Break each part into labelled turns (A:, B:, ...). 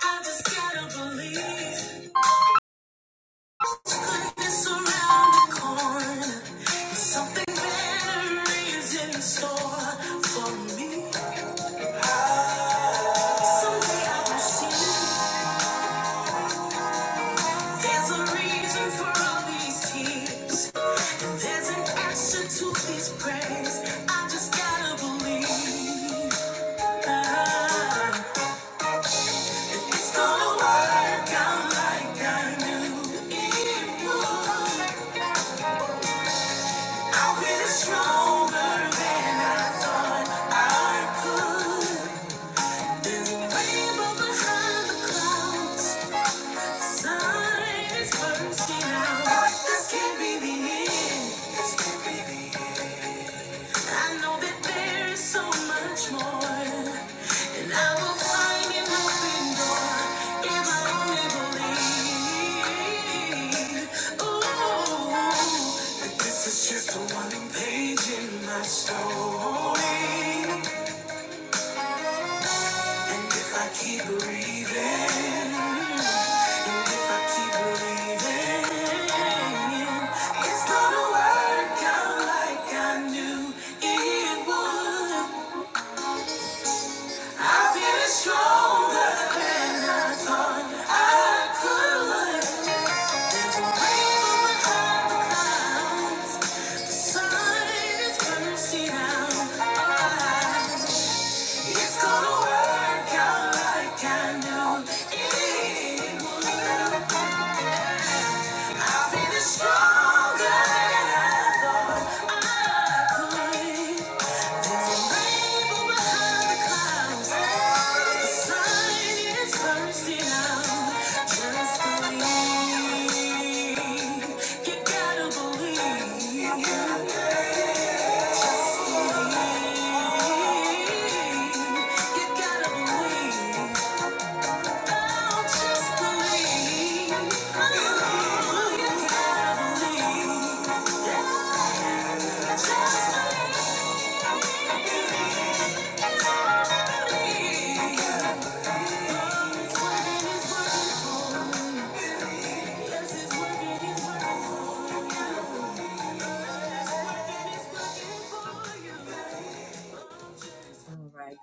A: I just gotta believe goodness around the corner. Something better is in store for me. Someday I will see there's a reason for all these tears. And there's an answer to these prayers. I just gotta believe. Ah, it's gonna work out like I knew it would. I'm feeling stronger than I thought I could. There's a rainbow behind the clouds. Sun is bursting out. This can't be the end. I know that there is so much more, and I will find an open door if I only believe. Ooh, that this is just one page in my story. And if I keep breathing, and if I keep believing, it's gonna work out like I knew it would. I feel stronger than I thought I could. Rain behind the clouds, the sun is bursting out. I'm. It's gonna work out like I know it would. I feel stronger than I thought I could. There's a rainbow behind the clouds. The sun is bursting out. Just believe. You gotta believe. You gotta believe. All right.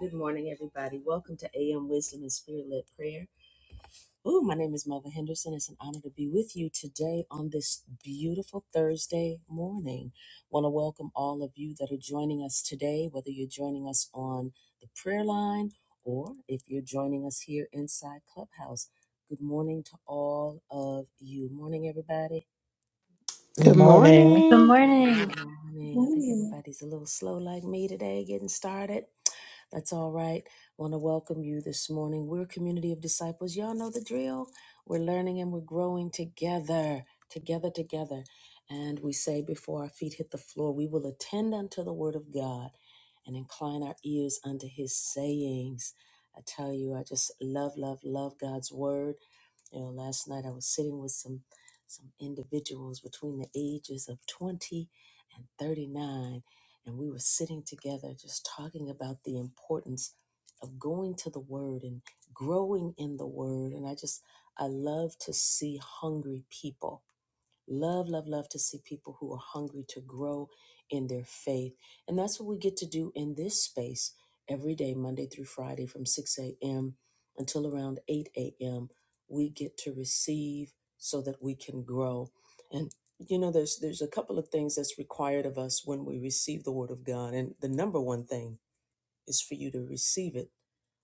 A: Good morning, everybody. Welcome to AM Wisdom and Spirit Led Prayer. Ooh, my name is Melva Henderson. It's an honor to be with you today on this beautiful Thursday morning. Want to welcome all of you that are joining us today, whether you're joining us on the prayer line or if you're joining us here inside Clubhouse. Good morning to all of you. Morning, everybody.
B: Good
C: Good
B: morning.
D: Good
C: morning,
D: morning.
A: Morning. I think
E: Morning.
A: everybody's a little slow like me today getting started. That's all right. Want to welcome you this morning. We're a community of disciples. Y'all know the drill. We're learning and we're growing together, together, together. And we say before our feet hit the floor, we will attend unto the word of God and incline our ears unto his sayings. I tell you, I just love, love, love God's word. You know, last night I was sitting with some some individuals between the ages of 20 and 39 and we were sitting together just talking about the importance of going to the word and growing in the word and I just I love to see hungry people Love, love, love to see people who are hungry to grow in their faith. And that's what we get to do in this space every day, Monday through Friday, from 6 a.m. until around 8 a.m. We get to receive so that we can grow. And you know, there's there's a couple of things that's required of us when we receive the word of God. And the number one thing is for you to receive it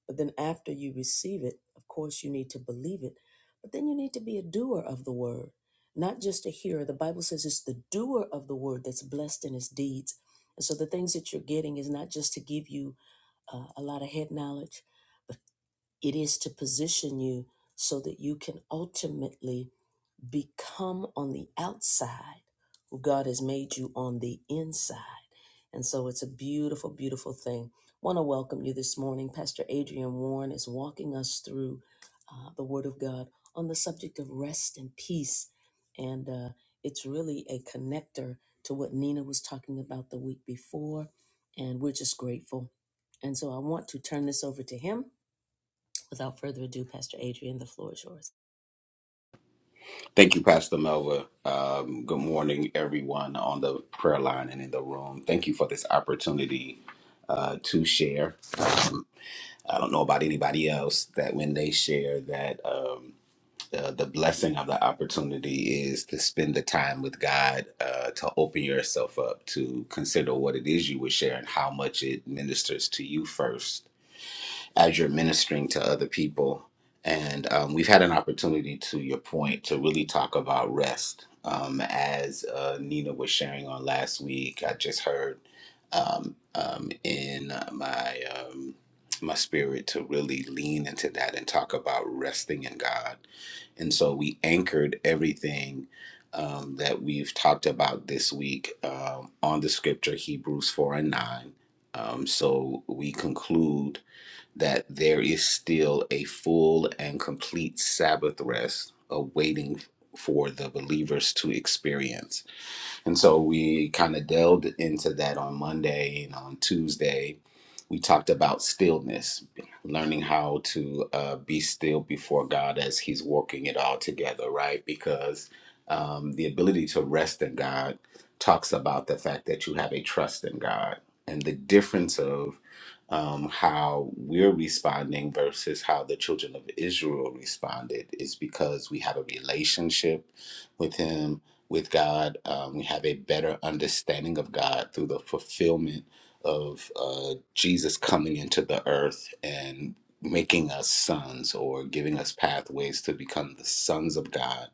A: but then after you receive it, of course, you need to believe it. But then you need to be a doer of the word, not just a hearer. The Bible says it's the doer of the word that's blessed in his deeds. And so the things that you're getting is not just to give you uh, a lot of head knowledge, but it is to position you so that you can ultimately become on the outside who God has made you on the inside. And so it's a beautiful, beautiful thing. Want to welcome you this morning. Pastor Adrian Warren is walking us through uh, the Word of God on the subject of rest and peace. And uh, it's really a connector to what Nina was talking about the week before. And we're just grateful. And so I want to turn this over to him. Without further ado, Pastor Adrian, the floor is yours.
F: Thank you, Pastor Melva. Um, good morning, everyone on the prayer line and in the room. Thank you for this opportunity uh, to share. Um, I don't know about anybody else that when they share that um, uh, the blessing of the opportunity is to spend the time with God, uh, to open yourself up, to consider what it is you were sharing, how much it ministers to you first, as you're ministering to other people. And um, we've had an opportunity, to your point, to really talk about rest. Um, as uh, Nina was sharing on last week, I just heard um, um, in my um, my spirit to really lean into that and talk about resting in God. And so we anchored everything um, that we've talked about this week um, on the scripture Hebrews four and nine. Um, so we conclude that there is still a full and complete Sabbath rest awaiting for the believers to experience and so we kind of delved into that on Monday and on Tuesday. We talked about stillness, learning how to uh, be still before God as He's working it all together, right? Because um, the ability to rest in God talks about the fact that you have a trust in God and the difference of um, how we're responding versus how the children of Israel responded is because we have a relationship with Him with God. Um, we have a better understanding of God through the fulfillment of uh, Jesus coming into the earth and making us sons or giving us pathways to become the sons of God.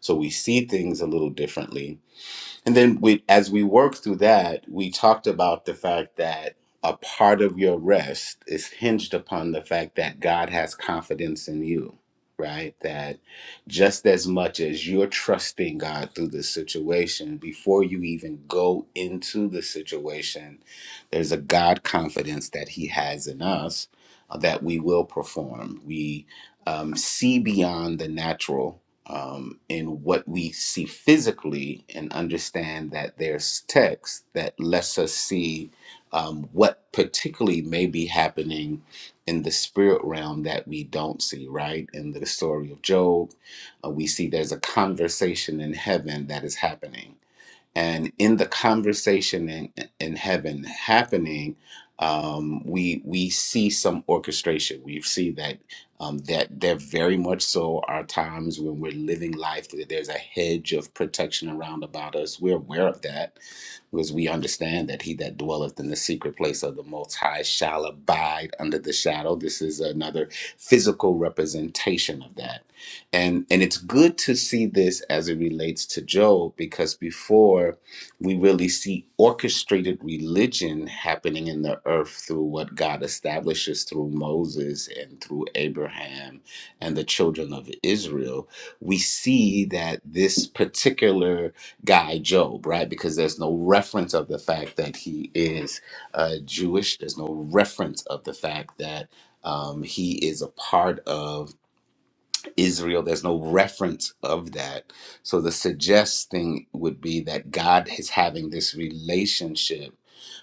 F: So we see things a little differently and then we, as we worked through that, we talked about the fact that a part of your rest is hinged upon the fact that God has confidence in you, right? That just as much as you're trusting God through the situation, before you even go into the situation, there's a God confidence that He has in us uh, that we will perform. We um, see beyond the natural um, in what we see physically and understand that there's text that lets us see um, what particularly may be happening in the spirit realm that we don't see, right? In the story of Job, uh, we see there's a conversation in heaven that is happening and in the conversation in, in heaven happening um, we we see some orchestration we see that um, that there very much so are times when we're living life that there's a hedge of protection around about us we're aware of that because we understand that he that dwelleth in the secret place of the Most High shall abide under the shadow. This is another physical representation of that, and and it's good to see this as it relates to Job because before we really see orchestrated religion happening in the earth through what God establishes through Moses and through Abraham and the children of Israel, we see that this particular guy Job, right? Because there's no reference of the fact that he is uh, Jewish. There's no reference of the fact that um, he is a part of Israel. There's no reference of that. So the suggesting would be that God is having this relationship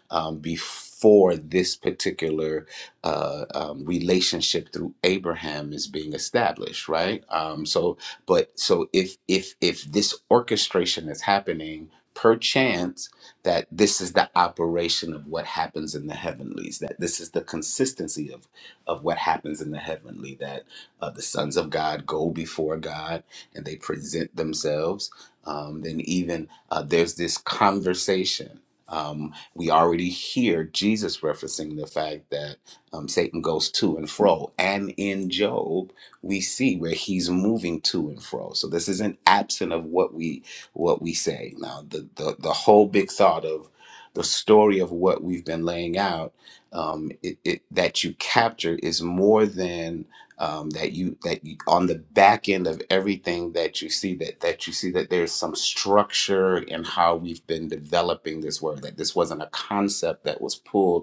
F: um, before this particular uh, um, relationship through Abraham is being established, right? Um, so, but so if if if this orchestration is happening perchance that this is the operation of what happens in the heavenlies that this is the consistency of of what happens in the heavenly that uh, the sons of god go before god and they present themselves um, then even uh, there's this conversation um, we already hear Jesus referencing the fact that um, Satan goes to and fro. And in Job, we see where he's moving to and fro. So this isn't absent of what we what we say. Now the the, the whole big thought of the story of what we've been laying out um, it, it, that you capture is more than um, that you that you, on the back end of everything that you see that that you see that there's some structure in how we've been developing this word that this wasn't a concept that was pulled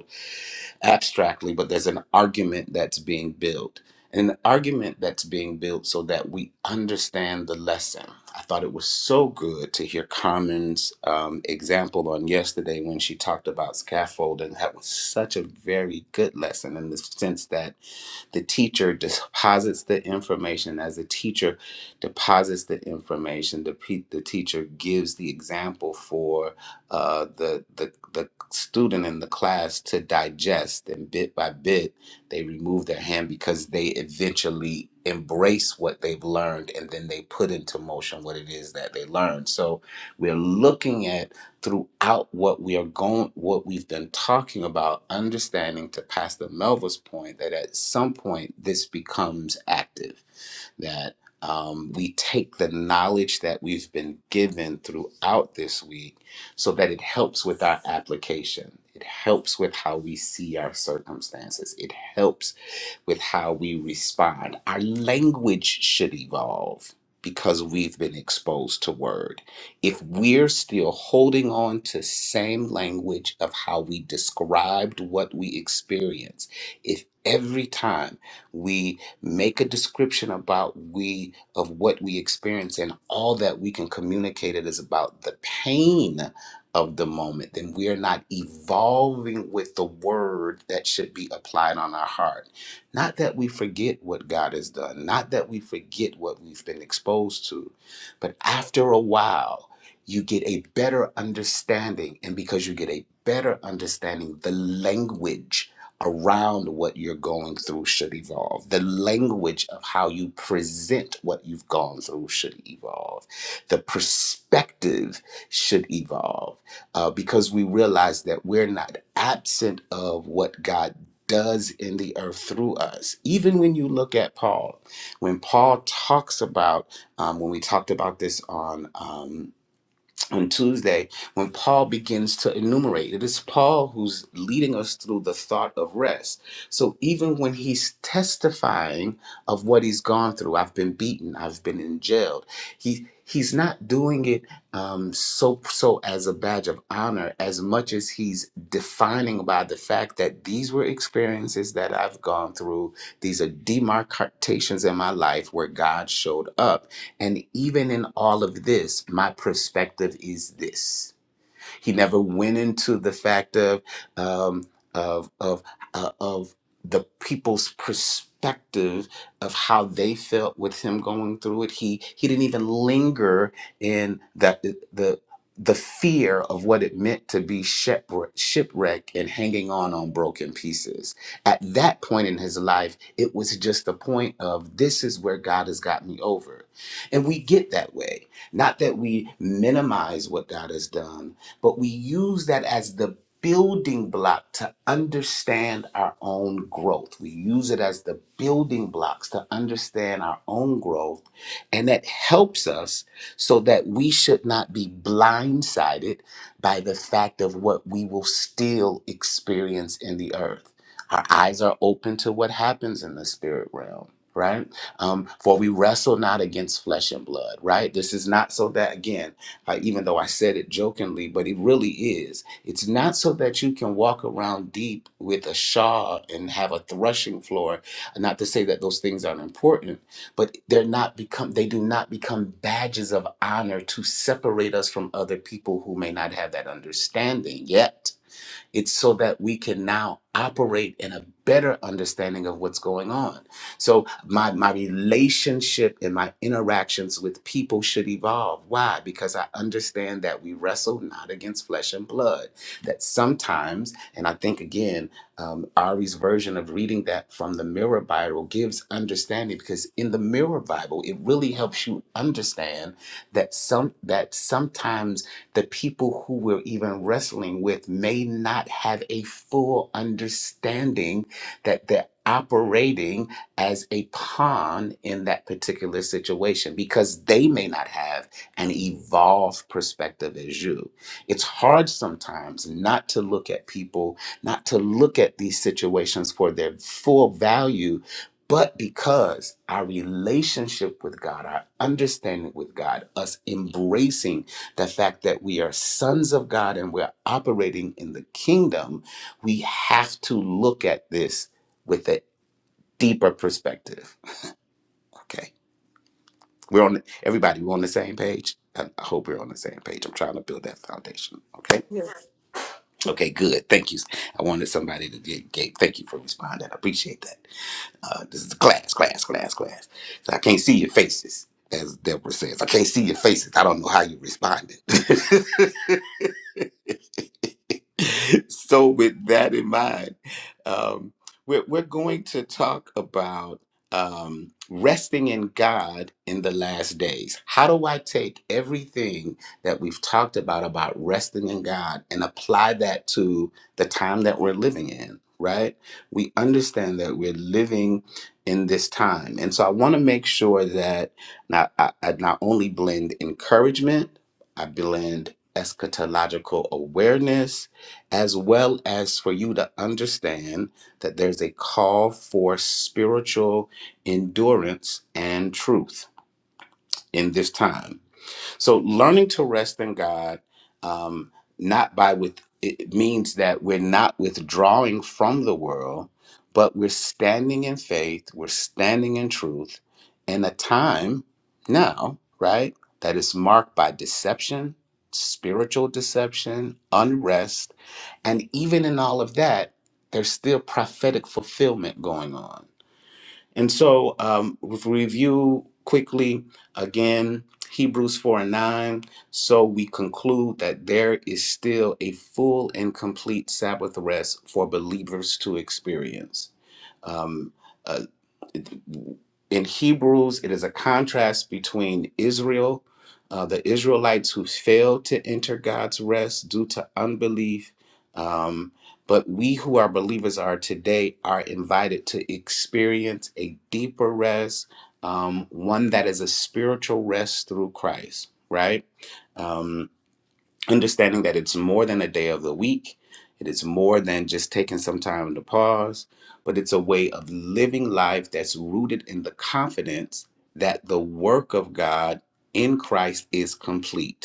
F: abstractly, but there's an argument that's being built. An argument that's being built so that we understand the lesson. I thought it was so good to hear Carmen's um, example on yesterday when she talked about scaffolding. That was such a very good lesson in the sense that the teacher deposits the information as the teacher deposits the information the, pe- the teacher gives the example for uh, the, the, the student in the class to digest and bit by bit they remove their hand because they eventually embrace what they've learned and then they put into motion what it is that they learned so we're looking at throughout what we are going what we've been talking about understanding to pastor melva's point that at some point this becomes active that um, we take the knowledge that we've been given throughout this week so that it helps with our application. It helps with how we see our circumstances. It helps with how we respond. Our language should evolve because we've been exposed to word. If we're still holding on to same language of how we described what we experience, if every time we make a description about we of what we experience and all that we can communicate it is about the pain of the moment, then we are not evolving with the word that should be applied on our heart not that we forget what God has done, not that we forget what we've been exposed to, but after a while, you get a better understanding. And because you get a better understanding, the language around what you're going through should evolve. The language of how you present what you've gone through should evolve. The perspective should evolve uh, because we realize that we're not absent of what God does in the earth through us. Even when you look at Paul, when Paul talks about, um, when we talked about this on. Um, on Tuesday when Paul begins to enumerate. It is Paul who's leading us through the thought of rest. So even when he's testifying of what he's gone through, I've been beaten, I've been in jail. He he's not doing it um, so so as a badge of honor as much as he's defining by the fact that these were experiences that I've gone through. These are demarcations in my life where God showed up and even in all of this, my perspective is this. He never went into the fact of um, of of uh, of the people's perspective of how they felt with him going through it. He he didn't even linger in that the the fear of what it meant to be shipwreck, shipwreck and hanging on on broken pieces. At that point in his life, it was just the point of this is where God has got me over. And we get that way. Not that we minimize what God has done, but we use that as the building block to understand our own growth. We use it as the building blocks to understand our own growth, and that helps us so that we should not be blindsided by the fact of what we will still experience in the earth. Our eyes are open to what happens in the spirit realm. Right? Um, for we wrestle not against flesh and blood, right? This is not so that, again, uh, even though I said it jokingly, but it really is. It's not so that you can walk around deep with a shaw and have a threshing floor. Not to say that those things aren't important, but they're not become they do not become badges of honor to separate us from other people who may not have that understanding yet it's so that we can now operate in a better understanding of what's going on. So my my relationship and my interactions with people should evolve. Why? Because I understand that we wrestle not against flesh and blood. That sometimes, and I think again, um, Ari's version of reading that from the Mirror Bible gives understanding because in the Mirror Bible, it really helps you understand that some that sometimes the people who we're even wrestling with may not have a full understanding that they're operating as a pawn in that particular situation because they may not have an evolved perspective as you. It's hard sometimes not to look at people, not to look at these situations for their full value but because our relationship with God, our understanding with God, us embracing the fact that we are sons of God and we're operating in the kingdom, we have to look at this with a deeper perspective. Okay. We're on everybody, we're on the same page. I I hope we're on the same page. I'm trying to build that foundation. Okay.
C: Yes.
F: Okay, good. Thank you. I wanted somebody to get Gabe. Thank you for responding. I appreciate that. Uh, this is a class, class, class, class. So I can't see your faces, as Deborah says. I can't see your faces. I don't know how you're responding. so with that in mind um, we're, we're going to talk about um, resting in god in the last days how do i take everything that we've talked about about resting in god and apply that to the time that we're living in right we understand that we're living in this time and so i want to make sure that not, I, I not only blend encouragement i blend eschatological awareness as well as for you to understand that there's a call for spiritual endurance and truth in this time. So learning to rest in God, um, not by with it means that we're not withdrawing from the world, but we're standing in faith, we're standing in truth in a time now, right, that is marked by deception, spiritual deception, unrest, and even in all of that, there's still prophetic fulfillment going on and so, um, if we review quickly again Hebrews 4 and 9. So we conclude that there is still a full and complete Sabbath rest for believers to experience. Um, uh, in Hebrews, it is a contrast between Israel, uh, the Israelites who failed to enter God's rest due to unbelief. Um, but we who are believers are today are invited to experience a deeper rest, um, one that is a spiritual rest through Christ, right? Um, understanding that it's more than a day of the week. It is more than just taking some time to pause, but it's a way of living life that's rooted in the confidence that the work of God in Christ is complete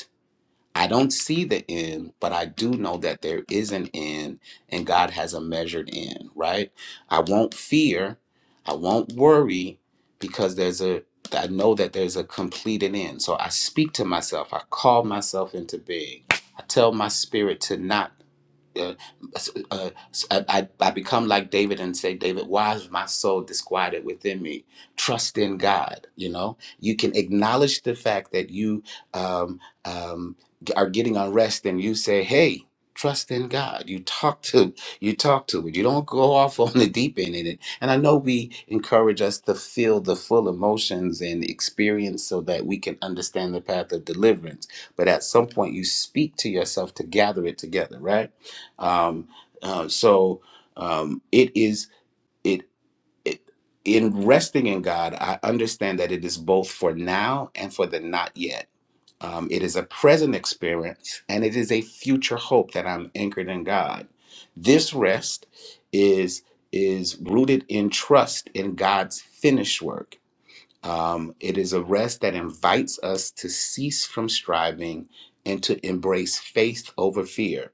F: I don't see the end, but I do know that there is an end and God has a measured end, right? I won't fear, I won't worry because there's a I know that there's a completed end. So I speak to myself, I call myself into being. I tell my spirit to not uh, s- uh, s- I, I I become like David and say, David, why is my soul disquieted within me? Trust in God. You know, you can acknowledge the fact that you um, um, are getting unrest, and you say, Hey, trust in God. You talk to you talk to it. You don't go off on the deep end in it. And I know we encourage us to feel the full emotions and experience so that we can understand the path of deliverance. But at some point, you speak to yourself to gather it together, right? Um, uh, so um, it is it, it in resting in God. I understand that it is both for now and for the not yet. Um, it is a present experience and it is a future hope that I'm anchored in God. This rest is is rooted in trust in God's finished work. Um, it is a rest that invites us to cease from striving and to embrace faith over fear.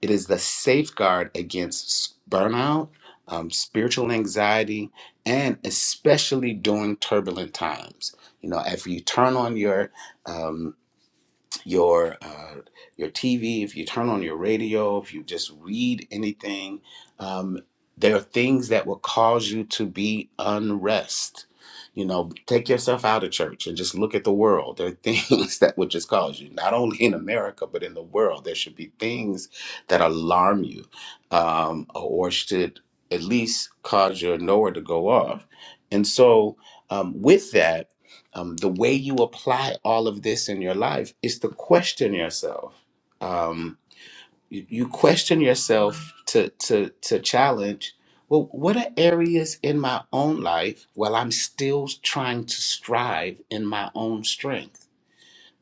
F: It is the safeguard against s- burnout, um, spiritual anxiety, and especially during turbulent times. You know, if you turn on your um, your uh, your TV, if you turn on your radio, if you just read anything, um, there are things that will cause you to be unrest. You know, take yourself out of church and just look at the world. There are things that would just cause you, not only in America but in the world. There should be things that alarm you, um, or should at least cause your knower to go off. And so, um, with that um, the way you apply all of this in your life is to question yourself. Um, you, you question yourself to to to challenge. Well, what are areas in my own life where I'm still trying to strive in my own strength?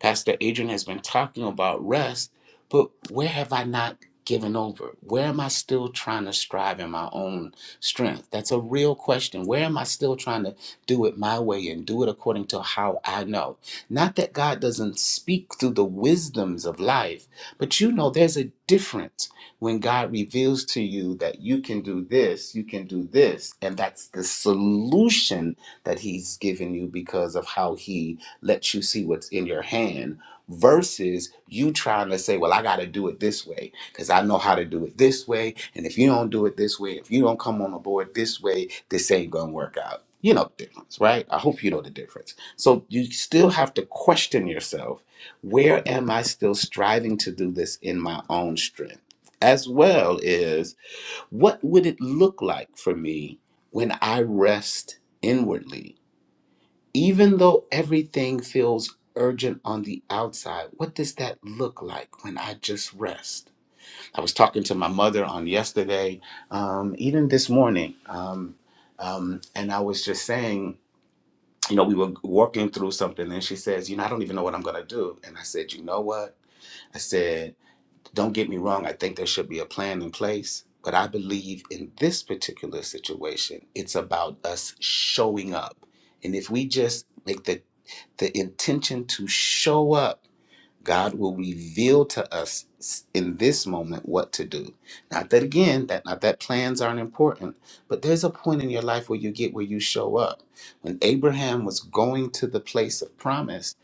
F: Pastor Adrian has been talking about rest, but where have I not given over? Where am I still trying to strive in my own strength? That's a real question. Where am I still trying to do it my way and do it according to how I know? Not that God doesn't speak through the wisdoms of life, but you know there's a difference when God reveals to you that you can do this, you can do this, and that's the solution that He's given you because of how He lets you see what's in your hand versus you trying to say, Well, I got to do it this way because I know how to do it this way. And if you don't do it this way, if you don't come on the board this way, this ain't going to work out. You know the difference, right? I hope you know the difference. So you still have to question yourself where am I still striving to do this in my own strength? As well as what would it look like for me when I rest inwardly? Even though everything feels urgent on the outside, what does that look like when I just rest? I was talking to my mother on yesterday, um, even this morning, um, um, and I was just saying, you know, we were working through something, and she says, You know, I don't even know what I'm going to do. And I said, You know what? I said, Don't get me wrong. I think there should be a plan in place. But I believe in this particular situation, it's about us showing up. And if we just make the the intention to show up, God will reveal to us s- in this moment what to do. Not that again, that not that plans aren't important, but there's a point in your life where you get where you show up. When Abraham was going to the place of promise,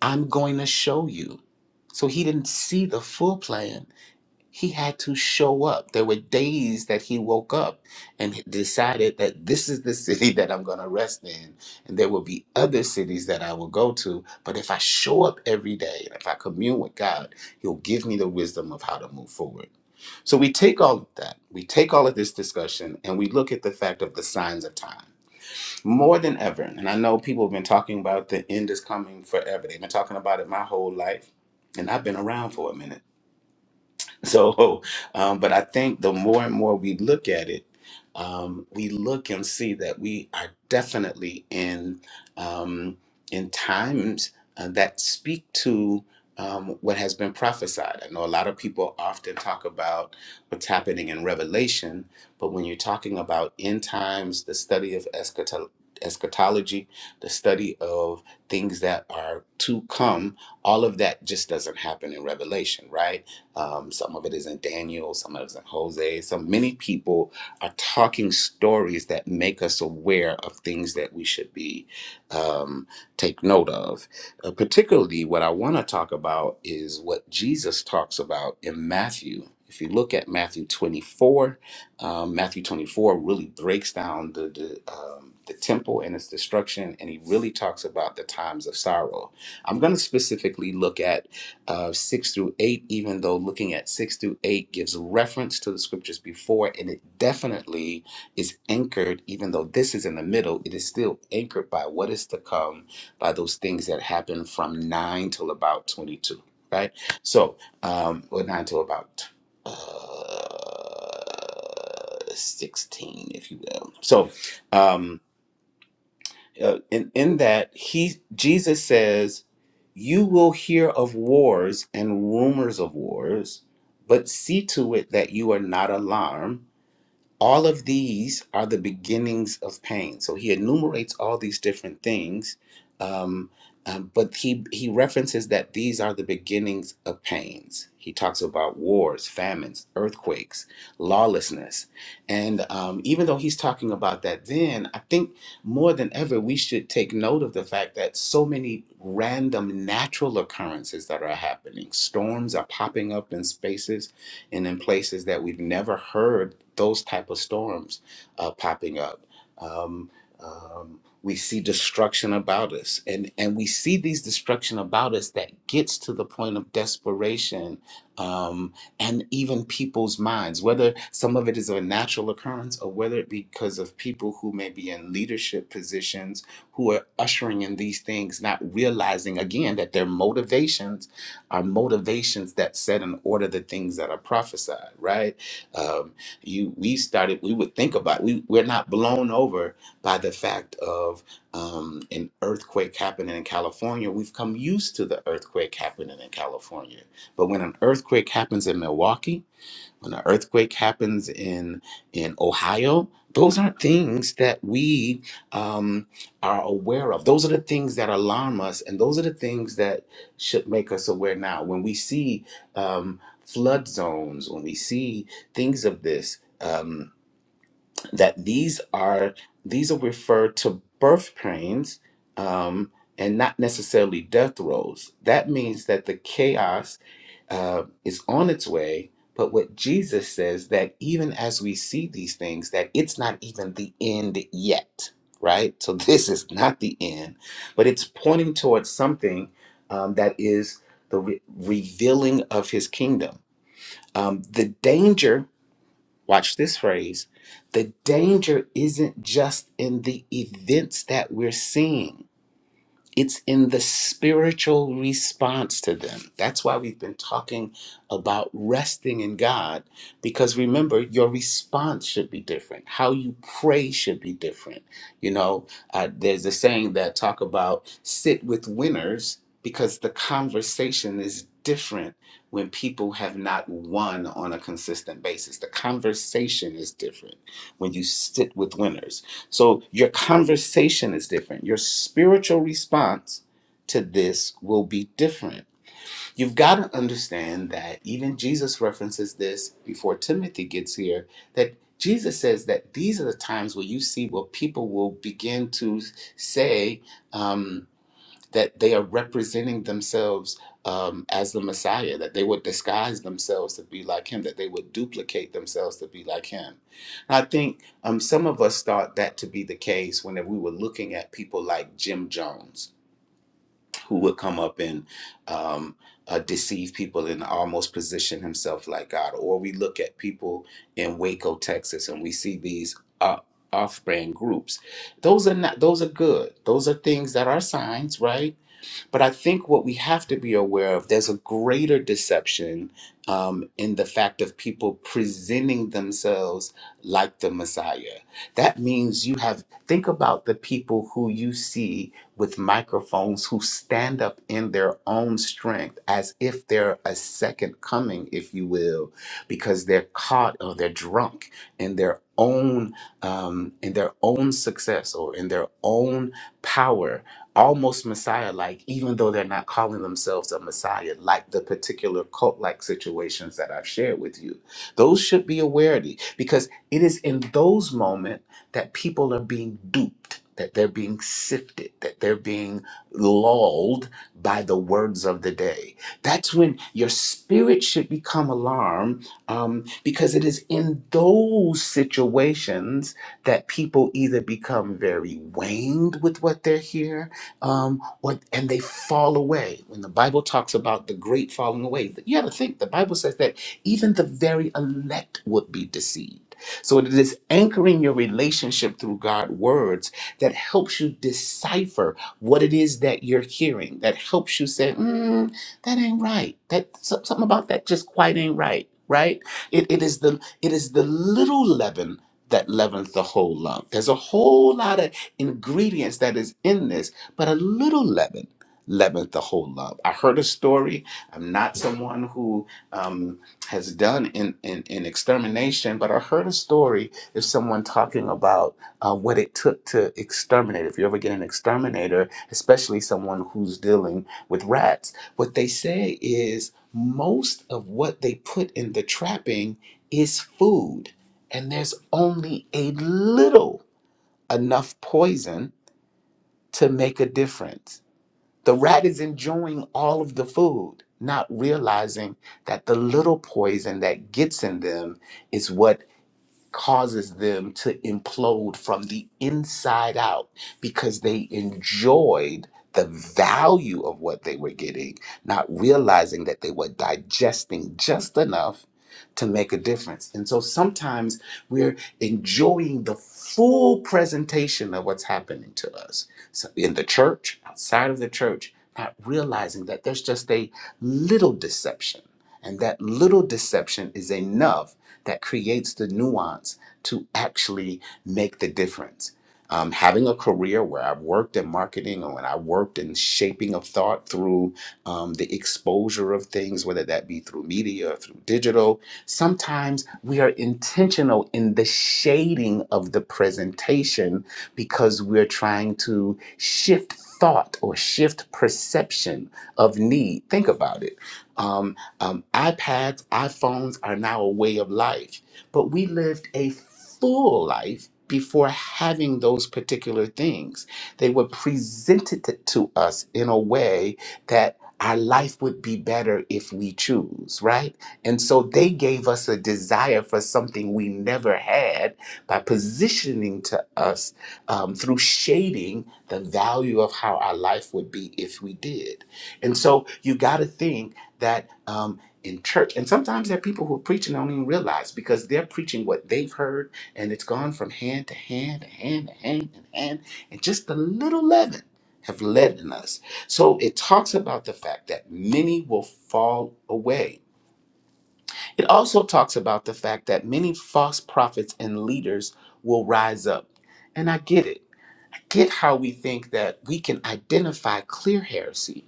F: I'm going to show you. So he didn't see the full plan he had to show up. There were days that he woke up and decided that this is the city that I'm going to rest in. And there will be other cities that I will go to. But if I show up every day and if I commune with God, He'll give me the wisdom of how to move forward. So we take all of that, we take all of this discussion, and we look at the fact of the signs of time. More than ever, and I know people have been talking about the end is coming forever. They've been talking about it my whole life, and I've been around for a minute So, um, but I think the more and more we look at it, um, we look and see that we are definitely in um, in times uh, that speak to um, what has been prophesied. I know a lot of people often talk about what's happening in Revelation, but when you're talking about end times, the study of eschato- eschatology, the study of things that are to come, all of that just doesn't happen in Revelation, right? Um, some of it is in Daniel, some of it is in Jose. So many people are talking stories that make us aware of things that we should be um, take note of. Uh, particularly, what I want to talk about is what Jesus talks about in Matthew. If you look at Matthew 24, um, Matthew 24 really breaks down the, the, um, the temple and its destruction, and he really talks about the times of sorrow. I'm going to specifically look at uh, 6 through 8, even though looking at 6 through 8 gives reference to the scriptures before, and it definitely is anchored, even though this is in the middle, it is still anchored by what is to come, by those things that happen from 9 till about 22, right? So, um, or 9 till about uh, 16, if you will. So, um, uh, in, in that he Jesus says, "You will hear of wars and rumors of wars, but see to it that you are not alarmed." All of these are the beginnings of pain. So he enumerates all these different things, um, um, but he he references that these are the beginnings of pains. He talks about wars, famines, earthquakes, lawlessness, and um, even though he's talking about that, then I think more than ever we should take note of the fact that so many random natural occurrences that are happening. Storms are popping up in spaces and in places that we've never heard those type of storms uh, popping up. Um, um, we see destruction about us, and and we see these destruction about us that gets to the point of desperation, um, and even people's minds. Whether some of it is of a natural occurrence, or whether it be because of people who may be in leadership positions who are ushering in these things, not realizing again that their motivations are motivations that set in order the things that are prophesied. Right Um, you we started we would think about we we're not blown over by the fact of um, an earthquake happening in California. We've come used to the earthquake happening in California, but when an earthquake happens in Milwaukee when an earthquake happens in in Ohio, those aren't things that we um, are aware of. Those are the things that alarm us, and those are the things that should make us aware now. When we see um, flood zones, when we see things of this. Um, that these are these are referred to birth pains um, and not necessarily death rolls. That means that the chaos uh, is on its way. But what Jesus says that even as we see these things, that it's not even the end yet, right? So this is not the end, but it's pointing towards something um, that is the re- revealing of His kingdom. Um, the danger Watch this phrase. The danger isn't just in the events that we're seeing. It's in the spiritual response to them. That's why we've been talking about resting in God, because remember, your response should be different. How you pray should be different. You know, uh, there's a saying that talk about sit with winners because the conversation is different when people have not won on a consistent basis. The conversation is different when you sit with winners so your conversation is different. Your spiritual response to this will be different. You've got to understand that even Jesus references this before Timothy gets here that Jesus says that these are the times where you see where people will begin to say, um, that they are representing themselves um, as the Messiah, that they would disguise themselves to be like him, that they would duplicate themselves to be like him. And I think um, some of us thought that to be the case whenever we were looking at people like Jim Jones, who would come up and um, uh, deceive people and almost position himself like God. Or we look at people in Waco, Texas, and we see these. Uh, off-brand groups those are not those are good those are things that are signs right but I think what we have to be aware of, there's a greater deception um, in the fact of people presenting themselves like the Messiah. That means you have, think about the people who you see with microphones who stand up in their own strength as if they're a second coming, if you will, because they're caught or they're drunk in their own um, in their own success or in their own power almost messiah like even though they're not calling themselves a messiah like the particular cult like situations that i've shared with you those should be awareness because it is in those moments that people are being duped that they're being sifted that they're being lulled by the words of the day that's when your spirit should become alarmed um, because it is in those situations that people either become very waned with what they're hearing um, or, and they fall away. When the Bible talks about the great falling away, you got to think the Bible says that even the very elect would be deceived. So it is anchoring your relationship through God's words that helps you decipher what it is that you're hearing. That helps you say, mm, "That ain't right. That so- something about that just quite ain't right." Right? It, it is the it is the little leaven that leavens the whole lump. There's a whole lot of ingredients that is in this but a little leaven leaveneth the whole lump. I heard a story. I'm not someone who um, has done in, in, in extermination, but I heard a story of someone talking about uh, what it took to exterminate. If you ever get an exterminator, especially someone who's dealing with rats, what they say is most of what they put in the trapping is food, and there's only a little enough poison to make a difference the rat is enjoying all of the food, not realizing that the little poison that gets in them is what causes them to implode from the inside out because they enjoyed the value of what they were getting, not realizing that they were digesting just enough to make a difference. And so sometimes we're enjoying the full presentation of what's happening to us so in the church, outside of the church, not realizing that there's just a little deception. And that little deception is enough that creates the nuance to actually make the difference. Um, having a career where I've worked in marketing or when I worked in shaping of thought through um, the exposure of things, whether that be through media or through digital, sometimes we are intentional in the shading of the presentation because we're trying to shift thought or shift perception of need. Think about it. Um, um, iPads, iPhones are now a way of life, but we lived a full life before having those particular things. They were presented to to us in a way that our life would be better if we choose, right? And so they gave us a desire for something we never had by positioning to us um, through shading the value of how our life would be if we did. And so you got to think that um, in church, and sometimes there are people who are preaching and don't even realize because they're preaching what they've heard, and it's gone from hand to hand, to hand to hand, and hand, and just a little leaven have leavened us. So it talks about the fact that many will fall away. It also talks about the fact that many false prophets and leaders will rise up. And I get it. I get how we think that we can identify clear heresy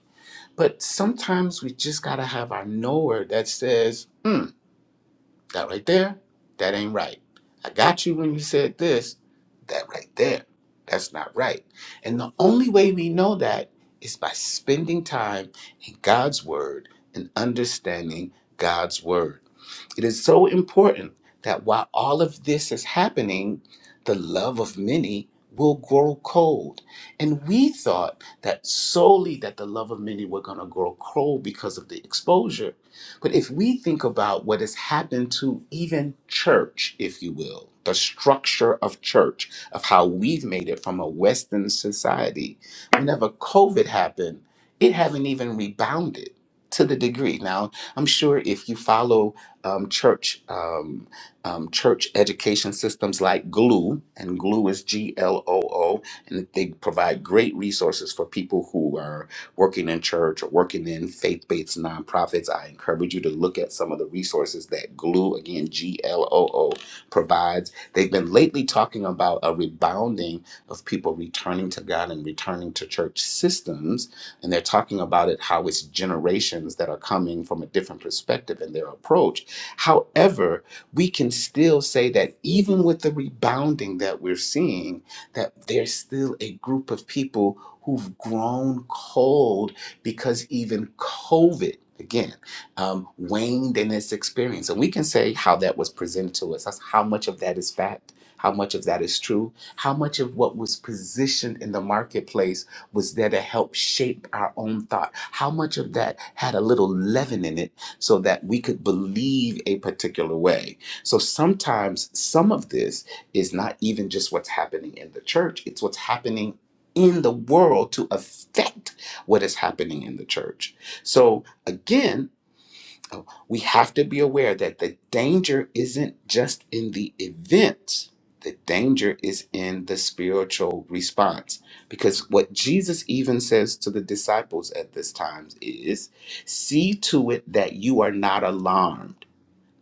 F: but sometimes we just got to have our knower that says, hmm, that right there, that ain't right. I got you when you said this, that right there, that's not right. And the only way we know that is by spending time in God's word and understanding God's word. It is so important that while all of this is happening, the love of many will grow cold. And we thought that solely that the love of many were going to grow cold because of the exposure. But if we think about what has happened to even church, if you will, the structure of church, of how we've made it from a Western society, whenever COVID happened, it haven't even rebounded to the degree. Now, I'm sure if you follow um, church um, um, church education systems like Glue, and Glue is G L O O, and they provide great resources for people who are working in church or working in faith-based nonprofits. I encourage you to look at some of the resources that Glue, again G L O O, provides. They've been lately talking about a rebounding of people returning to God and returning to church systems and they're talking about it how it's generations that are coming from a different perspective in their approach However, we can still say that even with the rebounding that we're seeing, that there's still a group of people who've grown cold because even COVID, again, um, waned in its experience. And we can say how that was presented to us. That's how much of that is fact, how much of that is true, how much of what was positioned in the marketplace was there to help shape our own thought, how much of that had a little leaven in it so that we could believe a particular way. So sometimes some of this is not even just what's happening in the church, it's what's happening in the world to affect what is happening in the church. So again, so we have to be aware that the danger isn't just in the event, the danger is in the spiritual response. Because what Jesus even says to the disciples at this time is see to it that you are not alarmed.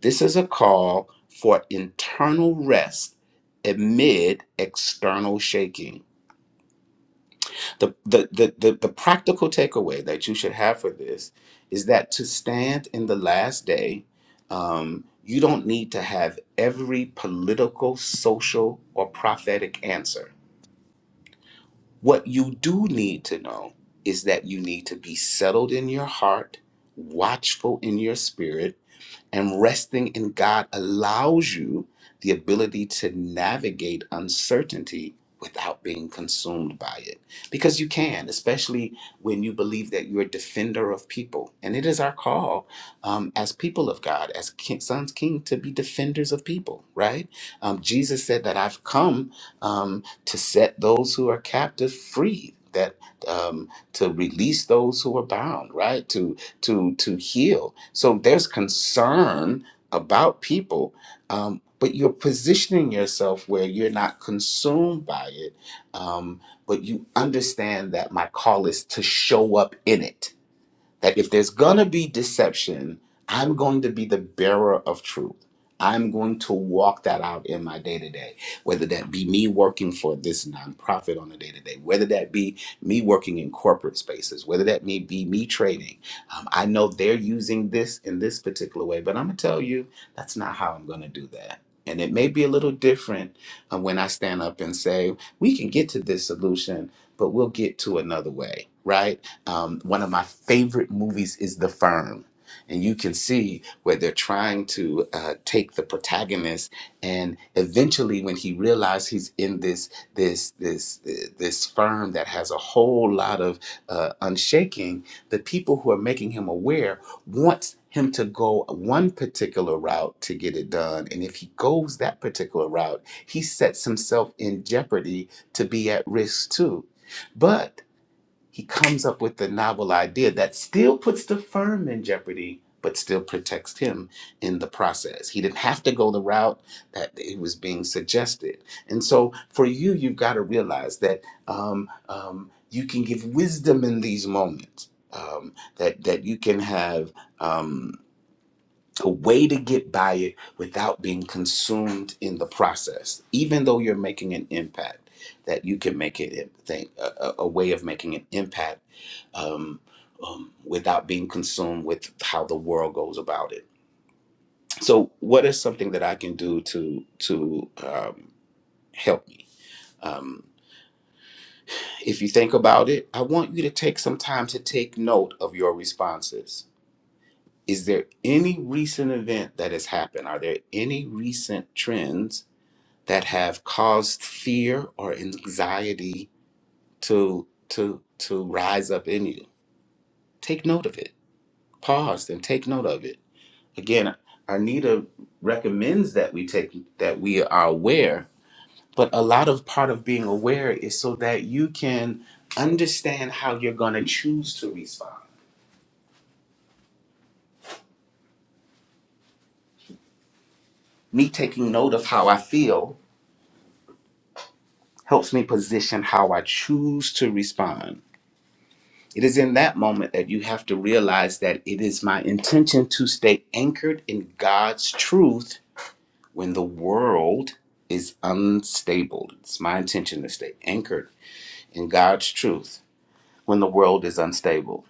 F: This is a call for internal rest amid external shaking. The, the, the, the, the practical takeaway that you should have for this is that to stand in the last day, um, you don't need to have every political, social, or prophetic answer. What you do need to know is that you need to be settled in your heart, watchful in your spirit, and resting in God allows you the ability to navigate uncertainty without being consumed by it. Because you can, especially when you believe that you're a defender of people. And it is our call um, as people of God, as king, sons, king, to be defenders of people, right? Um, Jesus said that I've come um, to set those who are captive free. That um, to release those who are bound, right? to to heal. So there's concern about people, um, but you're positioning yourself where you're not consumed by it, um, but you understand that my call is to show up in it that if there's going to be deception, I'm going to be the bearer of truth. I'm going to walk that out in my day to day, whether that be me working for this nonprofit on a day to day, whether that be me working in corporate spaces, whether that may be me trading. Um, I know they're using this in this particular way, but I'm going to tell you that's not how I'm going to do that. And it may be a little different uh, when I stand up and say, we can get to this solution, but we'll get to another way, right? Um, one of my favorite movies is The Firm. And you can see where they're trying to uh, take the protagonist, and eventually, when he realizes he's in this this this uh, this firm that has a whole lot of uh, unshaking, the people who are making him aware wants him to go one particular route to get it done, and if he goes that particular route, he sets himself in jeopardy to be at risk too. But he comes up with the novel idea that still puts the firm in jeopardy but still protects him in the process he didn't have to go the route that it was being suggested and so for you you've got to realize that um, um, you can give wisdom in these moments um, that that you can have um, a way to get by it without being consumed in the process even though you're making an impact that you can make it a, thing- a a- a way of making an impact um, um, without being consumed with how the world goes about it. So, what is something that I can do to to um, help me? Um, if you think about it, I want you to take some time to take note of your responses. Is there any recent event that has happened? Are there any recent trends that have caused fear or anxiety to to to rise up in you? Take note of it. Pause and take note of it Again, Arnita recommends that we take that we are aware, but a lot of part of being aware is so that you can understand how you're going to choose to respond. Me taking note of how I feel helps me position how I choose to respond. It is in that moment that you have to realize that it is my intention to stay anchored in God's truth when the world is unstable. It's my intention to stay anchored in God's truth when the world is unstable.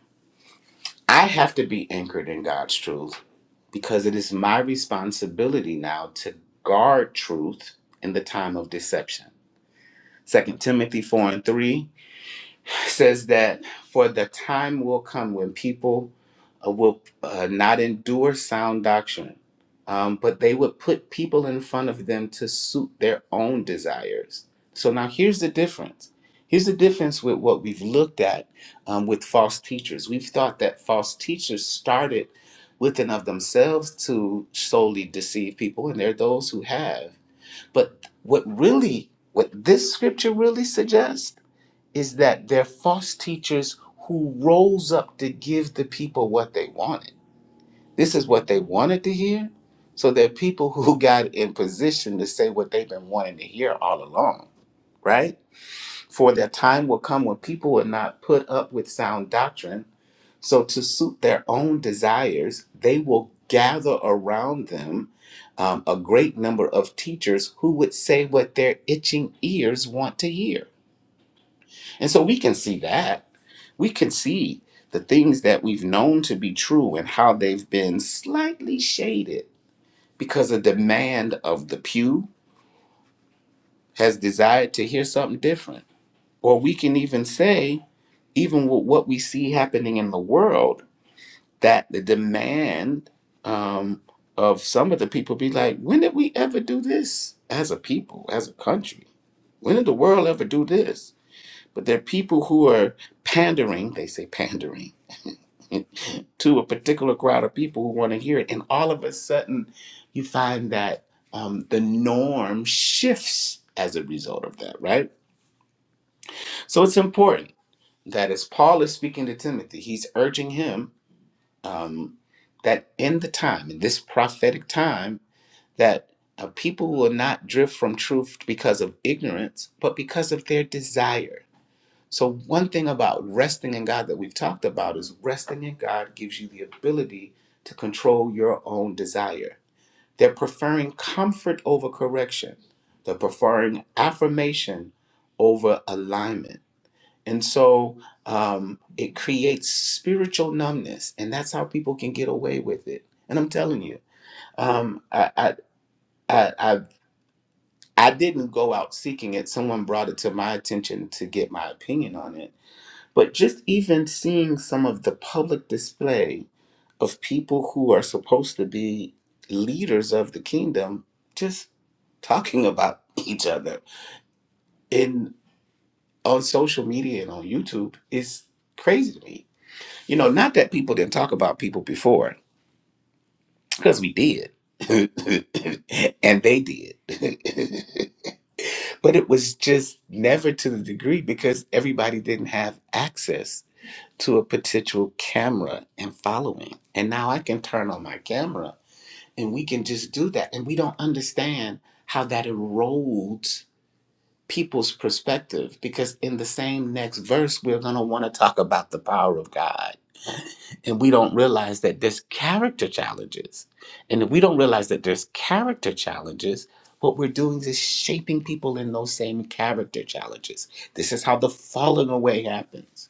F: I have to be anchored in God's truth because it is my responsibility now to guard truth in the time of deception. Second Timothy 4 and 3 says that for the time will come when people uh, will uh, not endure sound doctrine, um, but they would put people in front of them to suit their own desires. So now here's the difference. Here's the difference with what we've looked at um, with false teachers. We've thought that false teachers started within of themselves to solely deceive people, and there are those who have. But what really, what this scripture really suggests is that they're false teachers who rose up to give the people what they wanted. This is what they wanted to hear. So they're people who got in position to say what they've been wanting to hear all along, right? For their time will come when people will not put up with sound doctrine. So to suit their own desires, they will gather around them um, a great number of teachers who would say what their itching ears want to hear and so we can see that. We can see the things that we've known to be true and how they've been slightly shaded because a demand of the pew has desired to hear something different. Or we can even say, even with what we see happening in the world, that the demand um, of some of the people be like, when did we ever do this as a people, as a country? When did the world ever do this? But there are people who are pandering, they say pandering to a particular crowd of people who want to hear it. And all of a sudden, you find that um, the norm shifts as a result of that, right? So it's important that as Paul is speaking to Timothy, he's urging him um, that in the time, in this prophetic time, that uh, people will not drift from truth because of ignorance, but because of their desire so, one thing about resting in God that we've talked about is resting in God gives you the ability to control your own desire. They're preferring comfort over correction, they're preferring affirmation over alignment. And so um, it creates spiritual numbness, and that's how people can get away with it. And I'm telling you, um, I, I, I, I, I didn't go out seeking it. Someone brought it to my attention to get my opinion on it but just even seeing some of the public display of people who are supposed to be leaders of the kingdom just talking about each other in on social media and on YouTube is crazy to me. You know, not that people didn't talk about people before, because we did. and they did. but it was just never to the degree because everybody didn't have access to a potential camera and following. And now I can turn on my camera and we can just do that. And we don't understand how that erodes people's perspective because in the same next verse, we're going to want to talk about the power of God. And we don't realize that there's character challenges. And if we don't realize that there's character challenges, what we're doing is shaping people in those same character challenges. This is how the falling away happens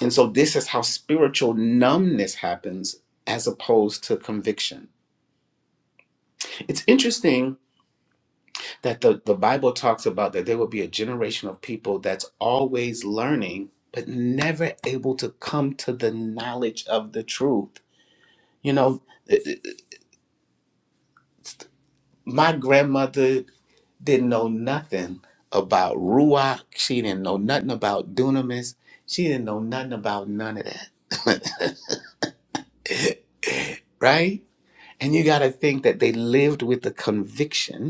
F: and so this is how spiritual numbness happens as opposed to conviction. It's interesting that the, the Bible talks about that there will be a generation of people that's always learning, but never able to come to the knowledge of the truth. You know, my grandmother didn't know nothing about Ruach. She didn't know nothing about dunamis. She didn't know nothing about none of that. right? And you got to think that they lived with the conviction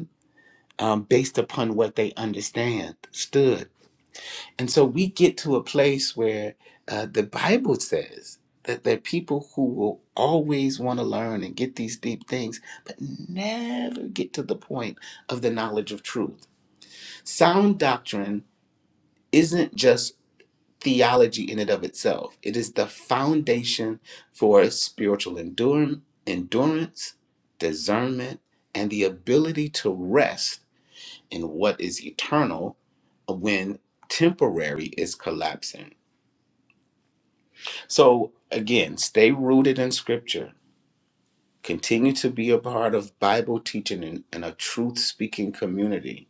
F: um, based upon what they understand stood. And so we get to a place where uh, the Bible says that there are people who will always want to learn and get these deep things, but never get to the point of the knowledge of truth. Sound doctrine isn't just theology in and of itself, it is the foundation for spiritual endurance, endurance discernment, and the ability to rest and what is eternal when temporary is collapsing. So, again, stay rooted in scripture. Continue to be a part of Bible teaching and, and a truth speaking community.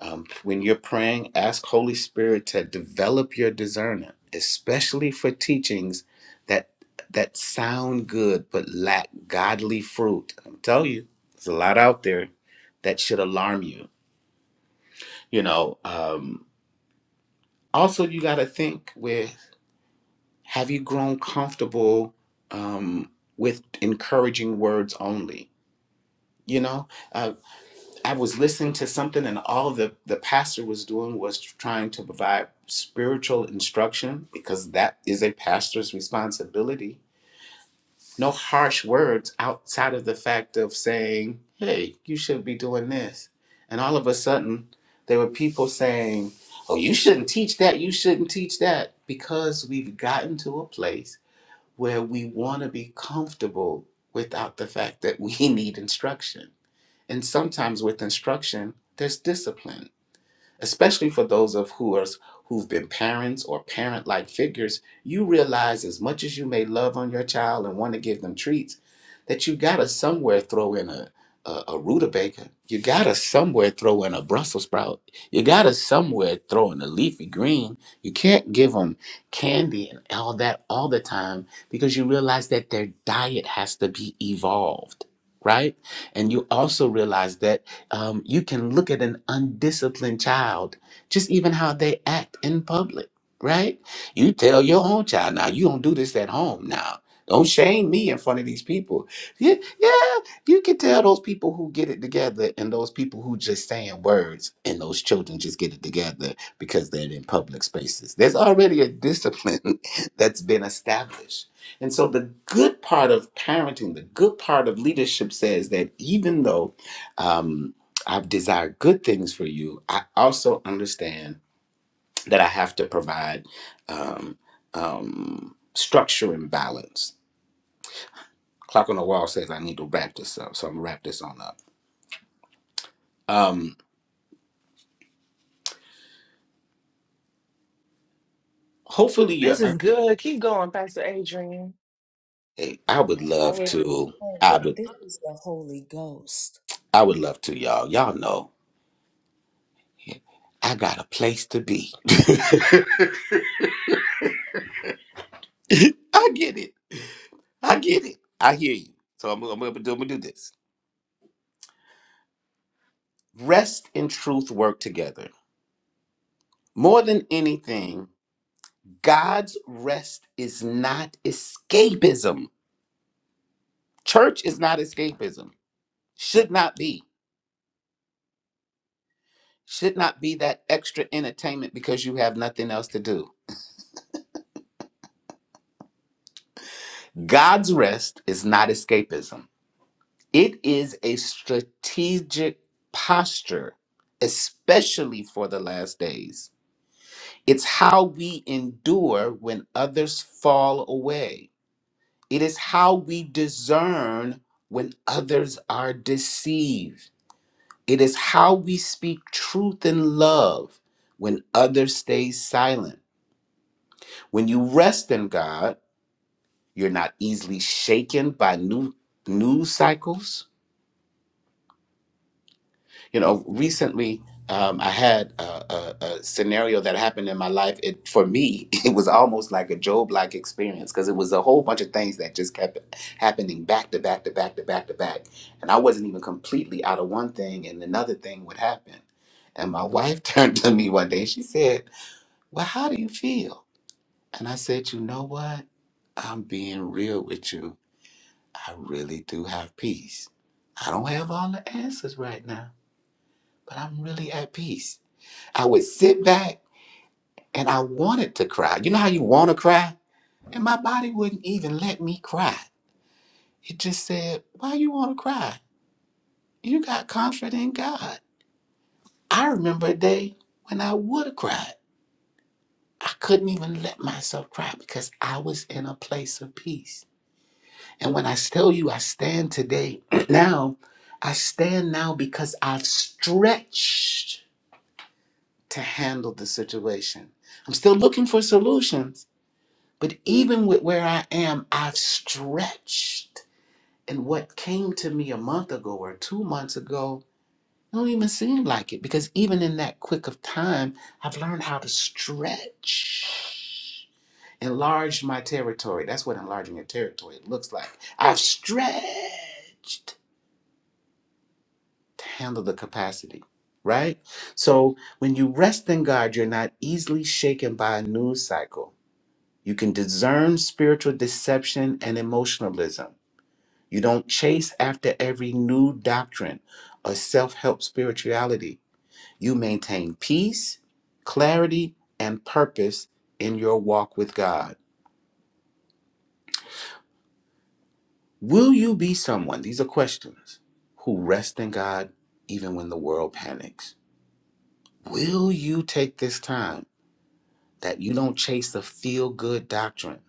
F: Um, when you're praying, ask Holy Spirit to develop your discernment, especially for teachings that that sound good but lack godly fruit. I'm telling you, there's a lot out there that should alarm you. You know, um, also you got to think with have you grown comfortable um, with encouraging words only you know uh, i was listening to something and all the the pastor was doing was trying to provide spiritual instruction because that is a pastor's responsibility no harsh words outside of the fact of saying, hey, you should be doing this. And all of a sudden, there were people saying, oh, you shouldn't teach that, you shouldn't teach that, because we've gotten to a place where we want to be comfortable without the fact that we need instruction. And sometimes with instruction, there's discipline especially for those of who are who've been parents or parent-like figures you realize as much as you may love on your child and want to give them treats that you gotta somewhere throw in a a, a rutabaga you gotta somewhere throw in a brussels sprout you gotta somewhere throw in a leafy green you can't give them candy and all that all the time because you realize that their diet has to be evolved right and you also realize that um, you can look at an undisciplined child, just even how they act in public, right? You tell your own child, now you don't do this at home now. Don't shame me in front of these people. Yeah, yeah, you can tell those people who get it together and those people who just saying words and those children just get it together because they're in public spaces. There's already a discipline that's been established. And so the good part of parenting, the good part of leadership says that even though um, I've desired good things for you, I also understand that I have to provide um, um, structure and balance. Clock on the wall says I need to wrap this up, so I'm gonna wrap this on up. Um, hopefully,
G: This
F: you're.
G: is good. Keep going, Pastor Adrian.
F: Hey, I would
A: I
F: love
A: would
F: to.
A: think
F: I
A: that
F: would.
A: this is the Holy Ghost.
F: I would love to, y'all. Y'all know, I got a place to be. I get it. I get it. I hear you. So I'm, I'm, gonna do, I'm gonna do this. Rest and truth work together. More than anything, God's rest is not escapism. Church is not escapism. Should not be. Should not be that extra entertainment because you have nothing else to do. God's rest is not escapism. It is a strategic posture, especially for the last days. It's how we endure when others fall away. It is how we discern when others are deceived. It is how we speak truth in love when others stay silent. When you rest in God, you're not easily shaken by new news cycles. You know, recently um, I had a, a, a scenario that happened in my life. It for me, it was almost like a Job-like experience because it was a whole bunch of things that just kept happening back to back to back to back to back, and I wasn't even completely out of one thing, and another thing would happen. And my wife turned to me one day. She said Well, how do you feel? And I said, You know what? I'm being real with you. I really do have peace. I don't have all the answers right now, but I'm really at peace. I would sit back and I wanted to cry. You know how you want to cry? And my body wouldn't even let me cry. It just said, Why you want to cry? You got confidence in God. I remember a day when I would have cried. I couldn't even let myself cry because I was in a place of peace. And when I tell you I stand today, now, I stand now because I've stretched to handle the situation. I'm still looking for solutions, but even with where I am, I've stretched. And what came to me a month ago or two months ago, it don't even seem like it because even in that quick of time, I've learned how to stretch. Enlarge my territory. That's what enlarging your territory looks like. I've stretched handle the capacity, right? So when you rest in God, you're not easily shaken by a news cycle. You can discern spiritual deception and emotionalism. You don't chase after every new doctrine or self help spirituality. You maintain peace, clarity, and purpose in your walk with God. Will you be someone? These are questions who rest in God even when the world panics. Will you take this time? that you don't chase the feel good doctrine?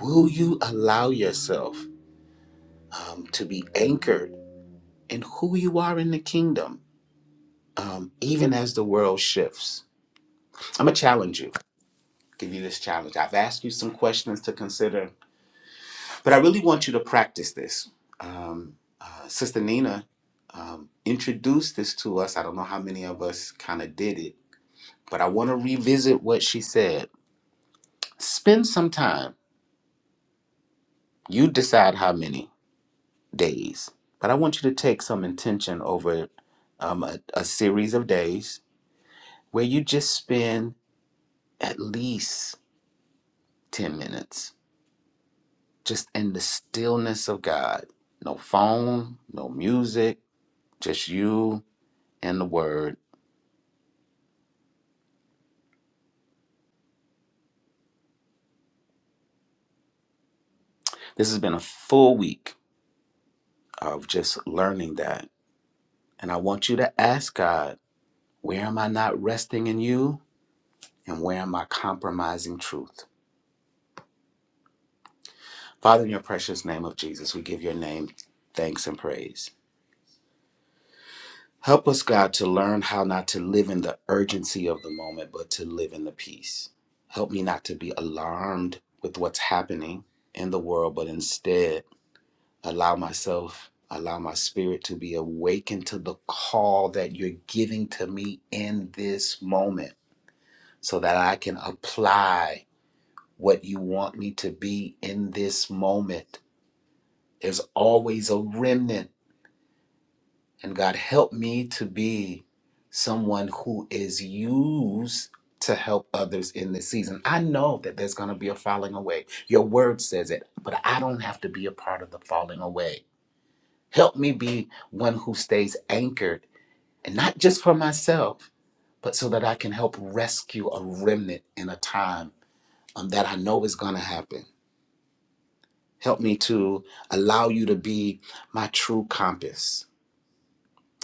F: Will you allow yourself um, to be anchored in who you are in the kingdom, um, even as the world shifts? I'm going to challenge you, give you this challenge. I've asked you some questions to consider, but I really want you to practice this. Um, uh, Sister Nina um, introduced this to us. I don't know how many of us kind of did it, but I want to revisit what she said. Spend some time, you decide how many days. But I want you to take some intention over um, a, a series of days where you just spend at least 10 minutes just in the stillness of God. No phone, no music, just you and the Word. This has been a full week of just learning that. And I want you to ask God, where am I not resting in you? And where am I compromising truth? Father, in your precious name of Jesus, we give your name thanks and praise. Help us, God, to learn how not to live in the urgency of the moment, but to live in the peace. Help me not to be alarmed with what's happening in the world, but instead allow myself, allow my spirit to be awakened to the call that you're giving to me in this moment so that I can apply what you want me to be in this moment. There's always a remnant And God, help me to be someone who is used to help others in this season. I know that there's going to be a falling away. Your word says it, but I don't have to be a part of the falling away. Help me be one who stays anchored, and not just for myself, but so that I can help rescue a remnant in a time um, that I know is going to happen. Help me to allow you to be my true compass.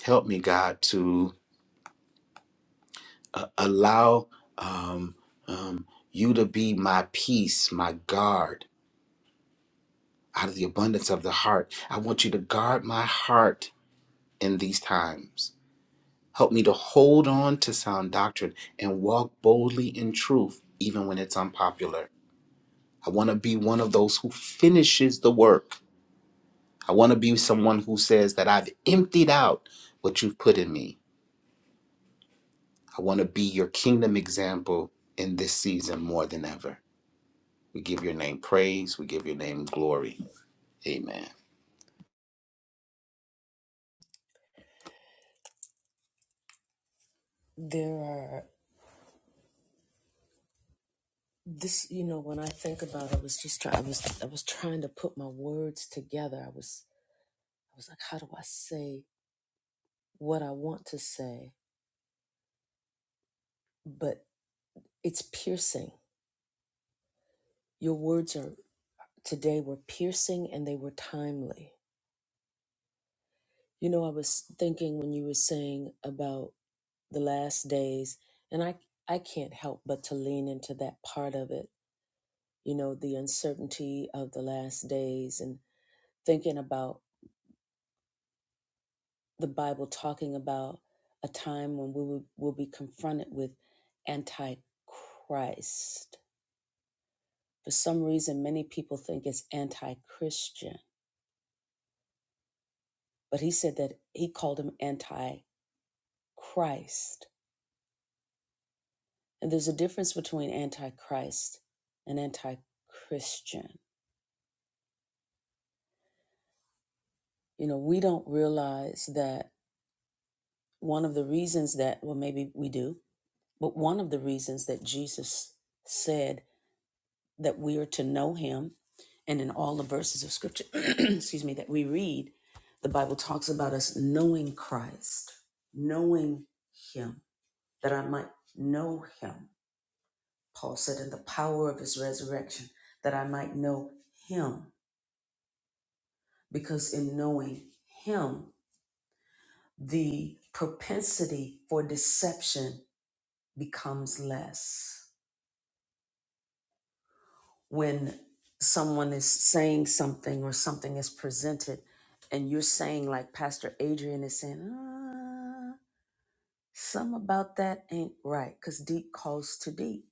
F: Help me, God, to uh, allow um, um, you to be my peace, my guard out of the abundance of the heart. I want you to guard my heart in these times. Help me to hold on to sound doctrine and walk boldly in truth, even when it's unpopular. I want to be one of those who finishes the work. I want to be someone who says that I've emptied out what you've put in me. I want to be your kingdom example in this season more than ever. We give your name praise. We give your name glory. Amen.
A: There are this, you know, when I think about it, I was just trying I was I was trying to put my words together. I was I was like, how do I say what I want to say? But it's piercing. Your words are today were piercing and they were timely. You know, I was thinking when you were saying about the last days, and I I can't help but to lean into that part of it you know, the uncertainty of the last days and thinking about the Bible talking about a time when we will, will be confronted with antichrist. For some reason, many people think it's anti Christian, but he said that he called him Antichrist, And there's a difference between antichrist and anti Christian. You know, we don't realize that one of the reasons that, well, maybe we do, But one of the reasons that Jesus said that we are to know him, and in all the verses of scripture, excuse me, that we read, the Bible talks about us knowing Christ, knowing him, that I might know him. Paul said, in the power of his resurrection, that I might know him. Because in knowing him, the propensity for deception becomes less when someone is saying something or something is presented and you're saying like pastor adrian is saying ah, some about that ain't right because deep calls to deep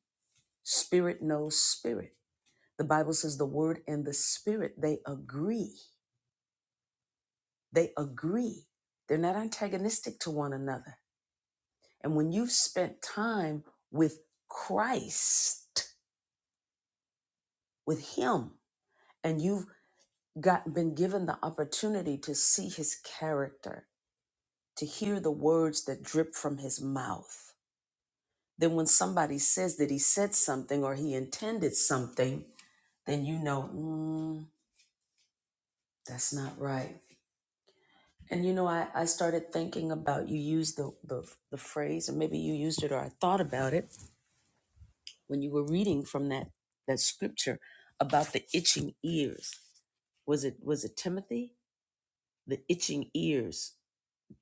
A: spirit knows spirit the bible says the word and the spirit they agree they agree they're not antagonistic to one another and when you've spent time with christ with him and you've got been given the opportunity to see his character, to hear the words that drip from his mouth. Then when somebody says that he said something or he intended something, then you know, mm, that's not right. And you know, I, I started thinking about you used the, the the phrase, or maybe you used it or I thought about it when you were reading from that that scripture about the itching ears. Was it was it Timothy? The itching ears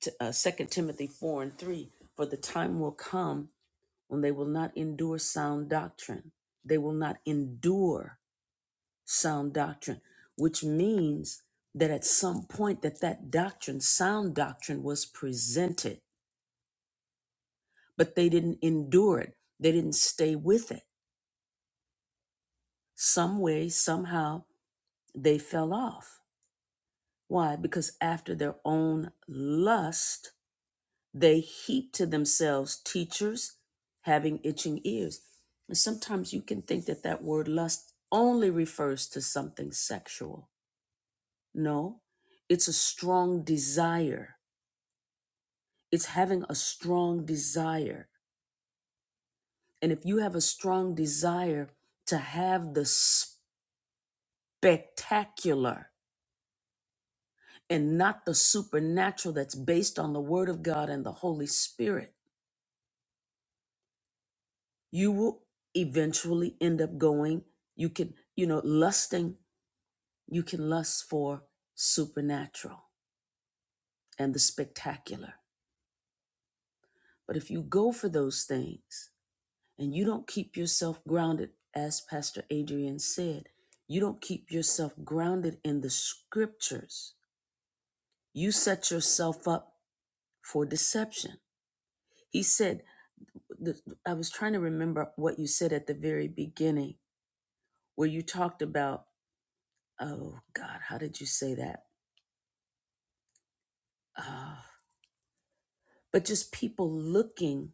A: t- uh, 2 Timothy 4 and 3 For the time will come when they will not endure sound doctrine. They will not endure sound doctrine, which means that at some point that that doctrine, sound doctrine, was presented, but they didn't endure it. They didn't stay with it. Some way, somehow, they fell off. Why? Because after their own lust, They heap to themselves teachers having itching ears. And sometimes you can think that that word lust only refers to something sexual. No, it's a strong desire. It's having a strong desire. And if you have a strong desire to have the spectacular and not the supernatural that's based on the Word of God and the Holy Spirit, you will eventually end up going you can you know lusting you can lust for supernatural and the spectacular but if you go for those things and you don't keep yourself grounded as pastor adrian said you don't keep yourself grounded in the scriptures you set yourself up for deception he said i was trying to remember what you said at the very beginning where you talked about oh God, how did you say that? Ah, but just people looking.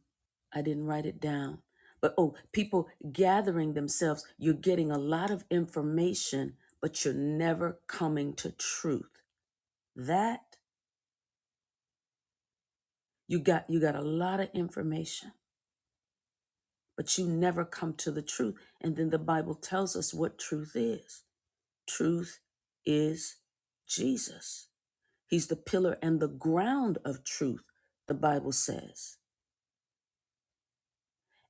A: I didn't write it down. But oh, people gathering themselves. You're getting a lot of information, but you're never coming to truth. That you got you got a lot of information, but you never come to the truth. And then the Bible tells us what truth is. Truth is Jesus. He's the pillar and the ground of truth, the Bible says.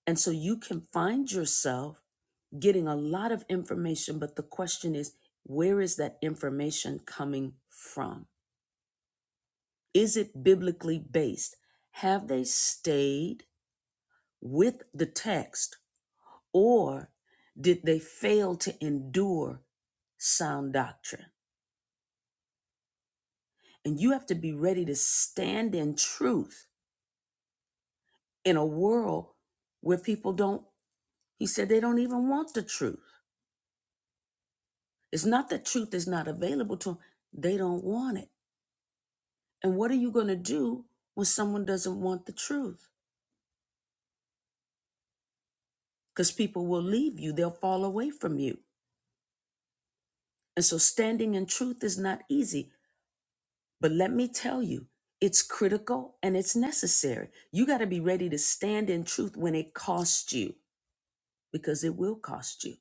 A: And so you can find yourself getting a lot of information, but the question is, where is that information coming from? Is it biblically based? Have they stayed with the text or did they fail to endure sound doctrine? And you have to be ready to stand in truth in a world where people don't, he said, they don't even want the truth. It's not that truth is not available to them, they don't want it. And what are you going to do when someone doesn't want the truth? Because people will leave you, they'll fall away from you. And so standing in truth is not easy. But let me tell you, it's critical and it's necessary. You got to be ready to stand in truth when it costs you, because it will cost you.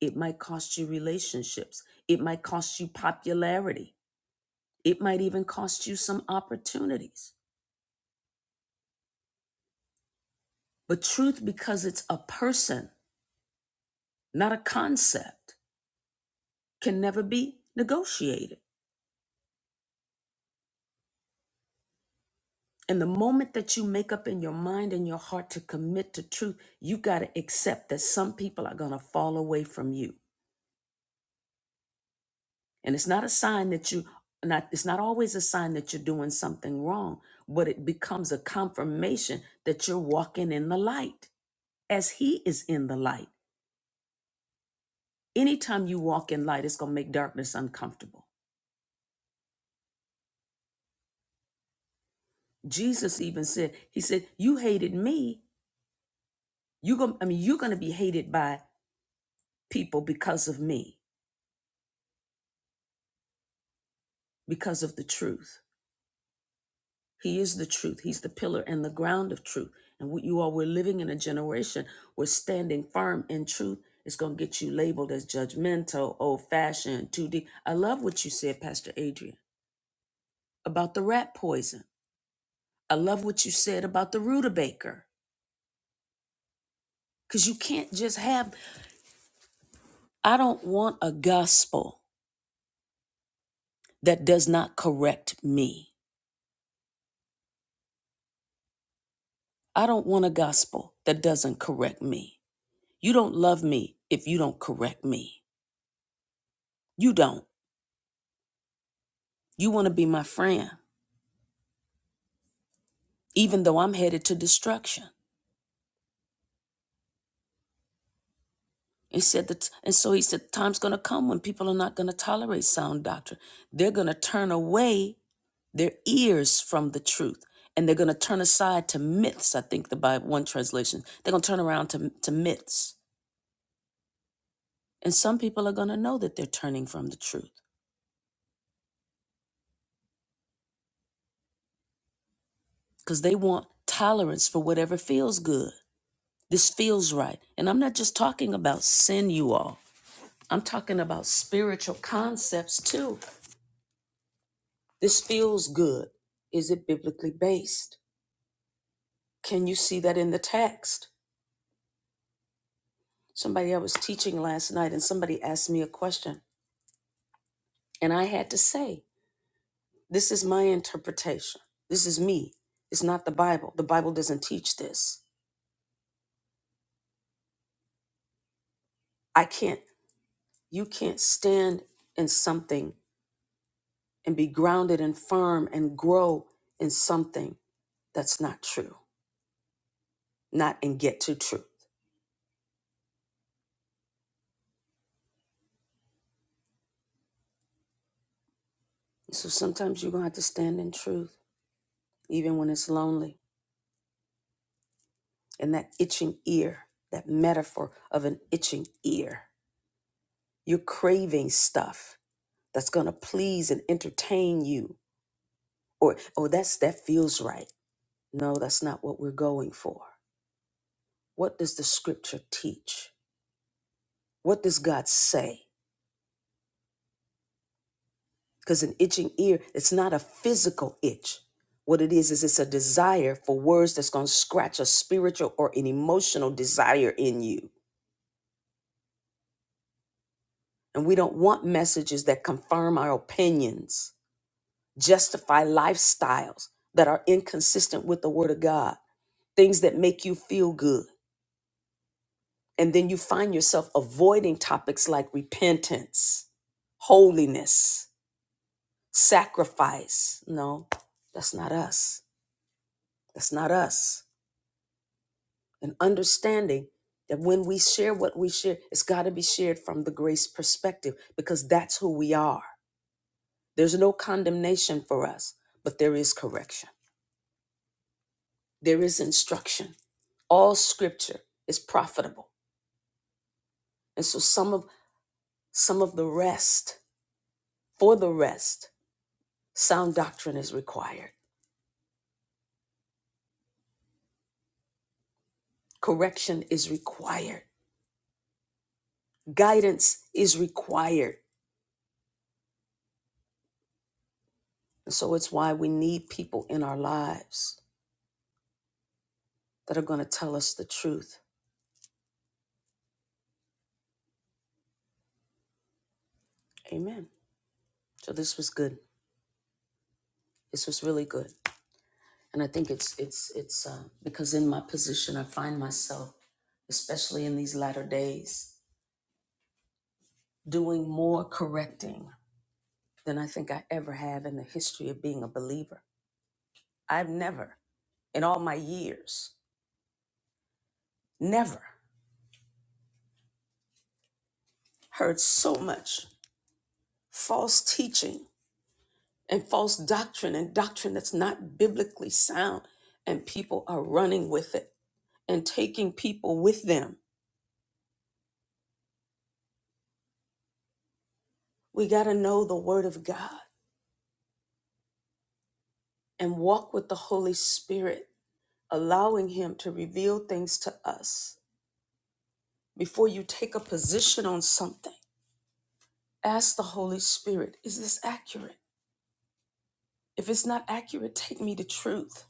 A: It might cost you relationships, it might cost you popularity, it might even cost you some opportunities. But truth, because it's a person, not a concept, can never be negotiated. And the moment that you make up in your mind and your heart to commit to truth, you got to accept that some people are going to fall away from you. And it's not a sign that you not it's not always a sign that you're doing something wrong, but it becomes a confirmation that you're walking in the light as he is in the light. Anytime you walk in light, it's going to make darkness uncomfortable. Jesus even said, He said, You hated me. You going I mean, you're gonna be hated by people because of me, because of the truth. He is the truth. He's the pillar and the ground of truth. And what you all we're living in a generation where standing firm in truth is gonna get you labeled as judgmental, old fashioned, 2D. I love what you said, Pastor Adrian, about the rat poison. I love what you said about the rutabaker. Because you can't just have, I don't want a gospel. that does not correct me. I don't want a gospel that doesn't correct me. You don't love me if you don't correct me. You don't. You want to be my friend, even though I'm headed to destruction. He said that, and so he said, the time's going to come when people are not going to tolerate sound doctrine. They're going to turn away their ears from the truth and they're going to turn aside to myths i think the bible one translation they're going to turn around to, to myths and some people are going to know that they're turning from the truth because they want tolerance for whatever feels good. This feels right. And I'm not just talking about sin, you all. I'm talking about spiritual concepts too. This feels good. Is it biblically based? Can you see that in the text? Somebody I was teaching last night and somebody asked me a question. And I had to say, this is my interpretation. This is me. It's not the Bible. The Bible doesn't teach this. I can't, you can't stand in something and be grounded and firm and grow in something that's not true, not and get to truth. So sometimes you're going to have to stand in truth, even when it's lonely. And that itching ear, that metaphor of an itching ear, you're craving stuff that's going to please and entertain you. Or, oh, that's that feels right. No, that's not what we're going for. What does the scripture teach? What does God say? Because an itching ear, it's not a physical itch. What it is, is it's a desire for words that's going to scratch a spiritual or an emotional desire in you. And we don't want messages that confirm our opinions, justify lifestyles that are inconsistent with the Word of God, things that make you feel good. And then you find yourself avoiding topics like repentance, holiness, sacrifice. No, that's not us. That's not us. an understanding that when we share what we share, it's got to be shared from the grace perspective because that's who we are. There's no condemnation for us, but there is correction, there is instruction. All scripture is profitable. And so some of some of the rest, for the rest, sound doctrine is required. Correction is required. Guidance is required. And so it's why we need people in our lives that are going to tell us the truth Amen. So this was good. This was really good. And I think it's it's it's uh, because in my position I find myself, especially in these latter days, doing more correcting than I think I ever have in the history of being a believer. I've never, in all my years, never heard so much false teaching and false doctrine and doctrine that's not biblically sound, and people are running with it and taking people with them We got to know the Word of God and walk with the Holy Spirit, allowing Him to reveal things to us. Before you take a position on something, ask the Holy Spirit, is this accurate? If it's not accurate, take me to truth.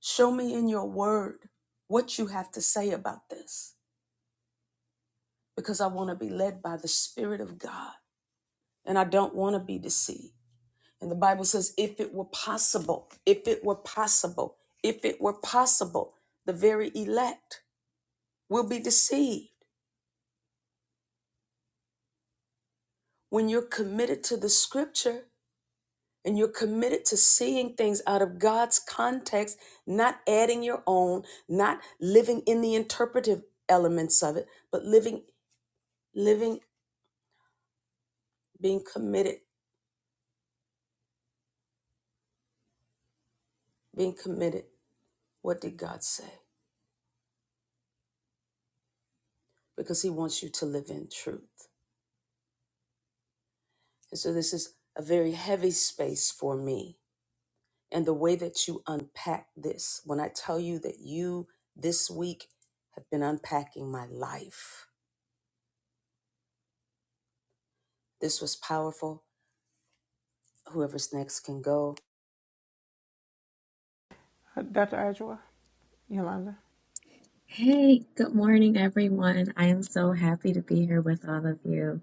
A: Show me in your Word what you have to say about this, because I want to be led by the Spirit of God and I don't want to be deceived. And the Bible says, if it were possible, if it were possible, if it were possible, the very elect will be deceived. When you're committed to the scripture and you're committed to seeing things out of God's context, not adding your own, not living in the interpretive elements of it, but living, living, being committed, being committed. What did God say? Because He wants you to live in truth. And so this is a very heavy space for me and the way that you unpack this. When I tell you that you this week have been unpacking my life, this was powerful. Whoever's next can go.
C: Uh, Dr. Ajua, Yolanda.
H: Hey, good morning, everyone. I am so happy to be here with all of you.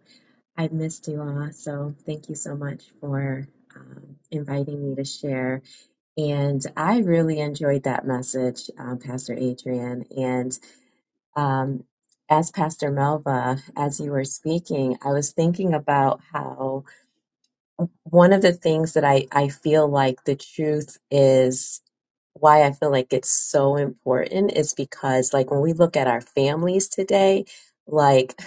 H: I've missed you all, so thank you so much for um, inviting me to share. And I really enjoyed that message, um, Pastor Adrian. And um, as Pastor Melva, as you were speaking, I was thinking about how one of the things that I, I feel like the truth is why I feel like it's so important is because, like, when we look at our families today, like,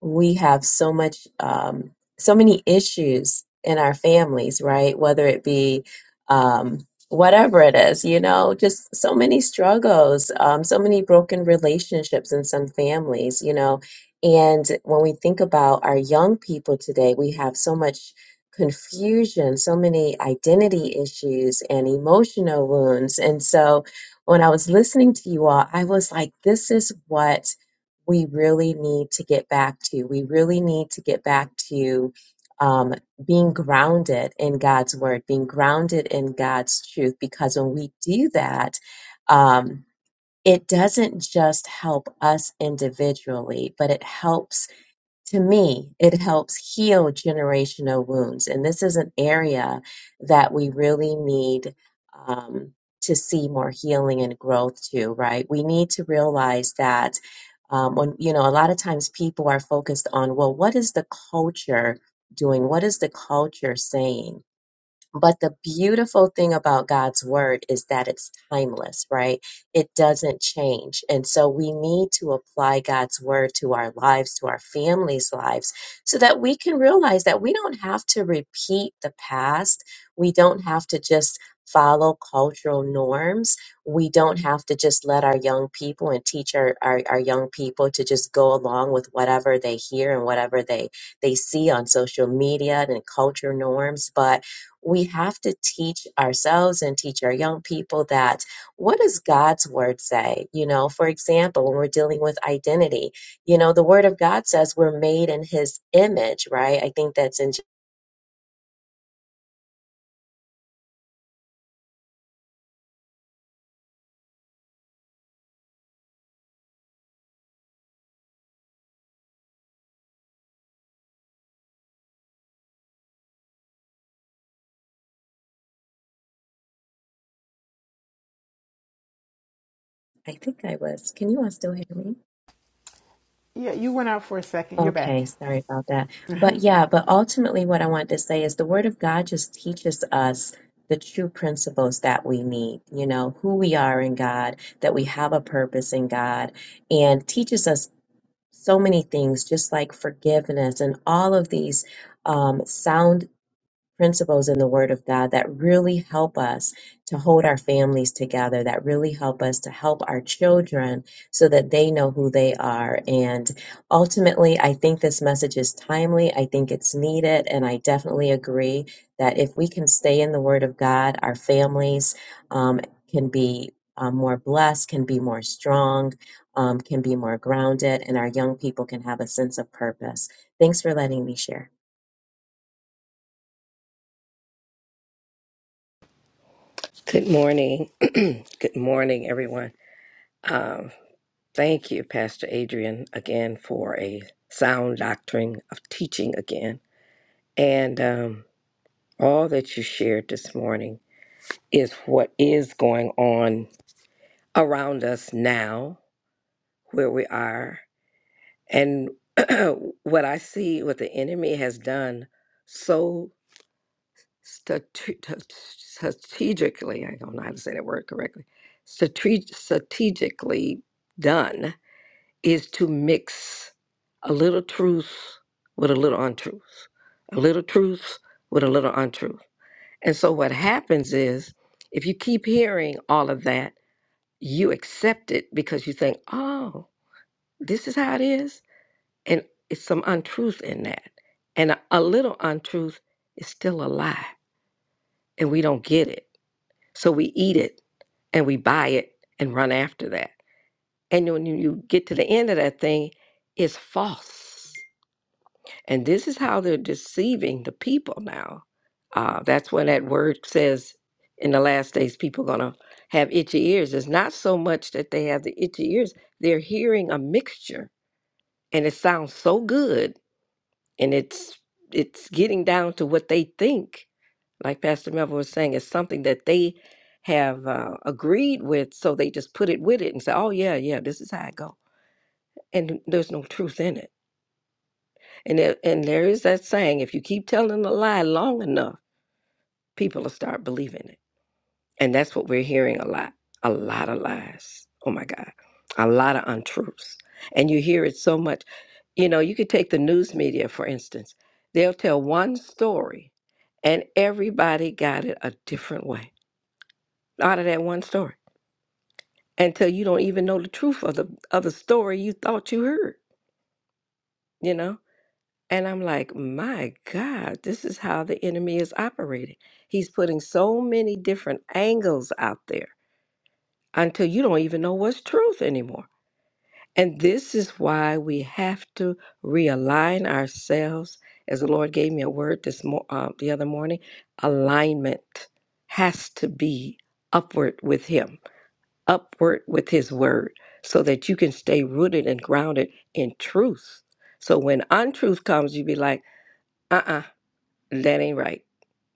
H: we have so much, um, so many issues in our families, right? Whether it be, um, whatever it is, you know, just so many struggles, um, so many broken relationships in some families, you know. And when we think about our young people today, we have so much confusion, so many identity issues and emotional wounds. And so when I was listening to you all, I was like, this is what we really need to get back to. We really need to get back to um, being grounded in God's word, being grounded in God's truth, because when we do that, um, it doesn't just help us individually, but it helps to me, it helps heal generational wounds. And this is an area that we really need um, to see more healing and growth to, right? We need to realize that um, when, you know, a lot of times people are focused on, well, what is the culture doing? What is the culture saying? But the beautiful thing about God's word is that it's timeless, right? It doesn't change. And so we need to apply God's word to our lives, to our families' lives, so that we can realize that we don't have to repeat the past. We don't have to just follow cultural norms. We don't have to just let our young people and teach our, our, our young people to just go along with whatever they hear and whatever they, they see on social media and culture norms. But we have to teach ourselves and teach our young people that what does God's word say? You know, for example, when we're dealing with identity, you know, the word of God says we're made in his image, right? I think that's in, I think I was, can you all still hear me?
C: Yeah, you went out for a second. You're back.
H: Okay, sorry about that. But yeah, but ultimately what I want to say is the word of God just teaches us the true principles that we need, you know, who we are in God, that we have a purpose in God, and teaches us so many things, just like forgiveness and all of these um, sound principles in the Word of God that really help us to hold our families together, that really help us to help our children so that they know who they are. And ultimately, I think this message is timely. I think it's needed. And I definitely agree that if we can stay in the Word of God, our families um, can be. uh, more blessed, can be more strong, um, can be more grounded, and our young people can have a sense of purpose. Thanks for letting me share.
I: Good morning. Good morning, everyone. Um, thank you, Pastor Adrian, again for a sound doctrine of teaching again. And um, all that you shared this morning is what is going on around us now, where we are, and what I see, what the enemy has done so strate- strategically, I don't know how to say that word correctly, strate- strategically done is to mix a little truth with a little untruth, a little truth with a little untruth. And so what happens is if you keep hearing all of that, you accept it because you think, oh, this is how it is. And it's some untruth in that. And a, a little untruth is still a lie, and we don't get it. So we eat it and we buy it and run after that. And when you you get to the end of that thing, it's false. And this is how they're deceiving the people now. Uh, that's when that word says in the last days people gonna have itchy ears. It's not so much that they have the itchy ears, they're hearing a mixture and it sounds so good and it's it's getting down to what they think, like Pastor Melville was saying, is something that they have uh, agreed with, so they just put it with it and say, Oh yeah, yeah, this is how I go. And there's no truth in it And it, and there is that saying: if you keep telling a lie long enough, people will start believing it. And that's what we're hearing a lot, a lot of lies. Oh my God, a lot of untruths. And you hear it so much. You know, you could take the news media for instance. They'll tell one story, and everybody got it a different way out of that one story until you don't even know the truth of the of the story you thought you heard. You know And I'm like, my God, this is how the enemy is operating. He's putting so many different angles out there until you don't even know what's truth anymore. And this is why we have to realign ourselves. As the Lord gave me a word this mo- uh, the other morning, alignment has to be upward with Him, upward with His word, so that you can stay rooted and grounded in truth. So when untruth comes, you be like, uh uh that ain't right.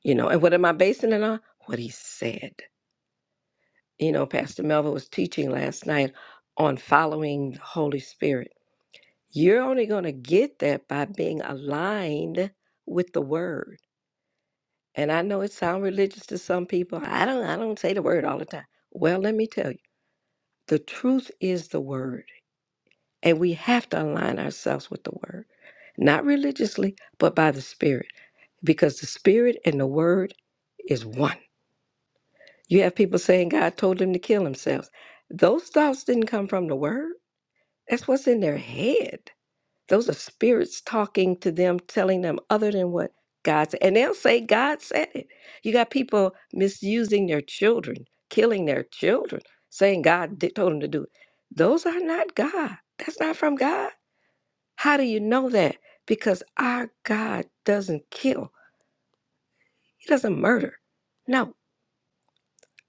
I: You know, and what am I basing it on? What he said. You know, Pastor Melvin was teaching last night on following the Holy Spirit. You're only going to get that by being aligned with the word. And I know it sounds religious to some people. I don't I don't say the word all the time. Well, let me tell you. The truth is the word, and we have to align ourselves with the word. Not religiously, but by the spirit, because the spirit and the word is one. You have people saying God told them to kill themselves. Those thoughts didn't come from the word. That's what's in their head. Those are spirits talking to them, telling them other than what God said. And they'll say God said it. You got people misusing their children, killing their children, saying God did, told them to do it. Those are not God. That's not from God. How do you know that? Because our God doesn't kill, He doesn't murder. No,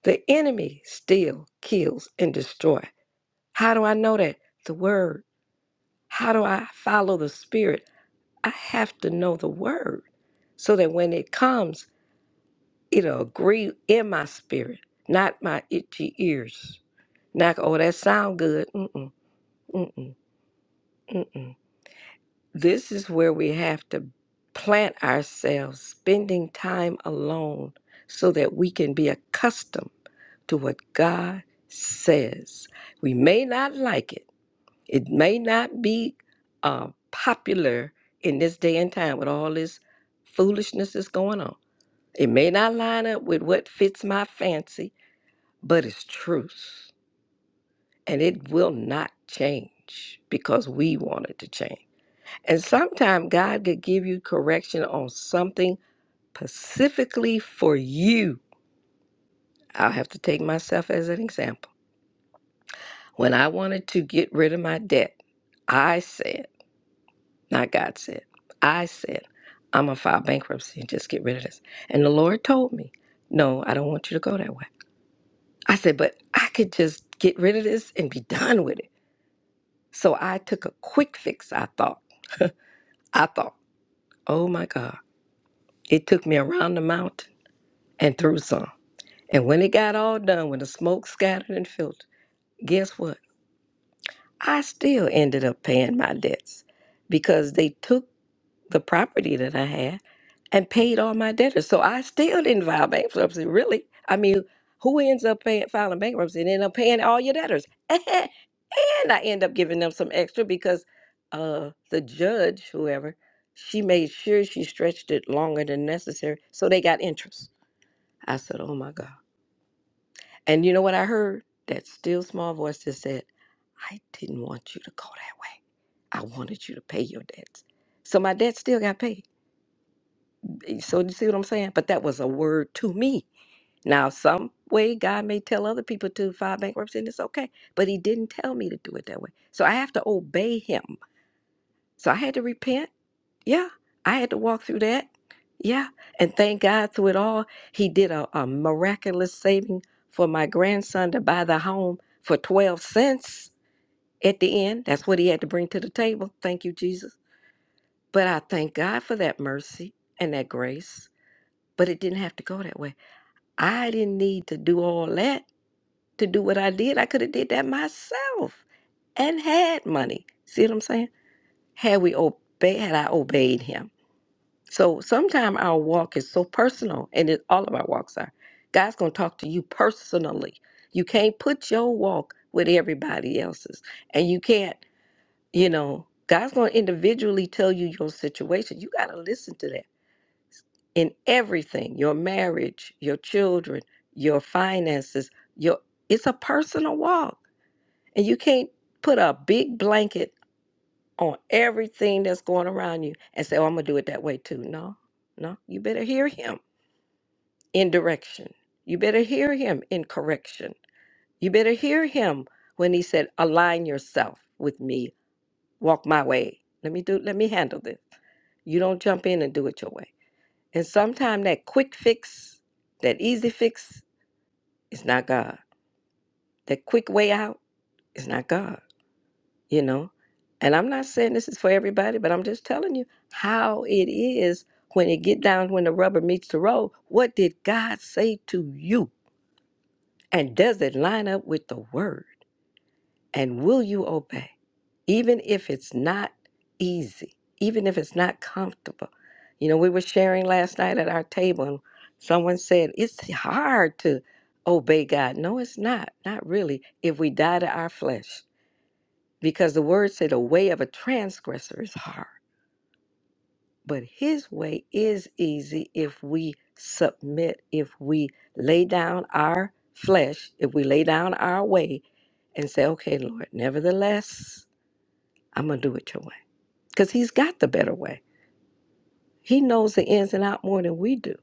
I: the enemy still kills and destroys. How do I know that? The word. How do I follow the spirit? I have to know the word so that when it comes, it'll agree in my spirit, not my itchy ears. Not, oh, that sound good. Mm-mm, mm-mm, mm-mm. This is where we have to plant ourselves, spending time alone so that we can be accustomed to what God says. We may not like it It may not be uh, popular in this day and time with all this foolishness that's going on. It may not line up with what fits my fancy, but it's truth. And it will not change because we want it to change. And sometimes God could give you correction on something specifically for you. I'll have to take myself as an example. When I wanted to get rid of my debt, I said, Not God said. I said, I'm going to file bankruptcy and just get rid of this. And the Lord told me, No, I don't want you to go that way. I said, But I could just get rid of this and be done with it. So I took a quick fix, I thought. I thought, Oh my God. It took me around the mountain and through some. And when it got all done, when the smoke scattered and filtered, guess what? I still ended up paying my debts because they took the property that I had and paid all my debtors. So I still didn't file bankruptcy, really. I mean, who ends up paying, filing bankruptcy and end up paying all your debtors? And, I end up giving them some extra because uh, the judge, whoever, she made sure she stretched it longer than necessary. So they got interest. I said, oh my God. And you know what I heard? That still small voice that said, I didn't want you to go that way. I wanted you to pay your debts. So my debt still got paid. So you see what I'm saying? But that was a word to me Now, some way God may tell other people to file bankruptcy and it's okay, but He didn't tell me to do it that way. So I have to obey Him. So I had to repent. Yeah. I had to walk through that. Yeah. And thank God through it all, He did a, a miraculous saving for my grandson to buy the home for 12 cents at the end. That's what he had to bring to the table. Thank you, Jesus. But I thank God for that mercy and that grace. But it didn't have to go that way. I didn't need to do all that to do what I did. I could have did that myself and had money. See what I'm saying? Had we obeyed, had I obeyed him. So sometimes our walk is so personal, and it, all of our walks are. God's going to talk to you personally. You can't put your walk with everybody else's, and you can't, you know. God's going to individually tell you your situation. You got to listen to that in everything your marriage, your children, your finances, your it's a personal walk And you can't put a big blanket on everything that's going around you and say, oh, I'm going to do it that way too. No, no. You better hear him in direction. You better hear him in correction. You better hear him when he said, align yourself with me, walk my way. Let me do, let me handle this. You don't jump in and do it your way. And sometimes that quick fix, that easy fix is not God. That quick way out is not God. you know and i'm not saying this is for everybody but i'm just telling you how it is when it get down when the rubber meets the road what did god say to you and does it line up with the word and will you obey even if it's not easy even if it's not comfortable you know we were sharing last night at our table and someone said it's hard to obey god no it's not not really if we die to our flesh because the word said the way of a transgressor is hard but his way is easy if we submit if we lay down our flesh if we lay down our way and say okay lord nevertheless i'm gonna do it your way because he's got the better way he knows the ins and out more than we do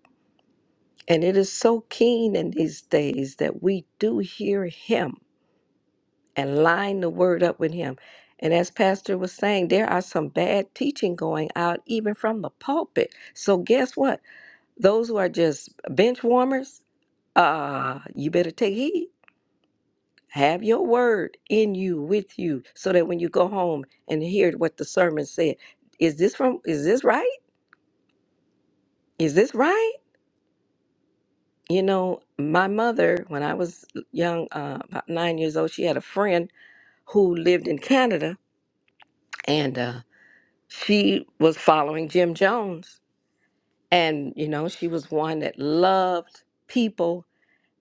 I: and it is so keen in these days that we do hear him and line the word up with him. And as Pastor was saying, there are some bad teaching going out even from the pulpit. So guess what? Those who are just bench warmers, uh, you better take heed. Have your word in you with you so that when you go home and hear what the sermon said, is this from is this right? Is this right? You know, my mother, when I was young, uh, about nine years old, she had a friend who lived in Canada and uh, she was following Jim Jones. And, you know, she was one that loved people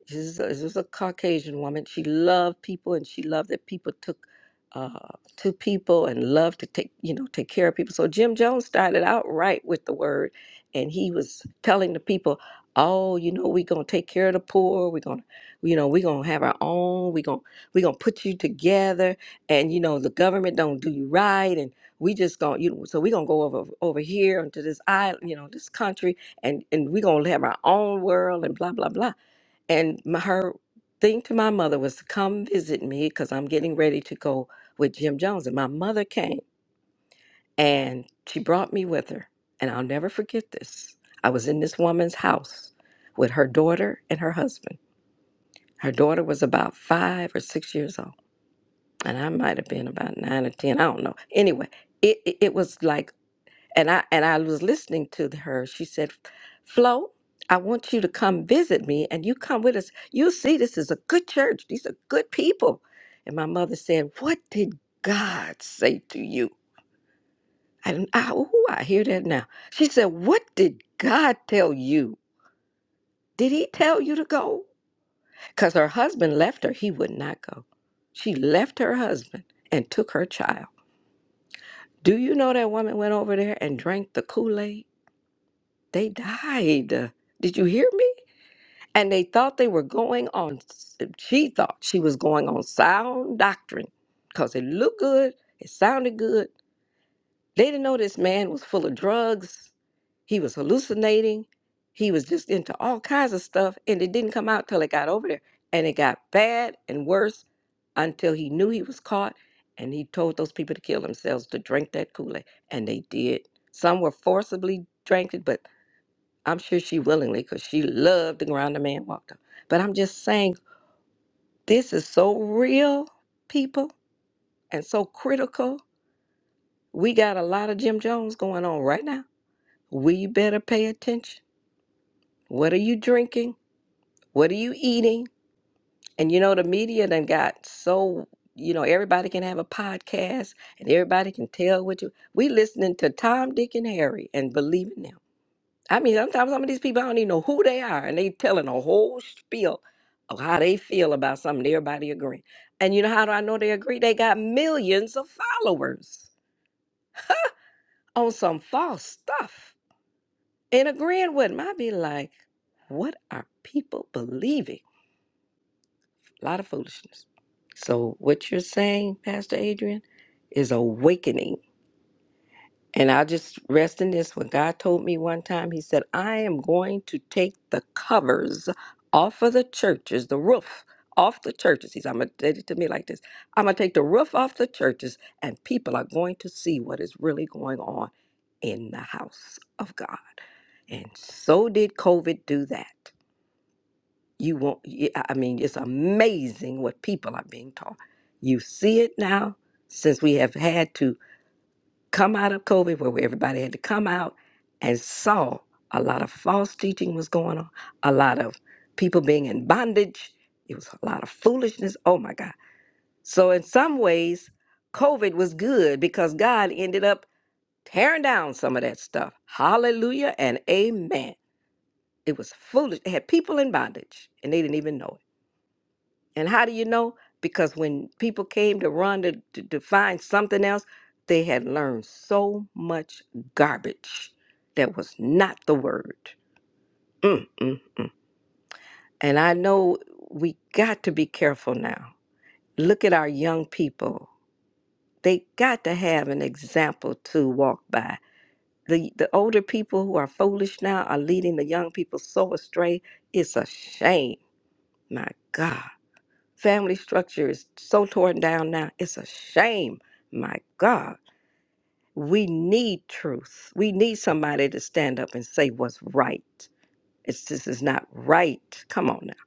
I: this is, a, this is a Caucasian woman. She loved people, and she loved that people took uh, to people and loved to take you know take care of people. So Jim Jones started out right with the word, and he was telling the people, "Oh, you know, we're gonna take care of the poor. We're gonna, you know, we're gonna have our own. We're gonna we're gonna put you together, and you know, the government don't do you right, and we just gonna you know, so we're gonna go over over here into this island, you know, this country, and and we're gonna have our own world, and blah blah blah." And my, her thing to my mother was to come visit me because I'm getting ready to go with Jim Jones. And my mother came and she brought me with her. And I'll never forget this. I was in this woman's house with her daughter and her husband. Her daughter was about five or six years old. And I might have been about nine or 10. I don't know. Anyway, it, it, it was like and I and I was listening to her. She said, "Flo, I want you to come visit me, and you come with us. You'll see this is a good church. These are good people." And my mother said, "What did God say to you?" And I, ooh, I hear that now. She said, "What did God tell you? Did He tell you to go?" Because her husband left her. He would not go. She left her husband and took her child. Do you know that woman went over there and drank the Kool Aid? They died. Did you hear me? And they thought they were going on, she thought she was going on sound doctrine because it looked good, it sounded good. They didn't know this man was full of drugs, he was hallucinating, he was just into all kinds of stuff, and it didn't come out till it got over there. And it got bad and worse until he knew he was caught and he told those people to kill themselves to drink that Kool Aid. And they did. Some were forcibly drank it, but I'm sure she willingly, because she loved the ground the man walked on. But I'm just saying, this is so real, people, and so critical. We got a lot of Jim Jones going on right now. We better pay attention. What are you drinking? What are you eating? And you know, the media done got so, you know, everybody can have a podcast and everybody can tell what you. We listening to Tom, Dick, and Harry and believing them. I mean, sometimes some of these people I don't even know who they are, and they telling a whole spiel of how they feel about something. Everybody agreeing, and you know how do I know they agree? They got millions of followers on some false stuff and agreeing with them. I be like, what are people believing? A lot of foolishness. So what you're saying, Pastor Adrian, is awakening And I just rest in this. When God told me one time, He said, I am going to take the covers off of the churches, the roof off the churches. He's, I'm going to did it to me like this I'm going to take the roof off the churches, and people are going to see what is really going on in the house of God. And so did COVID do that. You won't, y- I I mean, it's amazing what people are being taught. You see it now since we have had to come out of COVID where everybody had to come out and saw a lot of false teaching was going on, a lot of people being in bondage. It was a lot of foolishness. Oh my God. So, in some ways, COVID was good because God ended up tearing down some of that stuff. Hallelujah and amen. It was foolish. It had people in bondage and they didn't even know it. And how do you know? Because when people came to run to, to, to find something else, they had learned so much garbage that was not the word. Mm, mm, mm. And I know we got to be careful now. Look at our young people. They got to have an example to walk by. The, the older people who are foolish now are leading the young people so astray. It's a shame. My God. Family structure is so torn down now. It's a shame. My God, we need truth. We need somebody to stand up and say what's right. It's this is not right. Come on now.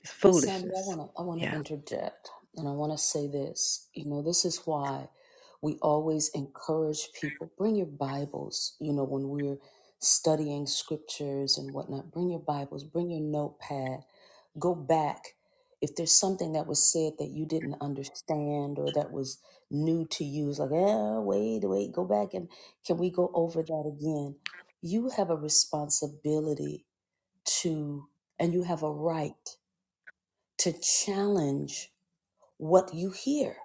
I: It's
A: Miss Sandy, I
I: foolishness.
A: want to I want
I: Yeah.
A: to interject, and I want to say this. You know, this is why we always encourage people bring your Bibles. You know, when we're studying scriptures and whatnot, bring your Bibles, bring your notepad go back if there's something that was said that you didn't understand or that was new to you it's like eh, wait wait go back and can we go over that again you have a responsibility to and you have a right to challenge what you hear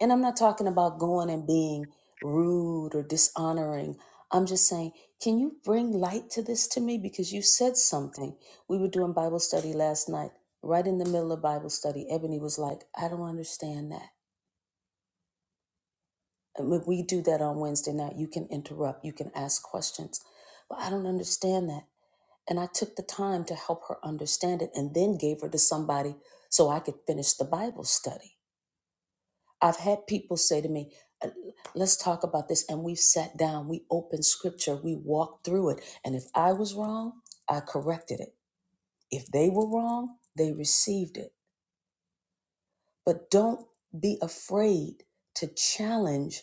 A: and I'm not talking about going and being rude or dishonoring. I'm just saying, can you bring light to this to me? Because you said something. We were doing Bible study last night, right in the middle of Bible study. Ebony was like, I don't understand that. I mean, we do that on Wednesday night. You can interrupt, you can ask questions, but I don't understand that. And I took the time to help her understand it and then gave her to somebody so I could finish the Bible study. I've had people say to me, uh, let's talk about this. And we've sat down, we opened scripture, we walked through it. And if I was wrong, I corrected it. If they were wrong, they received it. But don't be afraid to challenge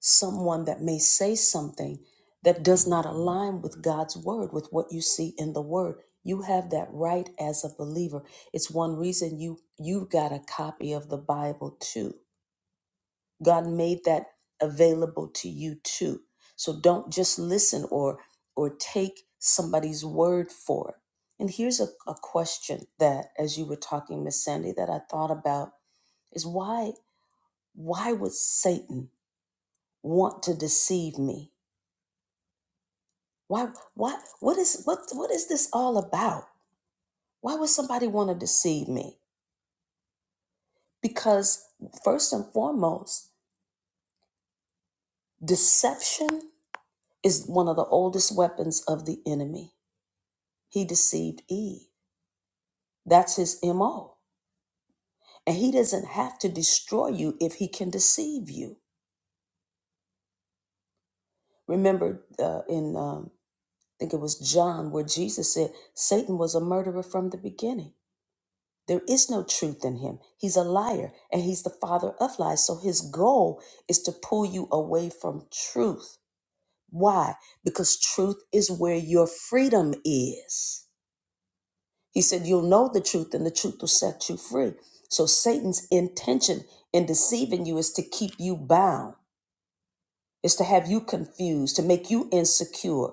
A: someone that may say something that does not align with God's word, with what you see in the word. You have that right as a believer. It's one reason you you got a copy of the Bible too God made that available to you too. So don't just listen or or take somebody's word for it. And here's a, a question that as you were talking, Miss Sandy, that I thought about is why why would Satan want to deceive me? Why why what is what what is this all about? Why would somebody want to deceive me? Because first and foremost, deception is one of the oldest weapons of the enemy He deceived Eve. That's his MO. And he doesn't have to destroy you if he can deceive you. Remember uh, in, um, I think it was John, where Jesus said, Satan was a murderer from the beginning. There is no truth in him. He's a liar and he's the father of lies. So his goal is to pull you away from truth. Why? Because truth is where your freedom is. He said, You'll know the truth, and the truth will set you free. So, Satan's intention in deceiving you is to keep you bound, is to have you confused, to make you insecure,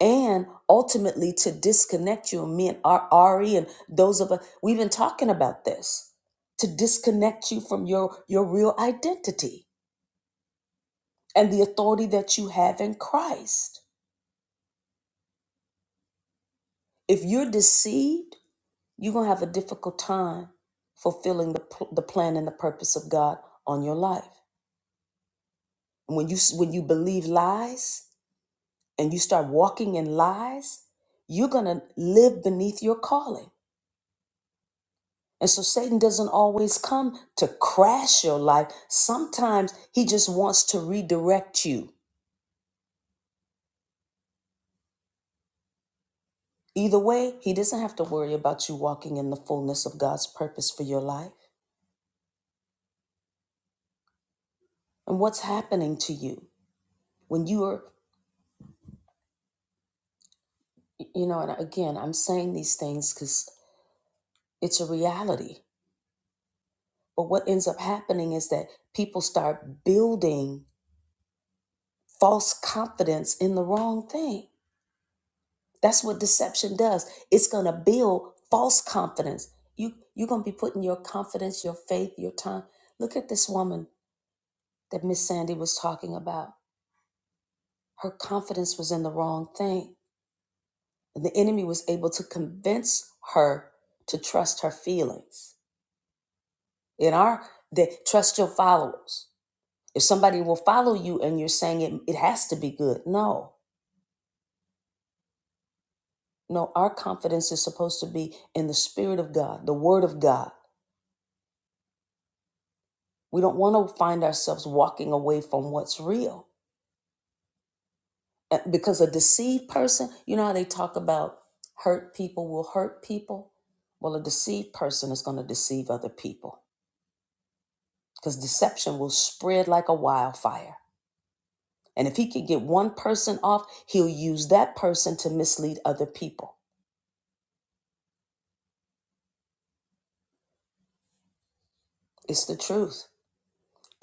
A: and ultimately to disconnect you. And me and Ar- Ari and those of us, we've been talking about this to disconnect you from your, your real identity and the authority that you have in Christ. If you're deceived, You're going to have a difficult time fulfilling the, pl- the plan and the purpose of God on your life. And when you s- when you believe lies and you start walking in lies, you're going to live beneath your calling. And so Satan doesn't always come to crash your life. Sometimes he just wants to redirect you. Either way, he doesn't have to worry about you walking in the fullness of God's purpose for your life. And what's happening to you when you are, you know, and again, I'm saying these things because it's a reality. But what ends up happening is that people start building false confidence in the wrong thing. That's what deception does. It's going to build false confidence. You you're going to be putting your confidence, your faith, your time. Look at this woman that Miss Sandy was talking about. Her confidence was in the wrong thing. And the enemy was able to convince her to trust her feelings. In our they trust your followers. if somebody will follow you and you're saying it, it has to be good. No, no, our confidence is supposed to be in the Spirit of God, the Word of God. We don't want to find ourselves walking away from what's real Uh, because a deceived person, you know how they talk about hurt people will hurt people? Well, a deceived person is going to deceive other people because deception will spread like a wildfire. And if he can get one person off, he'll use that person to mislead other people. It's the truth.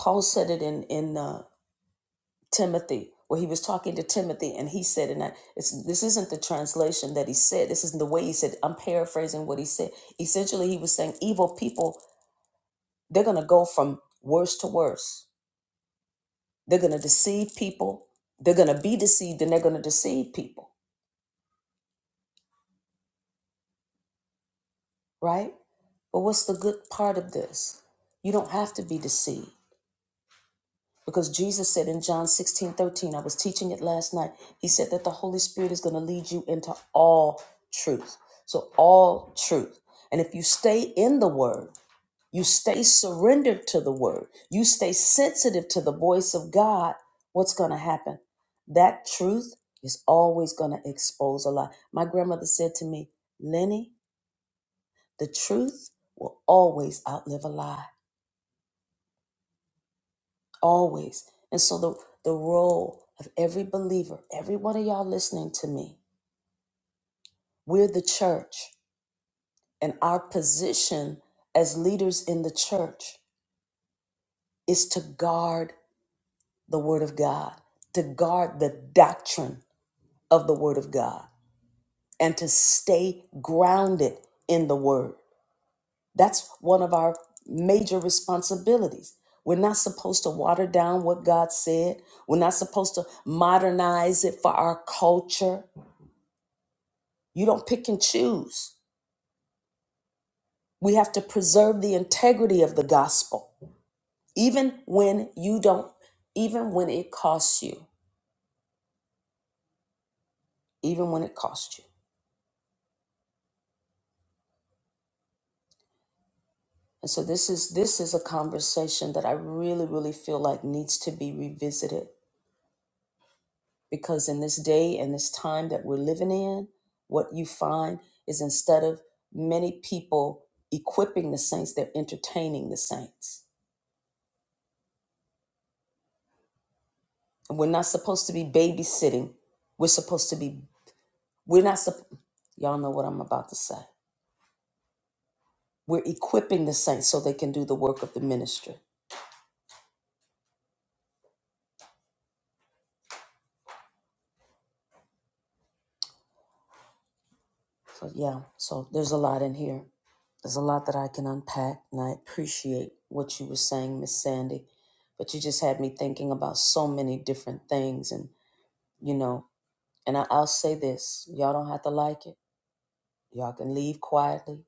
A: Paul said it in in uh, Timothy where he was talking to Timothy and he said and I, it's this isn't the translation that he said this isn't the way he said I'm paraphrasing what he said essentially he was saying evil people they're going to go from worse to worse they're going to deceive people they're going to be deceived and they're going to deceive people right but what's the good part of this you don't have to be deceived Because Jesus said in John 16 13, I was teaching it last night. He said that the Holy Spirit is going to lead you into all truth. So, all truth. And if you stay in the word, you stay surrendered to the word, you stay sensitive to the voice of God, what's going to happen? That truth is always going to expose a lie. My grandmother said to me, Lenny, the truth will always outlive a lie. always. And so the the role of every believer, every one of y'all listening to me, we're the church, and our position as leaders in the church is to guard the word of God, to guard the doctrine of the word of God, and to stay grounded in the word. That's one of our major responsibilities. We're not supposed to water down what God said. We're not supposed to modernize it for our culture. You don't pick and choose. We have to preserve the integrity of the gospel, even when you don't, even when it costs you, even when it costs you. And so this is this is a conversation that I really, really feel like needs to be revisited because in this day and this time that we're living in, what you find is instead of many people equipping the saints, they're entertaining the saints. And we're not supposed to be babysitting. We're supposed to be We're not, supp- y'all know what I'm about to say. We're equipping the saints so they can do the work of the ministry. So, yeah, so there's a lot in here. There's a lot that I can unpack, and I appreciate what you were saying, Miss Sandy. But you just had me thinking about so many different things, and you know, and I, I'll say this: y'all don't have to like it. Y'all can leave quietly,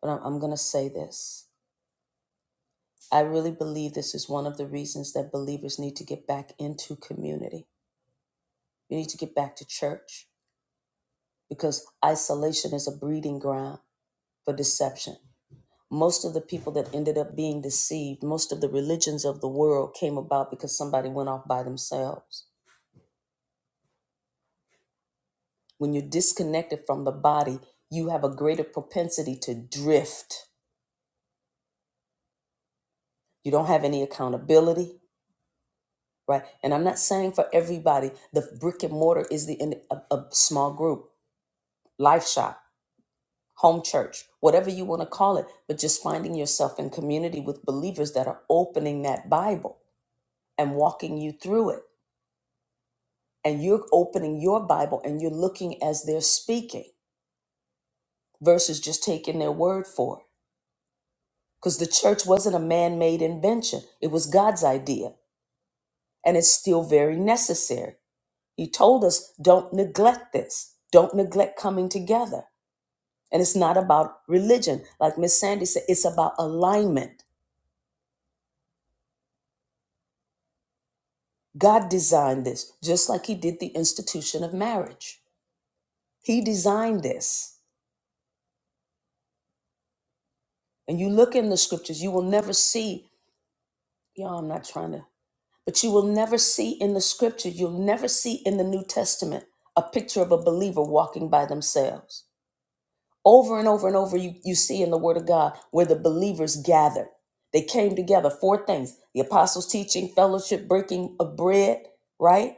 A: but I'm, I'm gonna say this. I really believe this is one of the reasons that believers need to get back into community. You need to get back to church. because isolation is a breeding ground for deception. Most of the people that ended up being deceived, most of the religions of the world came about because somebody went off by themselves. When you're disconnected from the body, you have a greater propensity to drift. You don't have any accountability, right? And I'm not saying for everybody, the brick and mortar is the in a, a small group, life shop, home church, whatever you want to call it, but just finding yourself in community with believers that are opening that Bible and walking you through it. And you're opening your Bible and you're looking as they're speaking versus just taking their word for it. Because the church wasn't a man made invention, it was God's idea. And it's still very necessary. He told us don't neglect this, don't neglect coming together. And it's not about religion. Like Miss Sandy said, it's about alignment. God designed this, just like He did the institution of marriage. He designed this. And you look in the scriptures, you will never see Y'all, I'm not trying to. But you will never see in the scripture, you'll never see in the New Testament a picture of a believer walking by themselves. Over and over and over, you, you see in the Word of God where the believers gathered. They came together, four things the apostles' teaching, fellowship, breaking of bread, right?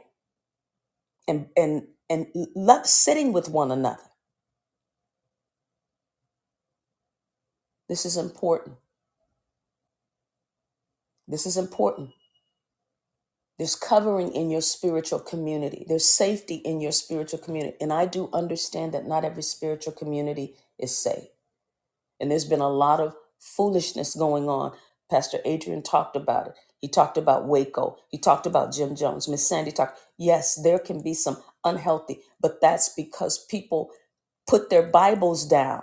A: And and and love sitting with one another. This is important. This is important There's covering in your spiritual community. There's safety in your spiritual community. And I do understand that not every spiritual community is safe. And there's been a lot of foolishness going on. Pastor Adrian talked about it. He talked about Waco. He talked about Jim Jones. Miss Sandy talked. Yes, there can be some unhealthy, but that's because people put their Bibles down.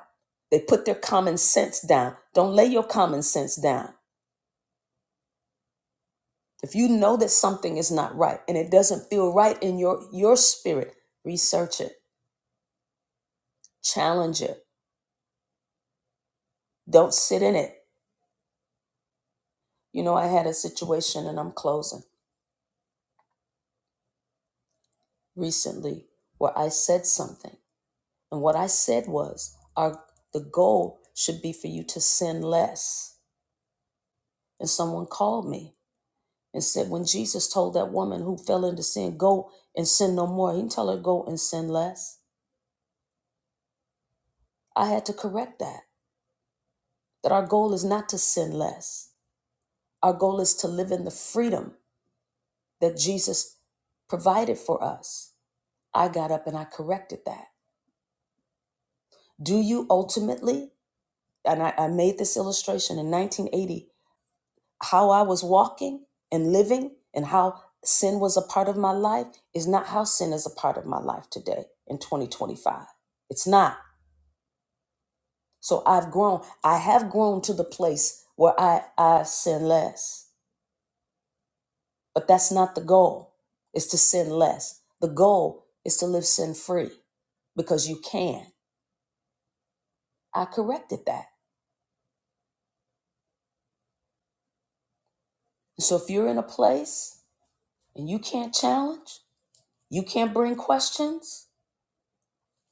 A: They put their common sense down. Don't lay your common sense down If you know that something is not right and it doesn't feel right in your your spirit, research it, challenge it. Don't sit in it. You know, I had a situation and I'm closing recently where I said something. And what I said was our the goal should be for you to sin less. And someone called me and said when Jesus told that woman who fell into sin, go and sin no more, he didn't tell her go and sin less. I had to correct that. That our goal is not to sin less Our goal is to live in the freedom that Jesus provided for us. I got up and I corrected that. Do you ultimately, and I, I made this illustration in 1980, how I was walking and living and how sin was a part of my life is not how sin is a part of my life today in 2025. It's not. So I've grown. I have grown to the place where I, I sin less. But that's not the goal, is to sin less. The goal is to live sin free because you can. I corrected that. So if you're in a place and you can't challenge, you can't bring questions,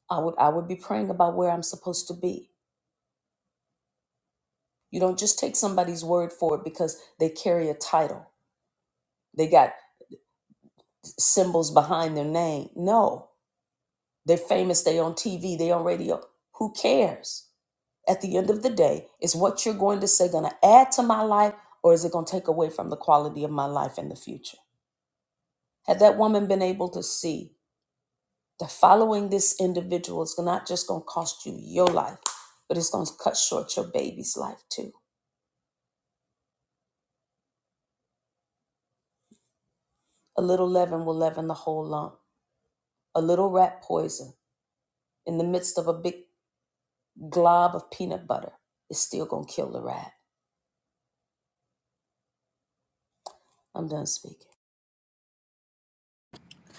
A: I would I would be praying about where I'm supposed to be. You don't just take somebody's word for it because they carry a title. They got symbols behind their name. No. They're famous, they on TV, they on radio. Who cares? at the end of the day is what you're going to say going to add to my life or is it going to take away from the quality of my life in the future had that woman been able to see that following this individual is not just going to cost you your life but it's going to cut short your baby's life too a little leaven will leaven the whole lump a little rat poison in the midst of a big glob of peanut butter is still going to kill the rat i'm done speaking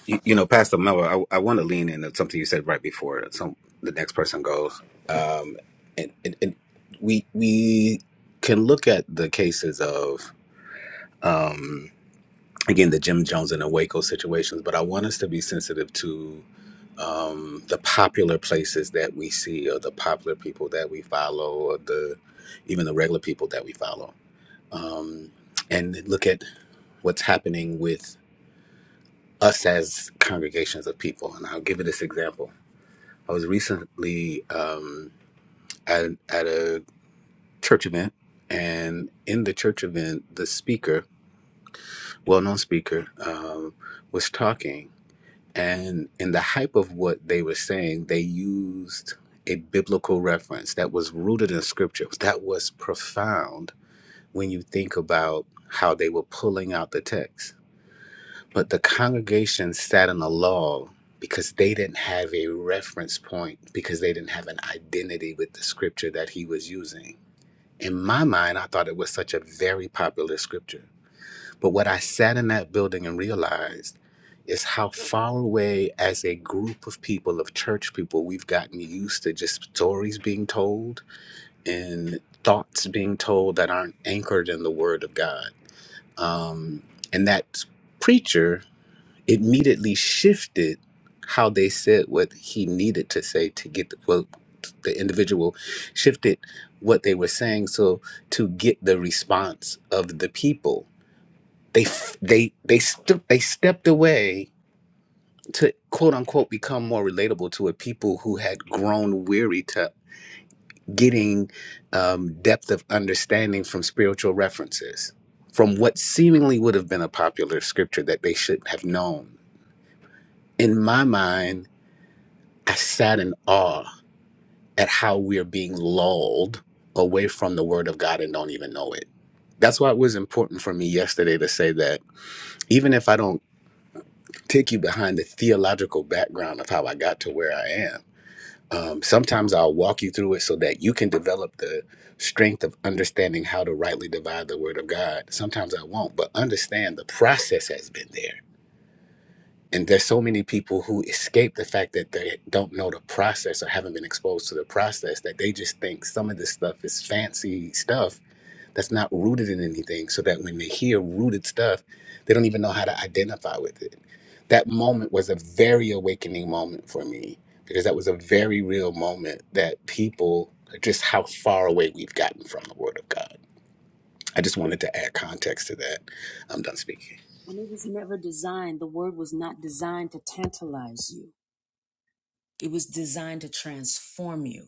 F: You, you know, Pastor Miller, I, I want to lean into something you said right before some the next person goes. Um, and, and, and we we can look at the cases of again the Jim Jones and the Waco situations, but I want us to be sensitive to um, the popular places that we see, or the popular people that we follow, or the even the regular people that we follow, um, and look at what's happening with us as congregations of people. And I'll give you this example. I was recently um, at, at a church event, and in the church event, the speaker, well known speaker, um, was talking. And in the hype of what they were saying, they used a biblical reference that was rooted in scripture, that was profound when you think about how they were pulling out the text But the congregation sat in a lull because they didn't have a reference point, because they didn't have an identity with the scripture that he was using. In my mind, I thought it was such a very popular scripture. But what I sat in that building and realized is how far away, as a group of people, of church people, we've gotten used to just stories being told and thoughts being told that aren't anchored in the Word of God. Um, and that preacher immediately shifted how they said what he needed to say to get the, well, the individual shifted what they were saying so to get the response of the people they f- they they st- they stepped away to quote unquote become more relatable to a people who had grown weary to getting um, depth of understanding from spiritual references from what seemingly would have been a popular scripture that they should have known in my mind I sat in awe at how we are being lulled away from the word of God and don't even know it. That's why it was important for me yesterday to say that even if I don't take you behind the theological background of how I got to where I am, um, sometimes I'll walk you through it so that you can develop the strength of understanding how to rightly divide the word of God. Sometimes I won't, but understand the process has been there and there's so many people who escape the fact that they don't know the process or haven't been exposed to the process that they just think some of this stuff is fancy stuff that's not rooted in anything so that when they hear rooted stuff they don't even know how to identify with it that moment was a very awakening moment for me because that was a very real moment that people just how far away we've gotten from the word of god i just wanted to add context to that i'm done speaking
A: And it was never designed, the word was not designed to tantalize you. It was designed to transform you.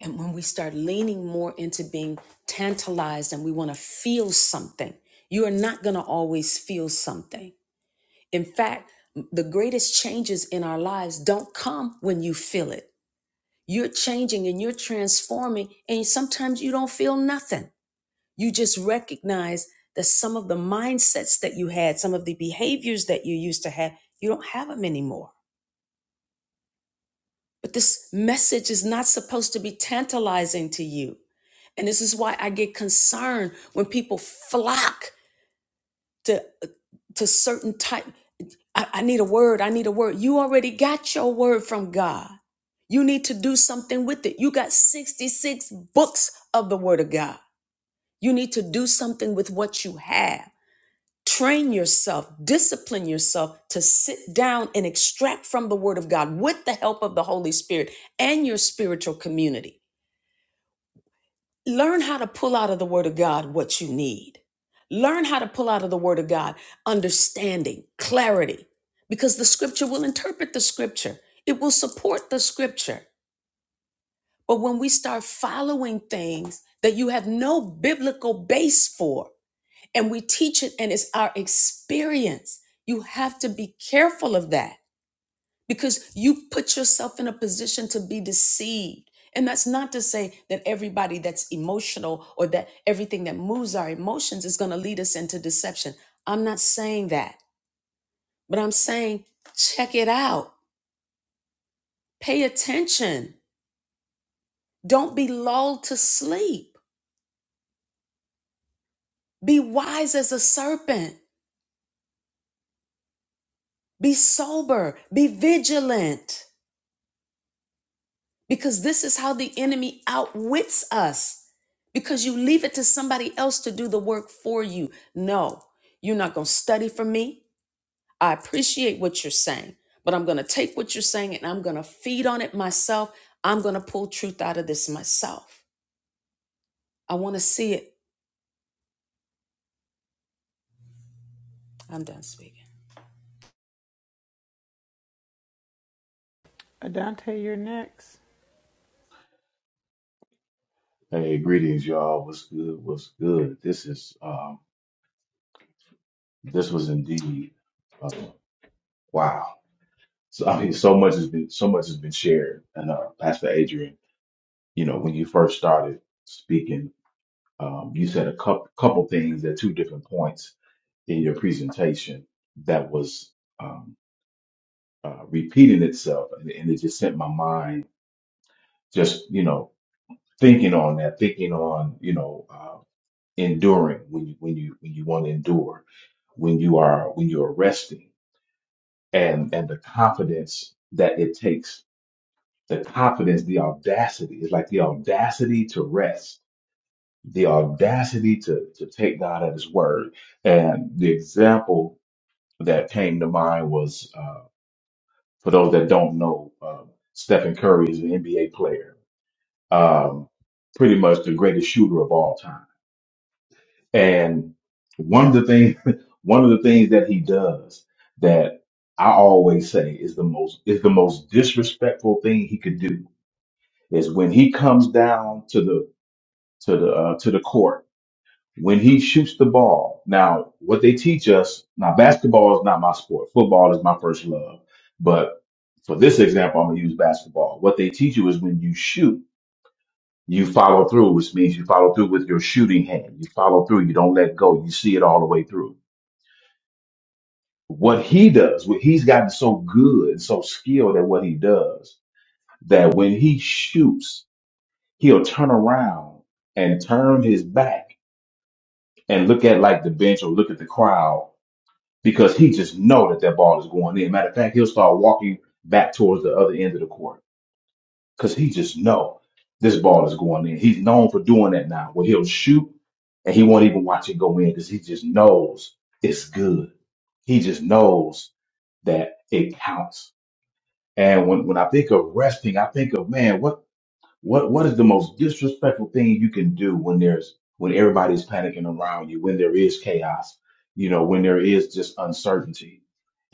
A: And when we start leaning more into being tantalized and we want to feel something, you are not going to always feel something. In fact, the greatest changes in our lives don't come when you feel it. You're changing and you're transforming, and sometimes you don't feel nothing. You just recognize that some of the mindsets that you had, some of the behaviors that you used to have, you don't have them anymore. But this message is not supposed to be tantalizing to you. And this is why I get concerned when people flock to to certain type. I, I need a word. I need a word. You already got your word from God. You need to do something with it. You got 66 books of the word of God. You need to do something with what you have train yourself, discipline yourself to sit down and extract from the Word of God with the help of the Holy Spirit and your spiritual community. Learn how to pull out of the Word of God what you need. Learn how to pull out of the Word of God understanding, clarity, because the Scripture will interpret the Scripture, it will support the Scripture. But when we start following things that you have no biblical base for, and we teach it and it's our experience. You have to be careful of that because you put yourself in a position to be deceived. And that's not to say that everybody that's emotional or that everything that moves our emotions is going to lead us into deception. I'm not saying that, but I'm saying check it out. Pay attention. Don't be lulled to sleep. Be wise as a serpent. Be sober. Be vigilant. because this is how the enemy outwits us because you leave it to somebody else to do the work for you. No, you're not going to study for me. I appreciate what you're saying, but I'm going to take what you're saying and I'm going to feed on it myself. I'm going to pull truth out of this myself. I want to see it. I'm done speaking.
C: Adante, you're next.
J: Hey, greetings, y'all. What's good? What's good? This is um, this was indeed uh, wow. So I mean, so much has been so much has been shared. And uh, Pastor Adrian, you know, when you first started speaking, um, you said a couple couple things at two different points in your presentation that was um, uh, repeating itself, and, and it just sent my mind just you know thinking on that, thinking on you know uh, enduring when you when you when you want to endure when you are when you're resting and and the confidence that it takes the confidence the audacity it's like the audacity to rest the audacity to to take god at his word and the example that came to mind was uh for those that don't know um stephen curry is an nba player um pretty much the greatest shooter of all time And one of the things, one of the things that he does that I always say is the most is the most disrespectful thing he could do is when he comes down to the to the uh, to the court when he shoots the ball. Now, what they teach us now, basketball is not my sport. Football is my first love, but for this example, I'm gonna use basketball. What they teach you is when you shoot, you follow through, which means you follow through with your shooting hand. You follow through. You don't let go. You see it all the way through what he does, what he's gotten so good and so skilled at what he does that when he shoots, he'll turn around and turn his back and look at like the bench or look at the crowd because he just know that that ball is going in. Matter of fact, he'll start walking back towards the other end of the court because he just know this ball is going in. He's known for doing that now where he'll shoot and he won't even watch it go in because he just knows it's good. He just knows that it counts And when, when I think of resting, I think of man, what what what is the most disrespectful thing you can do when there's when everybody's panicking around you, when there is chaos, you know, when there is just uncertainty.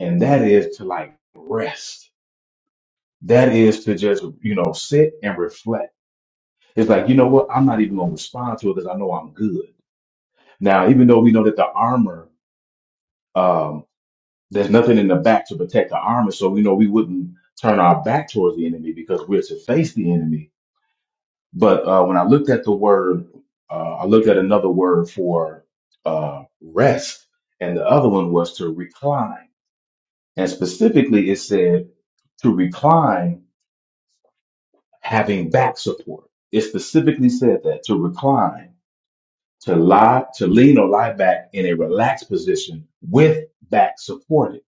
J: And that is to like rest. That is to just, you know, sit and reflect. It's like, you know what, I'm not even gonna respond to it because I know I'm good. Now, even though we know that the armor, um, there's nothing in the back to protect the armor, so we know we wouldn't turn our back towards the enemy because we're to face the enemy But uh, when I looked at the word, uh, I looked at another word for uh, rest, and the other one was to recline. And specifically, it said to recline having back support. It specifically said that to recline, to lie, to lean or lie back in a relaxed position with back supported.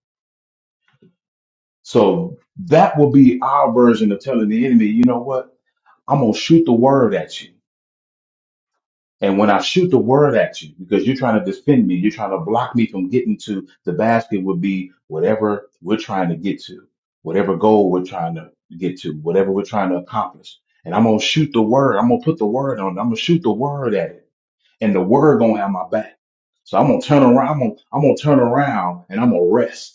J: So that will be our version of telling the enemy, you know what? I'm going to shoot the word at you. And when I shoot the word at you, because you're trying to defend me, you're trying to block me from getting to the basket would be whatever we're trying to get to, whatever goal we're trying to get to, whatever we're trying to accomplish. And I'm going to shoot the word. I'm going to put the word on. it. I'm going to shoot the word at it and the word going to have my back. So I'm going to turn around. I'm going to, I'm going to turn around and I'm going to rest.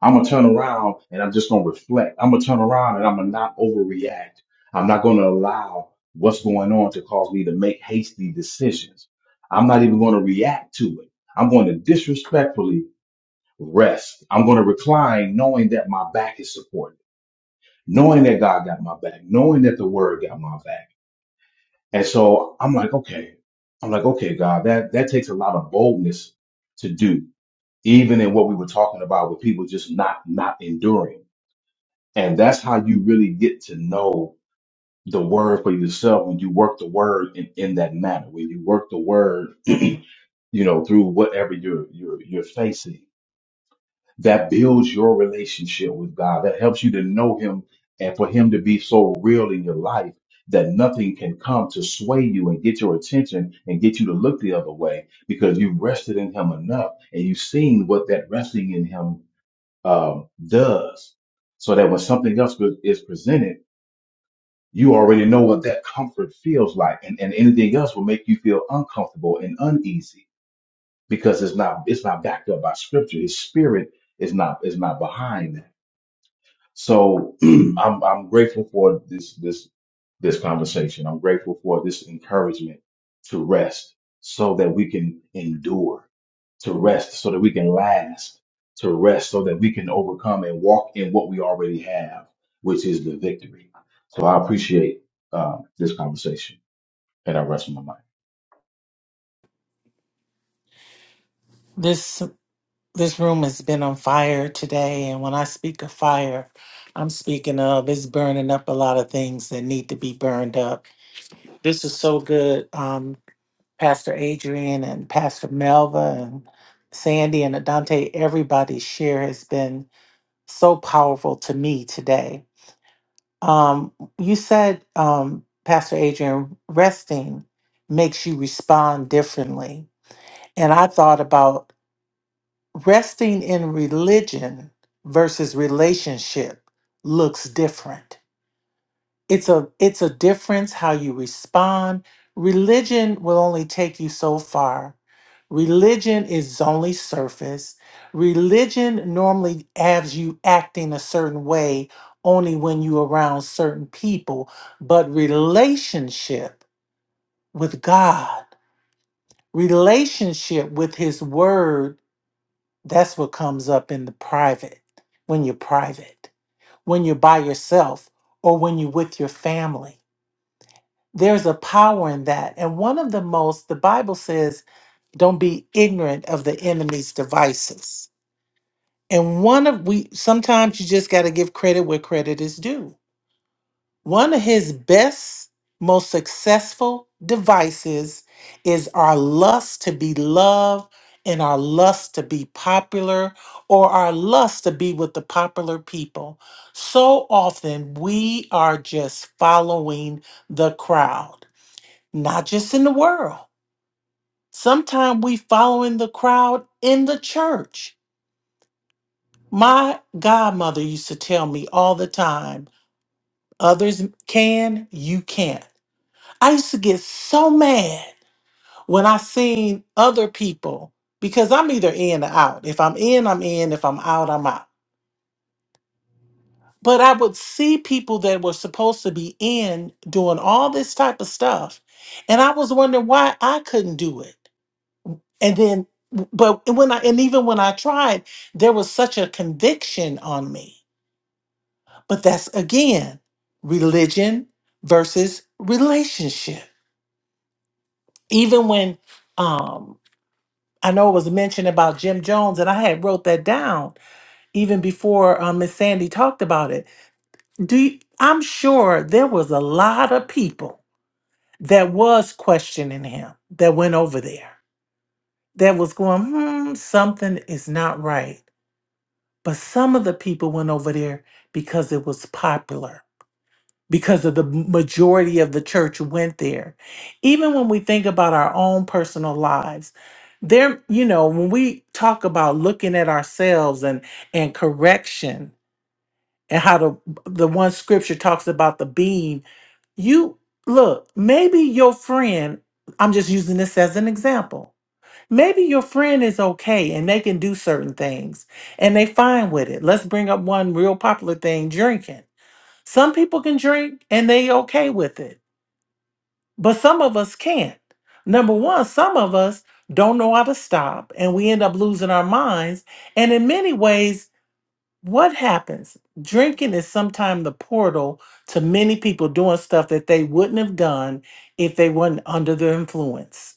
J: I'm gonna turn around and I'm just gonna reflect. I'm gonna turn around and I'm gonna not overreact. I'm not gonna allow what's going on to cause me to make hasty decisions. I'm not even gonna react to it. I'm going to disrespectfully rest. I'm gonna recline knowing that my back is supported, knowing that God got my back, knowing that the word got my back. And so I'm like, okay, I'm like, okay, God, that, that takes a lot of boldness to do, even in what we were talking about with people just not, not enduring and that's how you really get to know the word for yourself when you work the word in, in that manner, when you work the word, you know, through whatever you're, you're, you're facing. That builds your relationship with God. That helps you to know Him and for Him to be so real in your life that nothing can come to sway you and get your attention and get you to look the other way because you've rested in Him enough and you've seen what that resting in Him um, does. So that when something else is presented, you already know what that comfort feels like and, and anything else will make you feel uncomfortable and uneasy because it's not it's not backed up by scripture his spirit is not is not behind that so I'm I'm grateful for this this this conversation. I'm grateful for this encouragement to rest so that we can endure, to rest so that we can last, to rest so that we can overcome and walk in what we already have, which is the victory. So I appreciate uh, this conversation and I rest my mind.
B: This this room has been on fire today, and when I speak of fire, I'm speaking of it's burning up a lot of things that need to be burned up. This is so good, um, Pastor Adrian and Pastor Melva and Sandy and Adante. Everybody's share has been so powerful to me today. Um, you said, um, Pastor Adrian, resting makes you respond differently, and I thought about. resting in religion versus relationship looks different it's a it's a difference how you respond religion will only take you so far religion is only surface religion normally has you acting a certain way only when you around certain people but relationship with god relationship with his word that's what comes up in the private, when you're private, when you're by yourself, or when you're with your family. There's a power in that. And one of the most, the Bible says, don't be ignorant of the enemy's devices. And one of we sometimes you just got to give credit where credit is due One of his best, most successful devices is our lust to be loved and our lust to be popular or our lust to be with the popular people. So often we are just following the crowd, not just in the world. Sometimes we following the crowd in the church. My godmother used to tell me all the time, others can, you can't. I used to get so mad when I seen other people because I'm either in or out. If I'm in, I'm in. If I'm out, I'm out. But I would see people that were supposed to be in doing all this type of stuff. And I was wondering why I couldn't do it. And then, but when I, and even when I tried, there was such a conviction on me. But that's again, religion versus relationship. Even when, um, I know it was mentioned about Jim Jones, and I had wrote that down even before um, Miss Sandy talked about it. Do you, I'm sure there was a lot of people that was questioning him that went over there that was going, hmm, something is not right. But some of the people went over there because it was popular. because of the majority of the church went there. Even when we think about our own personal lives, there, you know, when we talk about looking at ourselves and and correction and how the the one scripture talks about the beam, you look, maybe your friend, I'm just using this as an example. Maybe your friend is okay and they can do certain things and they fine with it. Let's bring up one real popular thing, drinking some people can drink and they okay with it, but some of us can't. Number one, some of us don't know how to stop and we end up losing our minds. And in many ways, what happens? Drinking is sometimes the portal to many people doing stuff that they wouldn't have done if they weren't under the influence.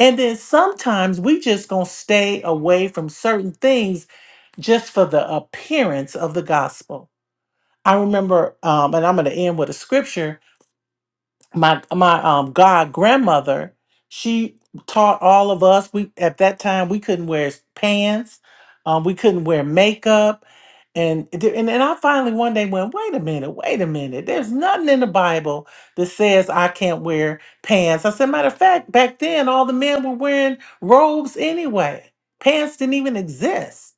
B: And then sometimes we just gonna stay away from certain things just for the appearance of the gospel. I remember, um, and I'm gonna end with a scripture my my um god grandmother she taught all of us we at that time we couldn't wear s- pants um we couldn't wear makeup and it di- and, and i finally one day went wait a minute wait a minute there's nothing in the bible that says i can't wear pants i said matter of fact back then all the men were wearing robes anyway pants didn't even exist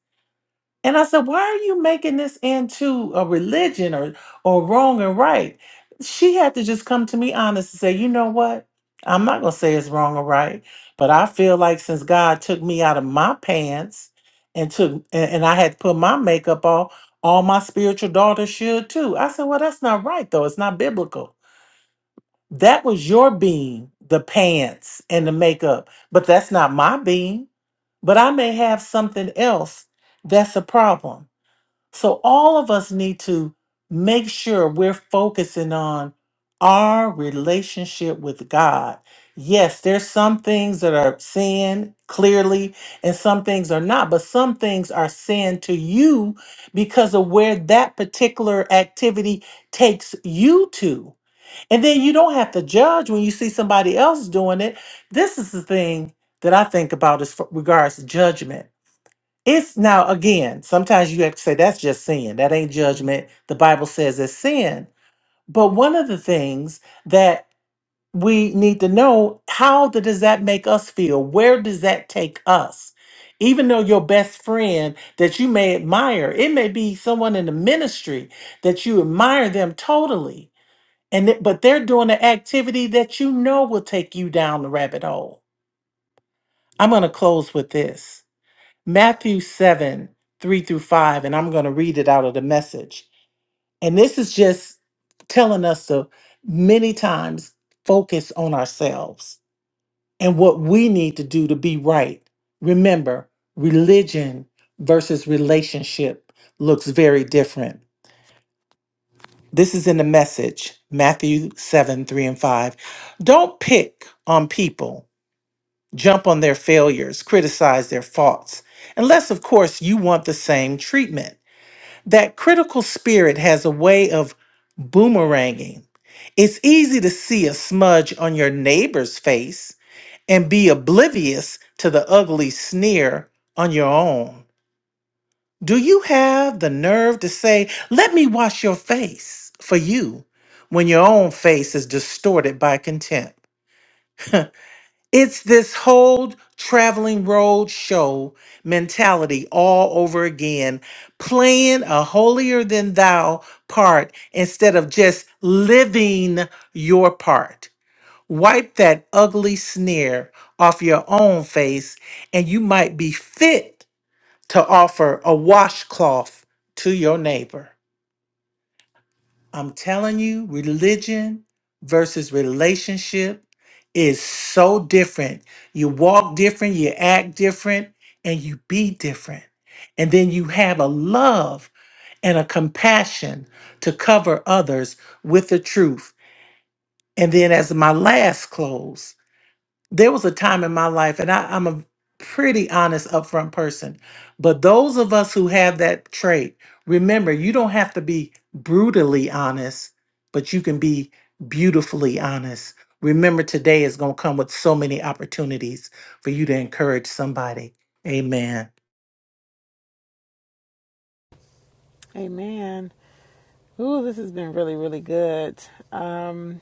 B: and I said, why are you making this into a religion or or wrong and right? She had to just come to me honest and say, you know what? I'm not gonna say it's wrong or right, but I feel like since God took me out of my pants and took and, and I had to put my makeup off, all my spiritual daughters should too. I said, Well, that's not right though. It's not biblical. That was your being, the pants and the makeup, but that's not my being. But I may have something else that's a problem. So all of us need to make sure we're focusing on our relationship with God. Yes, there's some things that are sin clearly and some things are not, but some things are sin to you because of where that particular activity takes you to. And then you don't have to judge when you see somebody else doing it. This is the thing that I think about as f- regards to judgment it's now again, sometimes you have to say that's just sin. That ain't judgment. The Bible says it's sin. But one of the things that we need to know how the, does that make us feel? Where does that take us? Even though your best friend that you may admire, it may be someone in the ministry that you admire them totally. And th- but they're doing an activity that you know will take you down the rabbit hole. I'm going to close with this. Matthew 7, 3 through 5, and I'm going to read it out of the message. And this is just telling us to many times focus on ourselves and what we need to do to be right. Remember, religion versus relationship looks very different. This is in the message, Matthew 7, 3 and 5. Don't pick on people, jump on their failures, criticize their faults, unless, of course, you want the same treatment. that critical spirit has a way of boomeranging. It's easy to see a smudge on your neighbor's face and be oblivious to the ugly sneer on your own. Do you have the nerve to say, Let me wash your face for you, when your own face is distorted by contempt? It's this whole traveling road show mentality all over again, playing a holier than thou part instead of just living your part. Wipe that ugly sneer off your own face, and you might be fit to offer a washcloth to your neighbor. I'm telling you, religion versus relationship is so different. You walk different, you act different, and you be different. And then you have a love and a compassion to cover others with the truth. And then, as my last close, there was a time in my life, and I, I'm a pretty honest, upfront person. But those of us who have that trait, remember, you don't have to be brutally honest, but you can be beautifully honest. Remember, today is going to come with so many opportunities for you to encourage somebody. Amen.
C: Amen. Ooh, this has been really, really good. Um,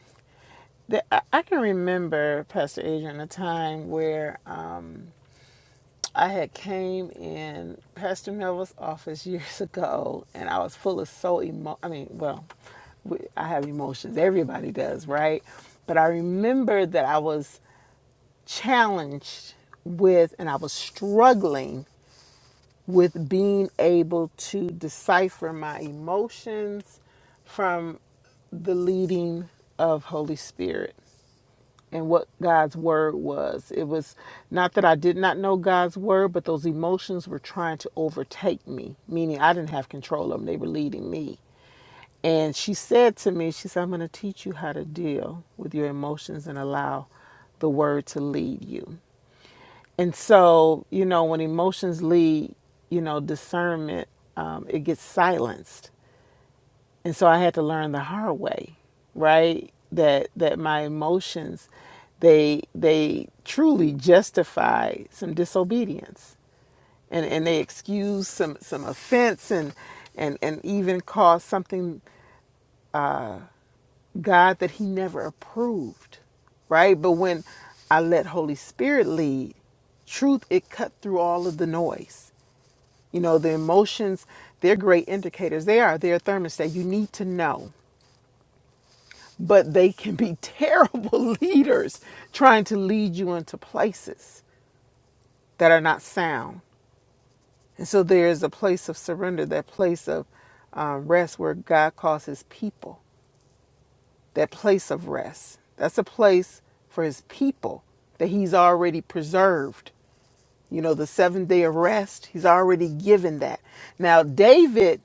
C: the, I, I can remember, Pastor Adrian, a time where um, I had came in Pastor Melville's office years ago, and I was full of so emo. I mean, well, we, I have emotions. Everybody does, right? But I remember that I was challenged with and I was struggling with being able to decipher my emotions from the leading of Holy Spirit and what God's word was. It was not that I did not know God's word, but those emotions were trying to overtake me, meaning I didn't have control of them. They were leading me. And she said to me, she said, I'm going to teach you how to deal with your emotions and allow the word to lead you. And so, you know, when emotions lead, you know, discernment, um, it gets silenced. And so I had to learn the hard way, right? That that my emotions, they they truly justify some disobedience, and and they excuse some some offense, and and and even cause something God that He never approved, right? But when I let Holy Spirit lead, truth it cut through all of the noise You know, the emotions, they're great indicators. They are, they're a thermostat. You need to know. But they can be terrible leaders trying to lead you into places that are not sound. And so there is a place of surrender, that place of uh, rest where God calls his people, that place of rest. That's a place for his people that he's already preserved you know, the seventh day of rest. He's already given that. Now, David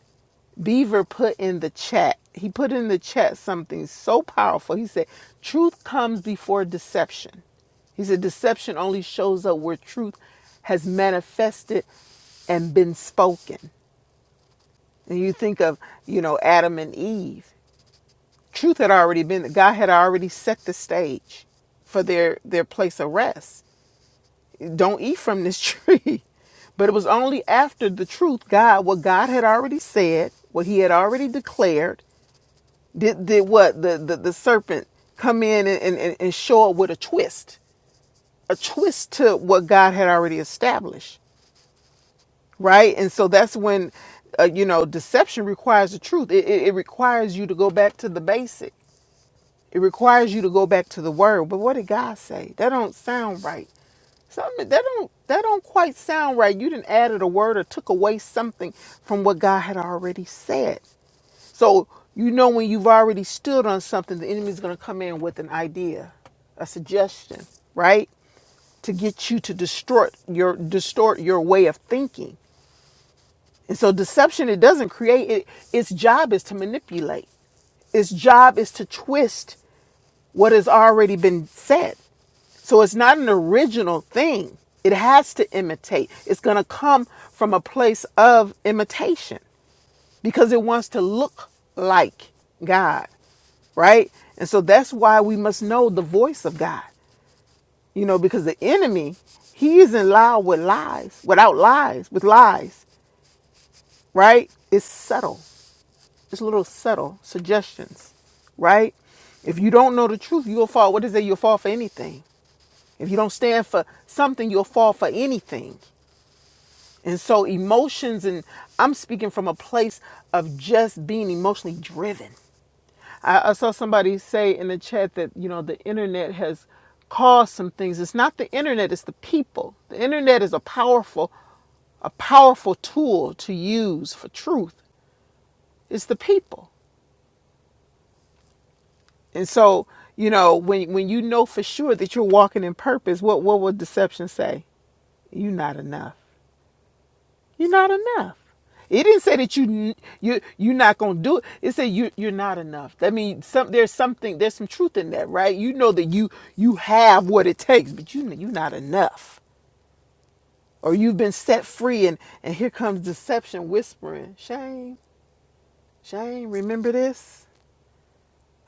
C: Beaver put in the chat, he put in the chat something so powerful. He said, Truth comes before deception. He said, Deception only shows up where truth has manifested and been spoken. And you think of, you know, Adam and Eve. Truth had already been, God had already set the stage for their, their place of rest don't eat from this tree. But it was only after the truth, God, what God had already said, what he had already declared, did, did what the, the, the serpent come in and, and, and show up with a twist, a twist to what God had already established, right? And so that's when, uh, you know, deception requires the truth. It, it, it requires you to go back to the basic. It requires you to go back to the word. But what did God say? That don't sound right. Something that don't that don't quite sound right. You didn't added a word or took away something from what God had already said. So you know when you've already stood on something, the enemy's gonna come in with an idea, a suggestion, right? To get you to distort your distort your way of thinking. And so deception it doesn't create it, its job is to manipulate. Its job is to twist what has already been said. So it's not an original thing. It has to imitate. It's going to come from a place of imitation because it wants to look like God, right? And so that's why we must know the voice of God, you know, because the enemy, he isn't loud with lies, without lies, with lies, right? It's subtle, it's little subtle suggestions, right? If you don't know the truth, you'll fall. What is it? You'll fall for anything. If you don't stand for something, you'll fall for anything. And so, emotions, and I'm speaking from a place of just being emotionally driven. I, I saw somebody say in the chat that, you know, the internet has caused some things. It's not the internet, it's the people. The internet is a powerful, a powerful tool to use for truth. It's the people. And so, you know, when when you know for sure that you're walking in purpose, what what would deception say? You're not enough. You're not enough. It didn't say that you you you're not gonna do it. It said you you're not enough. That means some there's something there's some truth in that, right? You know that you you have what it takes, but you you're not enough, or you've been set free, and and here comes deception whispering, shame, shame. Remember this,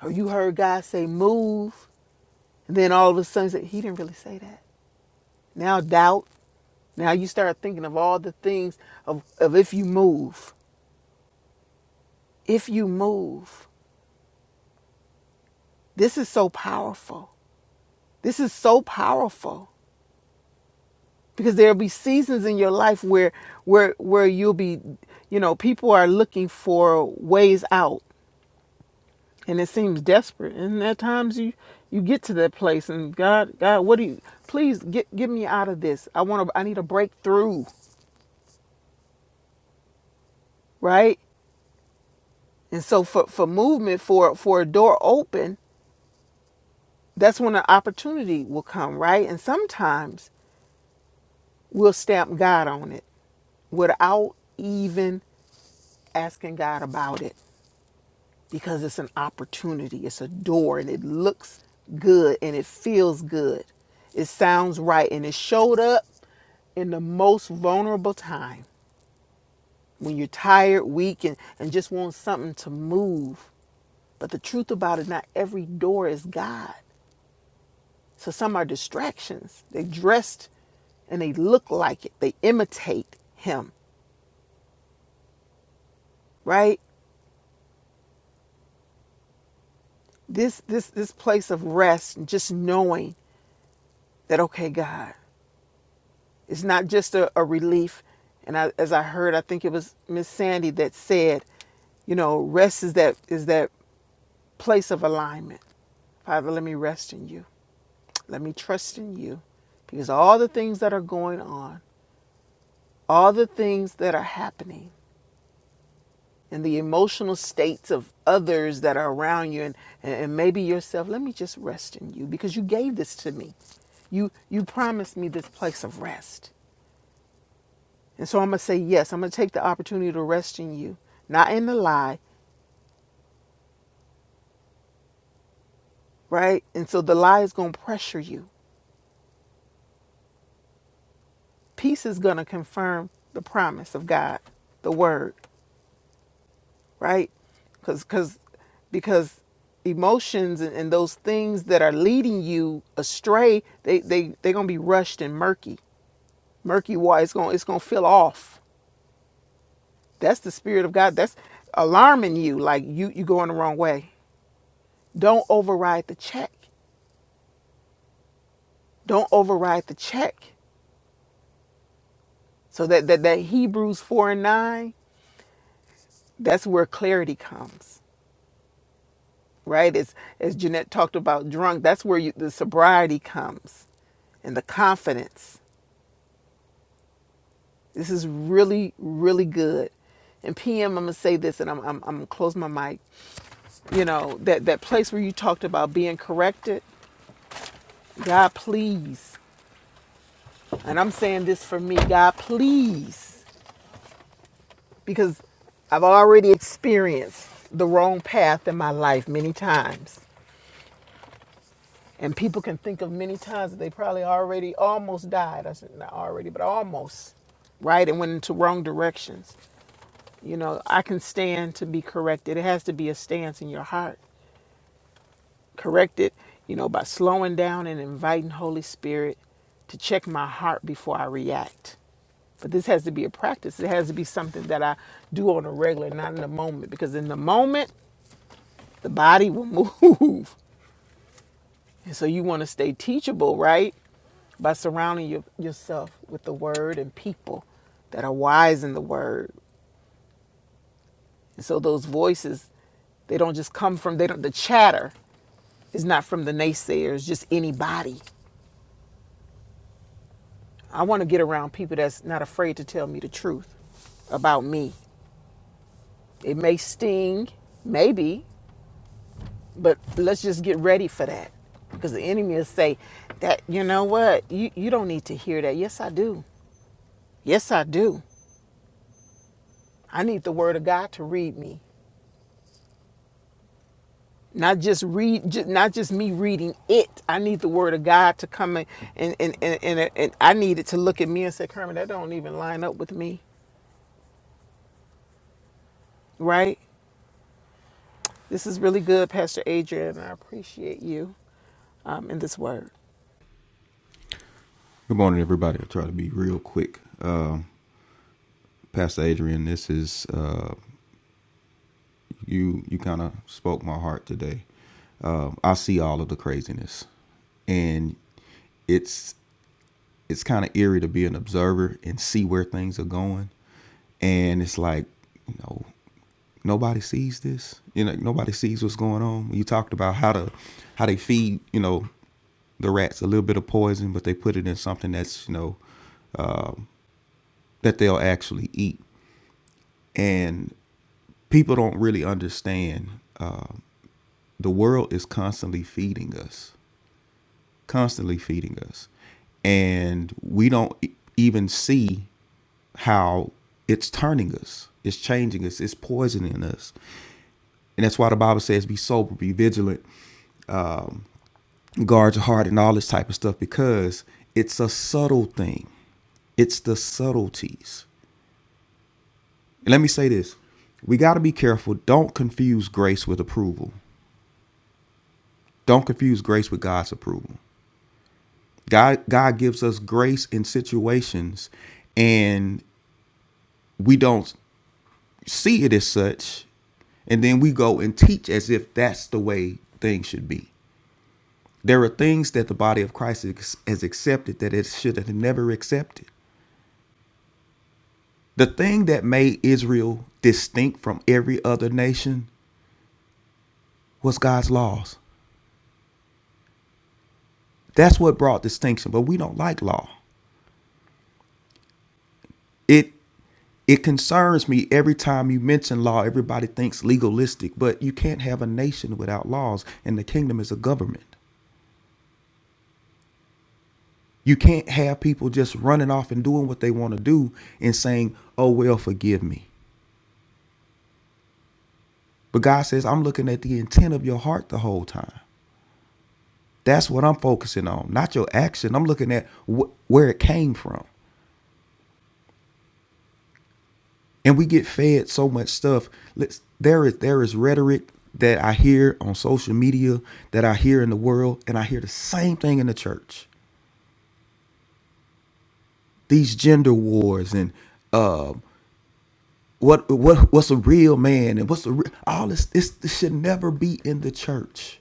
C: or you heard God say move, and then all of a sudden say, He didn't really say that. Now doubt. Now you start thinking of all the things of of if you move, if you move. This is so powerful. This is so powerful because there'll be seasons in your life where where where you'll be you know people are looking for ways out and it seems desperate and at times you you get to that place and God God what do you please get get me out of this I want to I need a breakthrough right and so for for movement for for a door open that's when an opportunity will come right and sometimes we'll stamp God on it without even asking God about it because it's an opportunity, it's a door, and it looks good and it feels good. It sounds right, and it showed up in the most vulnerable time when you're tired, weak, and, and just want something to move. But the truth about it, not every door is God. So some are distractions. They dressed and they look like it. They imitate him, right? This this this place of rest and just knowing that okay, God, It's not just a, a relief. And I, as I heard, I think it was Miss Sandy that said, you know, rest is that is that place of alignment. Father, let me rest in you. Let me trust in you. Because all the things that are going on, all the things that are happening, and the emotional states of others that are around you and, and maybe yourself, let me just rest in you because you gave this to me. You you promised me this place of rest. And so I'm going to say yes. I'm going to take the opportunity to rest in you, not in the lie, right? And so the lie is going to pressure you. Peace is going to confirm the promise of God, the word, right? Cause, cause, because emotions and, and those things that are leading you astray, they, they, they're going to be rushed and murky. Murky water, it's going, it's going to feel off. That's the spirit of God. That's alarming you, like you, you going the wrong way. Don't override the check Don't override the check. So that, that, that Hebrews 4 and 9, that's where clarity comes, right? As, as Jeanette talked about drunk, that's where you, the sobriety comes and the confidence. This is really, really good. And PM, I'm gonna say this, and I'm, I'm, I'm gonna close my mic. You know that that place where you talked about being corrected, God please, and I'm saying this for me, God please. because I've already experienced the wrong path in my life many times. And people can think of many times that they probably already almost died. I said, not already, but almost, right? And went into wrong directions. You know, I can stand to be corrected. It has to be a stance in your heart. Corrected, you know, by slowing down and inviting Holy Spirit to check my heart before I react. But this has to be a practice. It has to be something that I do on a regular, not in the moment. Because in the moment, the body will move. And so you want to stay teachable, right? By surrounding your, yourself with the word and people that are wise in the word. And so those voices, they don't just come from they don't the chatter is not from the naysayers, just anybody. I want to get around people that's not afraid to tell me the truth about me. It may sting, maybe, but let's just get ready for that because the enemy will say that you know what you, you don't need to hear that yes i do yes i do i need the word of god to read me not just read ju- not just me reading it i need the word of god to come in and and, and, and, and i need it to look at me and say Kermit, that don't even line up with me right this is really good pastor adrian i appreciate you um, in this word
K: Good morning, everybody. I'll try to be real quick. Uh, Pastor Adrian, this is uh, you. You kind of spoke my heart today. Uh, I see all of the craziness, and it's it's kind of eerie to be an observer and see where things are going. And it's like, you know, nobody sees this. You know, nobody sees what's going on. You talked about how to how they feed. You know, the rats a little bit of poison, but they put it in something that's you know that they'll actually eat. And people don't really understand uh, the world is constantly feeding us, constantly feeding us. And we don't e- even see how it's turning us, it's changing us, it's poisoning us. And that's why the Bible says be sober, be vigilant, guard your heart, and all this type of stuff because it's a subtle thing. It's the subtleties. And let me say this we got to be careful. Don't confuse grace with approval. Don't confuse grace with God's approval. God God gives us grace in situations and we don't see it as such and then we go and teach as if that's the way things should be. There are things that the body of Christ has accepted that it should have never accepted. The thing that made Israel distinct from every other nation was God's laws. That's what brought distinction, but we don't like law. It it concerns me every time you mention law everybody thinks legalistic but you can't have a nation without laws and the kingdom is a government you can't have people just running off and doing what they want to do and saying oh well forgive me but god says i'm looking at the intent of your heart the whole time that's what i'm focusing on not your action i'm looking at wh- where it came from and we get fed so much stuff. Let's there is there is rhetoric that I hear on social media, that I hear in the world, and I hear the same thing in the church. These gender wars and uh, what what what's a real man and what's a re- all this this, this should never be in the church.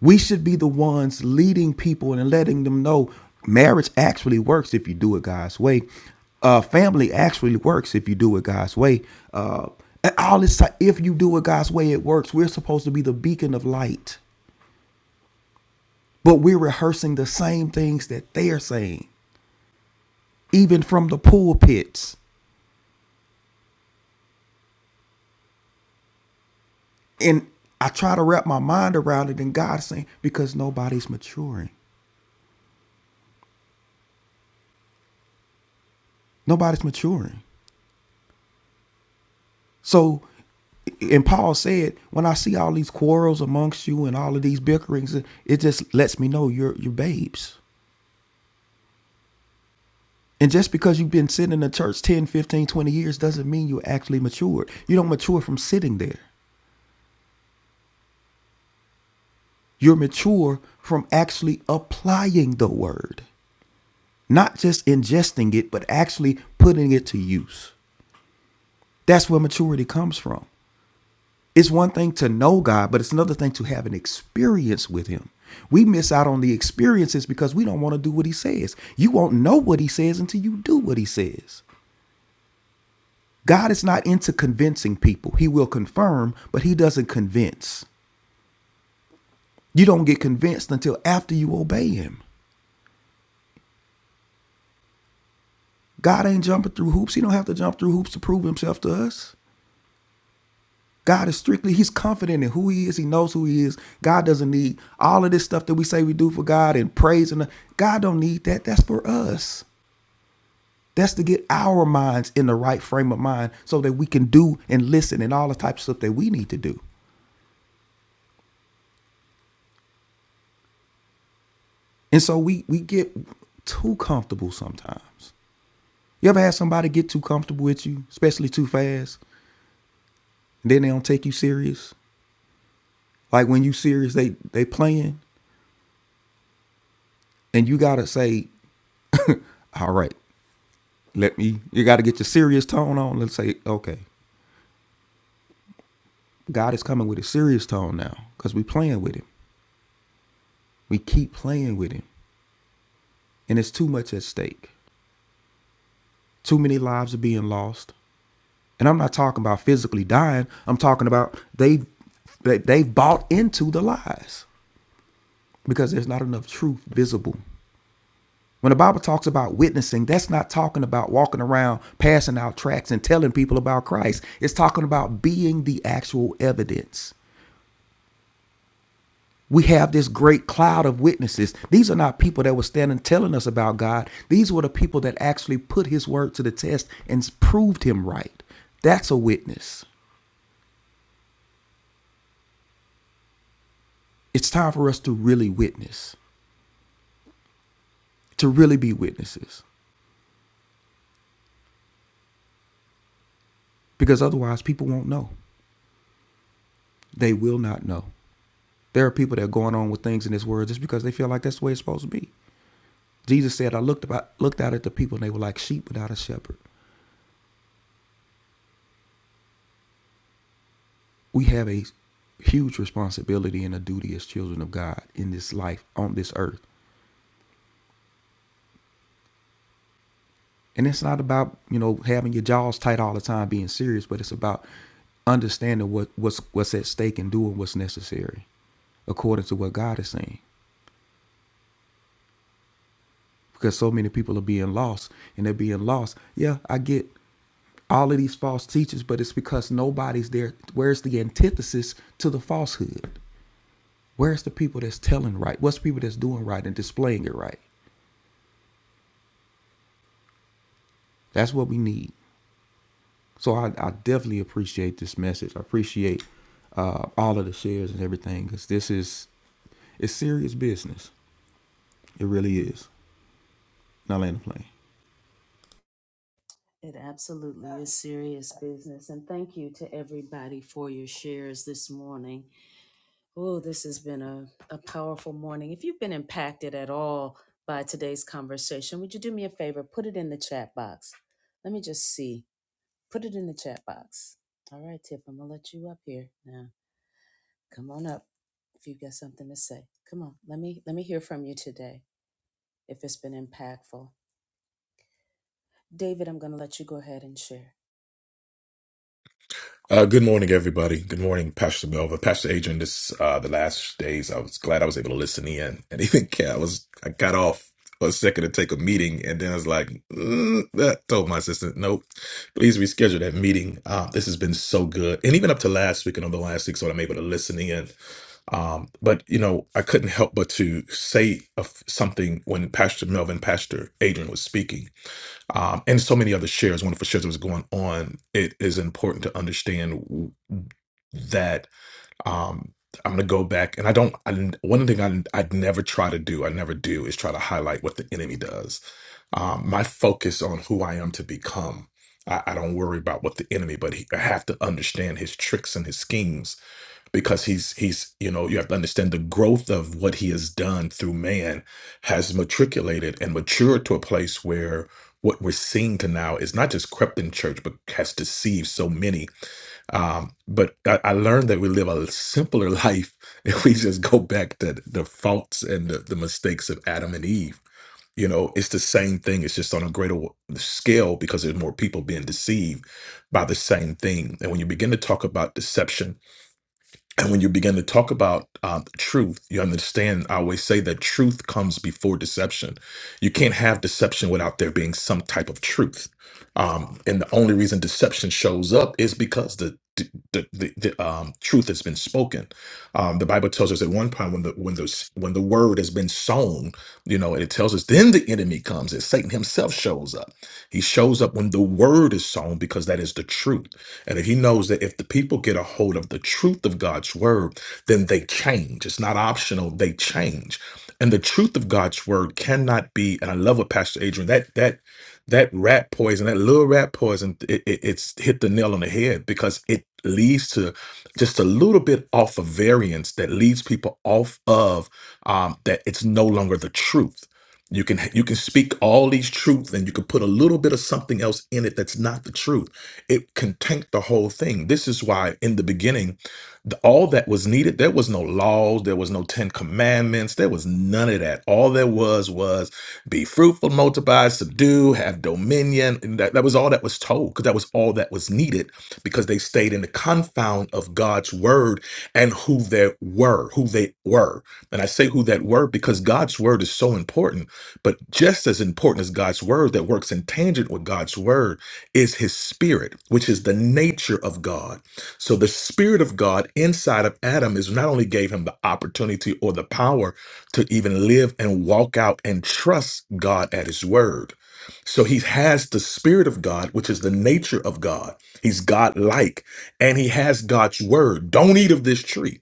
K: We should be the ones leading people and letting them know marriage actually works if you do it God's way. Uh, family actually works if you do it God's way. Uh, and all this time, if you do it God's way, it works. We're supposed to be the beacon of light, but we're rehearsing the same things that they're saying, even from the pulpits. And I try to wrap my mind around it, and God's saying, because nobody's maturing. Nobody's maturing. So, and Paul said, when I see all these quarrels amongst you and all of these bickerings, it just lets me know you're you're babes. And just because you've been sitting in the church 10, 15, 20 years doesn't mean you're actually matured. You don't mature from sitting there. You're mature from actually applying the word, not just ingesting it, but actually putting it to use. That's where maturity comes from. It's one thing to know God, but it's another thing to have an experience with Him. We miss out on the experiences because we don't want to do what He says. You won't know what He says until you do what He says. God is not into convincing people. He will confirm, but He doesn't convince. You don't get convinced until after you obey Him. God ain't jumping through hoops. He don't have to jump through hoops to prove Himself to us. God is strictly, he's confident in who he is. He knows who he is. God doesn't need all of this stuff that we say we do for God and praise. And God don't need that. That's for us. That's to get our minds in the right frame of mind so that we can do and listen and all the types of stuff that we need to do. And so we we get too comfortable sometimes. You ever had somebody get too comfortable with you, especially too fast, and then they don't take you serious? Like when you serious, they they playing and you gotta say, All right, Let me. You got to get your serious tone on. Let's say, okay, God is coming with a serious tone now, because we playing with him. We keep playing with him, and it's too much at stake. Too many lives are being lost, and I'm not talking about physically dying. I'm talking about they they they've bought into the lies because there's not enough truth visible. When the Bible talks about witnessing, that's not talking about walking around passing out tracts and telling people about Christ. It's talking about being the actual evidence. we have this great cloud of witnesses. These are not people that were standing telling us about God. These were the people that actually put his word to the test and proved him right. That's a witness. It's time for us to really witness, to really be witnesses, because otherwise people won't know. They will not know. There are people that are going on with things in this world just because they feel like that's the way it's supposed to be. Jesus said, I looked about looked out at the people and they were like sheep without a shepherd. we have a huge responsibility and a duty as children of God in this life on this earth. And it's not about, you know, having your jaws tight all the time, being serious, but it's about understanding what, what's what's at stake and doing what's necessary according to what God is saying. Because so many people are being lost and they're being lost. Yeah, I get all of these false teachers, but it's because nobody's there. Where's the antithesis to the falsehood? Where's the people that's telling right? What's the people that's doing right and displaying it right? That's what we need. So I, I definitely appreciate this message. I appreciate uh, all of the shares and everything because this is it's serious business. It really is. Now land the plane.
A: It absolutely is serious business. And thank you to everybody for your shares this morning. Oh, this has been a, a powerful morning. If you've been impacted at all by today's conversation, would you do me a favor? Put it in the chat box. Let me just see. Put it in the chat box. All right, Tiff, I'm gonna let you up here now. Come on up if you've got something to say. Come on, let me let me hear from you today if it's been impactful. David, I'm gonna let you go ahead and share.
L: Uh, good morning, everybody. Good morning, Pastor Melva, Pastor Adrian. This uh, the last days. I was glad I was able to listen in, and even yeah, I was I got off for a second to take a meeting, and then I was like, mm, that told my assistant, nope, please reschedule that meeting. Uh, this has been so good, and even up to last week and over the last week, so I'm able to listen in. Um, but you know, I couldn't help but to say a f something when Pastor Melvin, Pastor Adrian was speaking um, and so many other shares, wonderful shares that was going on, it is important to understand that um I'm gonna go back and I don't I one thing I I'd never try to do I never do is try to highlight what the enemy does. Um, my focus on who I am to become. I, I don't worry about what the enemy, but he, I have to understand his tricks and his schemes because he's he's you know you have to understand the growth of what he has done through man has matriculated and matured to a place where what we're seeing to now is not just crept in church but has deceived so many um, but I, I learned that we live a simpler life if we just go back to the faults and the, the mistakes of Adam and Eve. You know, it's the same thing. It's just on a greater w- scale because there's more people being deceived by the same thing. And when you begin to talk about deception, and when you begin to talk about uh, truth, you understand. I always say that truth comes before deception. You can't have deception without there being some type of truth. Um, and the only reason deception shows up is because the the, the, the um, truth has been spoken. Um, the Bible tells us at one point when the when the when the word has been sown, you know, it tells us then the enemy comes. And Satan himself shows up. He shows up when the word is sown because that is the truth. And if he knows that if the people get a hold of the truth of God's word, then they change. It's not optional, they change. And the truth of God's word cannot be, and I love what Pastor Adrian, that that that rat poison, that little rat poison, it, it- it's hit the nail on the head because it leads to just a little bit off of variance that leads people off of um, that it's no longer the truth you can you can speak all these truths and you can put a little bit of something else in it that's not the truth. It can tank the whole thing. This is why in the beginning, the- all that was needed, there was no laws, there was no 10 commandments, there was none of that. All there was was be fruitful, multiply, subdue, have dominion. And that, that was all that was told because that was all that was needed because they stayed in the confound of God's word and who they were, who they were. And I say who that were because God's word is so important but just as important as God's word that works in tangent with God's word is his spirit, which is the nature of God. So the spirit of God inside of Adam is not only gave him the opportunity or the power to even live and walk out and trust God at his word. So he has the spirit of God, which is the nature of God. He's God like, and he has God's word. Don't eat of this tree.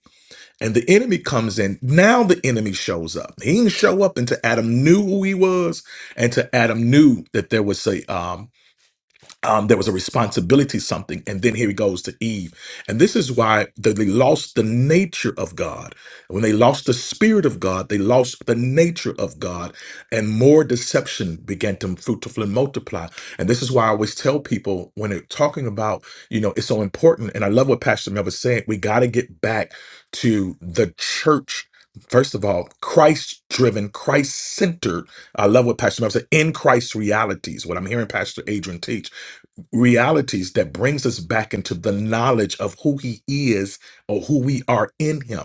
L: And the enemy comes in. Now the enemy shows up. He didn't show up until Adam knew who he was, and to Adam knew that there was a um, um, there was a responsibility something and then here he goes to eve and this is why they, they lost the nature of god when they lost the spirit of god they lost the nature of god and more deception began to fruitful and multiply and this is why i always tell people when they're talking about you know it's so important and i love what pastor mel was saying we got to get back to the church First of all, Christ driven, Christ centered. I love what Pastor Mel said in Christ realities, what I'm hearing Pastor Adrian teach realities that brings us back into the knowledge of who he is or who we are in him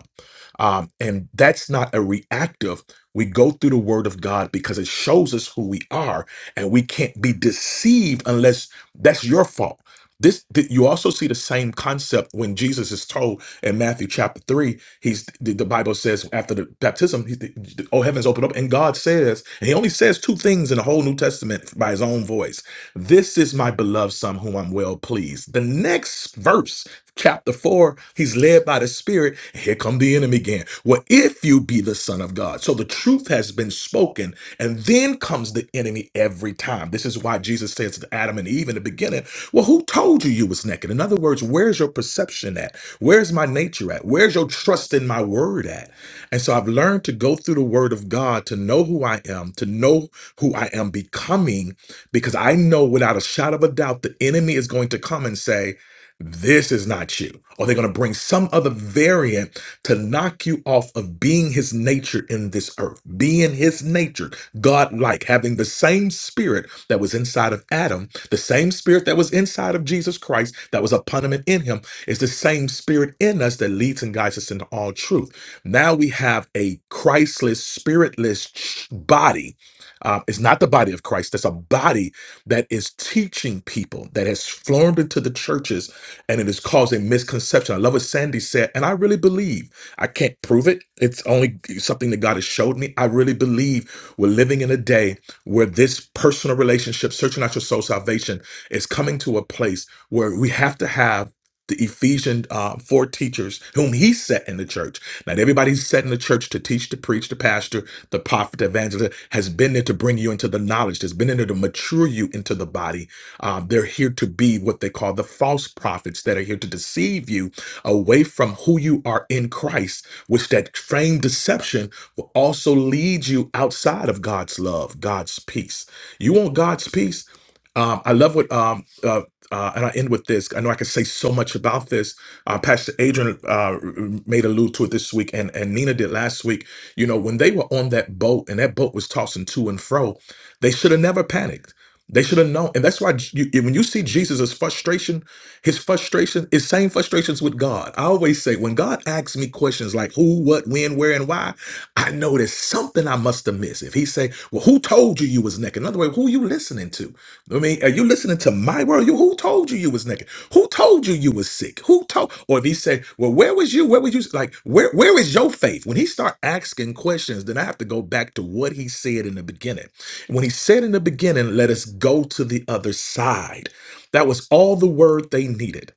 L: um, and that's not a reactive we go through the word of god because it shows us who we are and we can't be deceived unless that's your fault this th- you also see the same concept when jesus is told in matthew chapter 3 he's the, the bible says after the baptism he, the, oh heavens opened up and god says and he only says two things in the whole new testament by his own voice this is my beloved son whom I'm well pleased. The next verse, chapter 4, he's led by the Spirit. Here come the enemy again. Well, if you be the son of God. So the truth has been spoken, and then comes the enemy every time. This is why Jesus says to Adam and Eve in the beginning, Well, who told you you was naked? In other words, where's your perception at? Where's my nature at? Where's your trust in my word at? And so I've learned to go through the word of God to know who I am, to know who I am becoming because I know without a shadow of a doubt the enemy is going to come and say, This is not you. Or they're going to bring some other variant to knock you off of being his nature in this earth, being his nature, God like, having the same spirit that was inside of Adam, the same spirit that was inside of Jesus Christ, that was upon him and in him, is the same spirit in us that leads and guides us into all truth. Now we have a Christless, spiritless ch- body um, it's not the body of Christ. That's a body that is teaching people that has formed into the churches and it is causing misconception. I love what Sandy said, and I really believe. I can't prove it. It's only something that God has showed me. I really believe we're living in a day where this personal relationship, searching out your soul salvation, is coming to a place where we have to have the Ephesian uh, four teachers whom he set in the church. Not everybody's set in the church to teach, to preach, to pastor the prophet, the evangelist has been there to bring you into the knowledge, has been in there to mature you into the body. Um, they're here to be what they call the false prophets that are here to deceive you away from who you are in Christ, which that frame deception will also lead you outside of God's love, God's peace. You want God's peace? Um, I love what, um, uh, uh, and I end with this. I know I can say so much about this. Uh, Pastor Adrian uh, made allude to it this week, and, and Nina did last week. You know, when they were on that boat and that boat was tossing to and fro, they should have never panicked. They should have known. And that's why you, when you see Jesus' frustration, his frustration is same frustrations with God. I always say, when God asks me questions like who, what, when, where, and why, I know there's something I must have missed. If he say, well, who told you you was naked? Another way, who you listening to? I mean, are you listening to my world? You who told you you was naked? Who told you you was sick? Who told? Or if he said, "Well, where was you? Where was you?" Like, where where is your faith? When he start asking questions, then I have to go back to what he said in the beginning. When he said in the beginning, "Let us go to the other side," that was all the word they needed,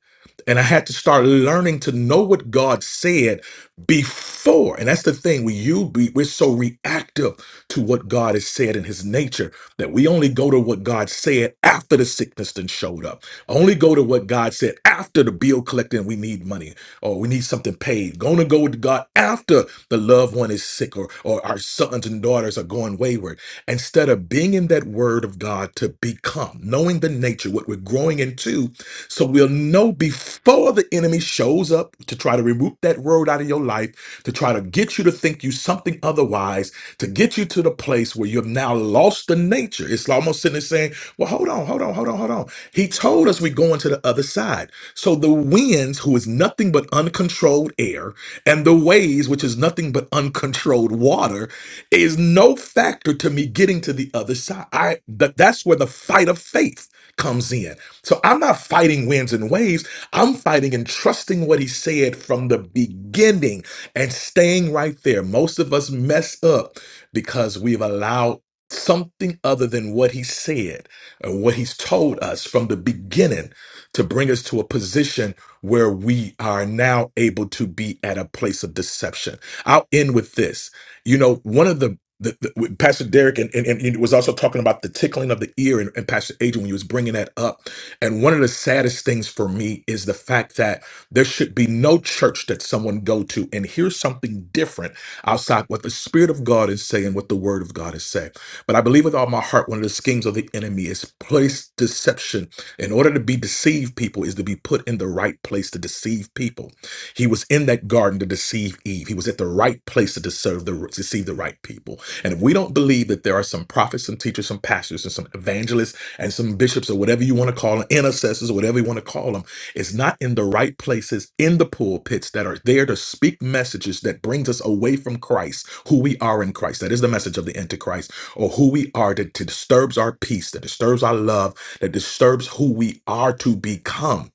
L: and I had to start learning to know what God said before. And that's the thing we you be, we're so reactive to what God has said in His nature that we only go to what God said after the sickness then showed up. Only go to what God said after the bill collector and we need money or we need something paid. Going to go to God after the loved one is sick or, or our sons and daughters are going wayward. Instead of being in that word of God to become, knowing the nature, what we're growing into, so we'll know before the enemy shows up to try to remove that word out of your life, to try to get you to think you something otherwise to get you to the place where you've now lost the nature. It's almost sitting there saying, well, hold on, hold on, hold on, hold on. He told us we're going to the other side. So the winds, who is nothing but uncontrolled air, and the waves, which is nothing but uncontrolled water, is no factor to me getting to the other side. I that that's where the fight of faith comes in. So I'm not fighting winds and waves. I'm fighting and trusting what he said from the beginning and staying right there. Most of us mess up because we've allowed something other than what he said or what he's told us from the beginning to bring us to a position where we are now able to be at a place of deception. I'll end with this. You know, one of the the, the- Pastor Derek and, and, and he was also talking about the tickling of the ear and, and Pastor Adrian when he was bringing that up. And one of the saddest things for me is the fact that there should be no church that someone go to and hear something different outside what the Spirit of God is saying, what the Word of God is saying. But I believe with all my heart, one of the schemes of the enemy is place deception. In order to be deceived, people is to be put in the right place to deceive people. He was in that garden to deceive Eve. He was at the right place to deceive the deceive the right people. And if we don't believe that there are some prophets, some teachers, some pastors, and some evangelists, and some bishops, or whatever you want to call them, intercessors, or whatever you want to call them, it's not in the right places in the pulpits that are there to speak messages that brings us away from Christ, who we are in Christ. That is the message of the Antichrist, or who we are that disturbs our peace, that disturbs our love, that disturbs who we are to become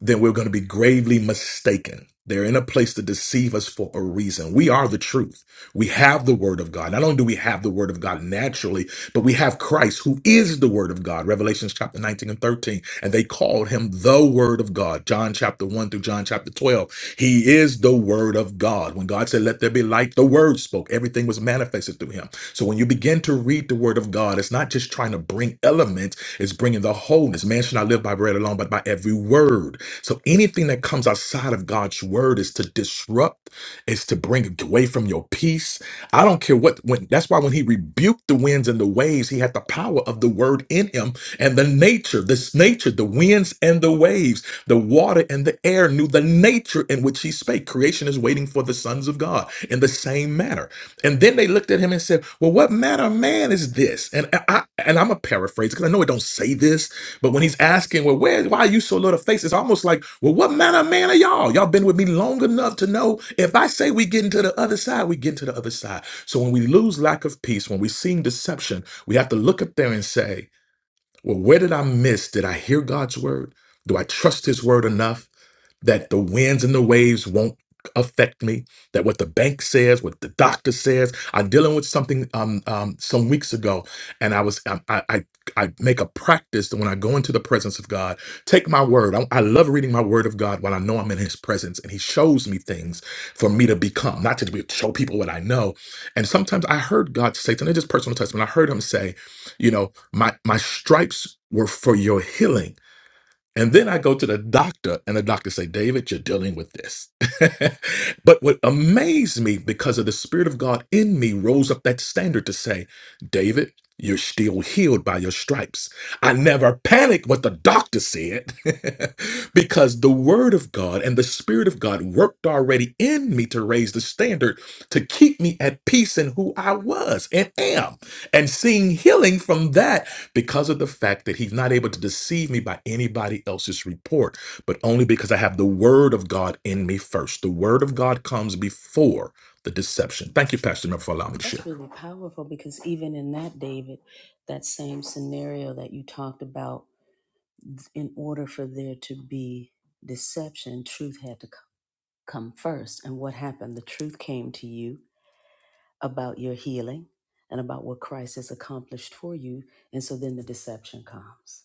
L: then we're going to be gravely mistaken. They're in a place to deceive us for a reason. We are the truth. We have the word of God. Not only do we have the word of God naturally, but we have Christ who is the word of God. Revelations chapter 19 and 13. And they called him the word of God. John chapter 1 through John chapter 12. He is the word of God. When God said, let there be light, the word spoke. Everything was manifested through him. So when you begin to read the word of God, it's not just trying to bring elements, it's bringing the wholeness. Man should not live by bread alone, but by every word so anything that comes outside of God's word is to disrupt, is to bring away from your peace. I don't care what when that's why when he rebuked the winds and the waves, he had the power of the word in him and the nature, this nature, the winds and the waves, the water and the air knew the nature in which he spake. Creation is waiting for the sons of God in the same manner. And then they looked at him and said, Well, what manner of man is this? And I I- and I'm a paraphrase because I know it don't say this, but when he's asking, well, where, why are you so little face? It's almost like, well, what manner of man are y'all? Y'all been with me long enough to know if I say we getting to the other side, we getting to the other side. So when we lose lack of peace, when we seeing deception, we have to look up there and say, well, where did I miss? Did I hear God's word? Do I trust his word enough? that the winds and the waves won't affect me that what the bank says what the doctor says i'm dealing with something um, um some weeks ago and i was i i, I I make a practice that when I go into the presence of God, take my word. I, I love reading my word of God while I know I'm in His presence, and He shows me things for me to become, not to be, show people what I know. And sometimes I heard God say, and it's just personal testimony. I heard Him say, you know, my my stripes were for your healing and then I go to the doctor, and the doctor say, "David, you're dealing with this." but what amazed me, because of the Spirit of God in me, rose up that standard to say, "David, you're still healed by your stripes." I never panicked what the doctor said, because the Word of God and the Spirit of God worked already in me to raise the standard to keep me at peace in who I was and am, and seeing healing from that because of the fact that he's not able to deceive me by anybody else's report, but only because I have the word of God in me first. The word of God comes before the deception. Thank you, Pastor, Miller, for allowing me to
A: That's
L: share.
A: really powerful because even in that, David, that same scenario that you talked about in order for there to be deception, truth had to c- come first. And what happened? The truth came to you about your healing and about what Christ has accomplished for you. And so then the deception comes,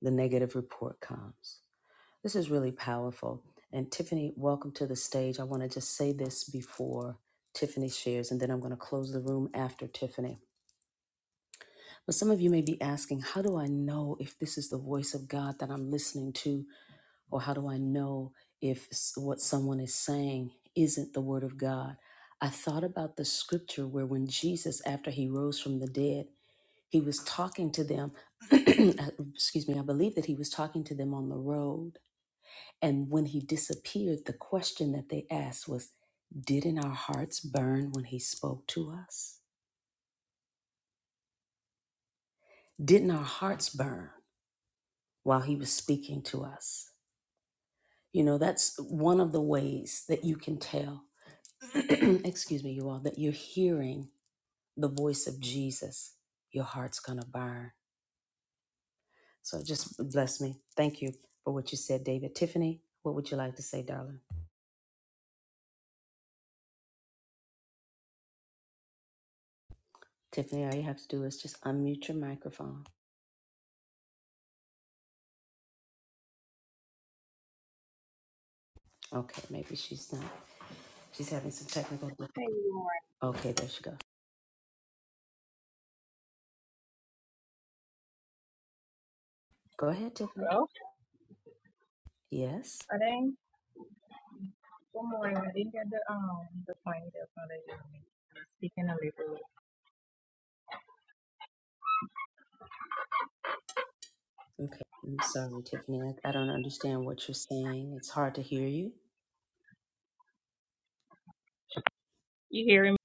A: the negative report comes. This is really powerful. And Tiffany, welcome to the stage. I want to just say this before Tiffany shares, and then I'm going to close the room after Tiffany. But some of you may be asking, how do I know if this is the voice of God that I'm listening to? Or how do I know if s- what someone is saying isn't the word of God? I thought about the scripture where when Jesus, after he rose from the dead, he was talking to them. excuse me, I believe that he was talking to them on the road. And when he disappeared, the question that they asked was, Didn't our hearts burn when he spoke to us? Didn't our hearts burn while he was speaking to us? You know, that's one of the ways that you can tell. excuse me, you all, that you're hearing the voice of Jesus, your heart's going to burn. So just bless me. Thank you for what you said, David. Tiffany, what would you like to say, darling? Tiffany, all you have to do is just unmute your microphone. Okay, maybe she's not. She's having some technical. diffi-
M: Hey, good morning.
A: Okay, there she goes. Go ahead, Tiffany.
M: Well,
A: Yes.
M: I didn't. Good morning. I didn't get the um the point. that's not that you speaking a little.
A: Okay. I'm sorry, Tiffany. I, I don't understand what you're saying. It's hard to hear you.
M: You hearing me?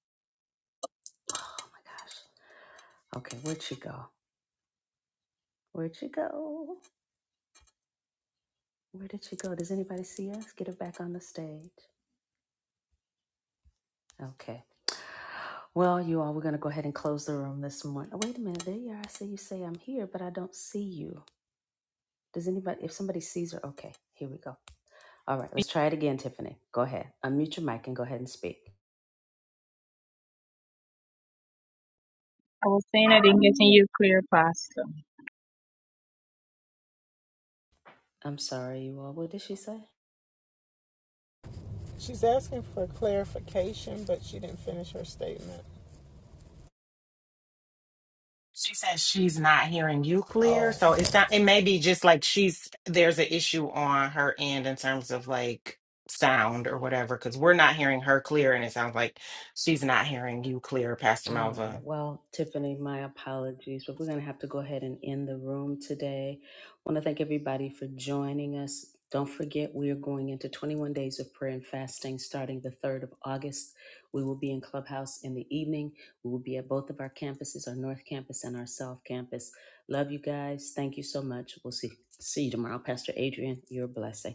A: Oh my gosh. Okay, where'd she go? Where'd she go? Where did she go? Does anybody see us? Get her back on the stage. Okay. Well, you all, we're going to go ahead and close the room this morning. Oh, wait a minute. There you are. I see you say I'm here, but I don't see you. Does anybody, if somebody sees her, okay, here we go. All right, let's try it again, Tiffany. Go ahead. Unmute your mic and go ahead and speak.
M: I was saying I didn't get to you clear, Pastor.
A: I'm sorry, you all. What did she say?
C: She's asking for clarification, but she didn't finish her statement.
G: She says she's not hearing you clear.
C: Oh.
G: So it's not, it may be just like she's, there's an issue on her end in terms of like sound or whatever, because we're not hearing her clear. And it sounds like she's not hearing you clear, Pastor
A: All
G: Malva.
A: right. Well, Tiffany, my apologies, but we're going to have to go ahead and end the room today. want to thank everybody for joining us. Don't forget, we are going into 21 days of prayer and fasting starting the 3rd of August. We will be in Clubhouse in the evening. We will be at both of our campuses, our North Campus and our South Campus. Love you guys. Thank you so much. We'll see, see you tomorrow. Pastor Adrian, you're a blessing.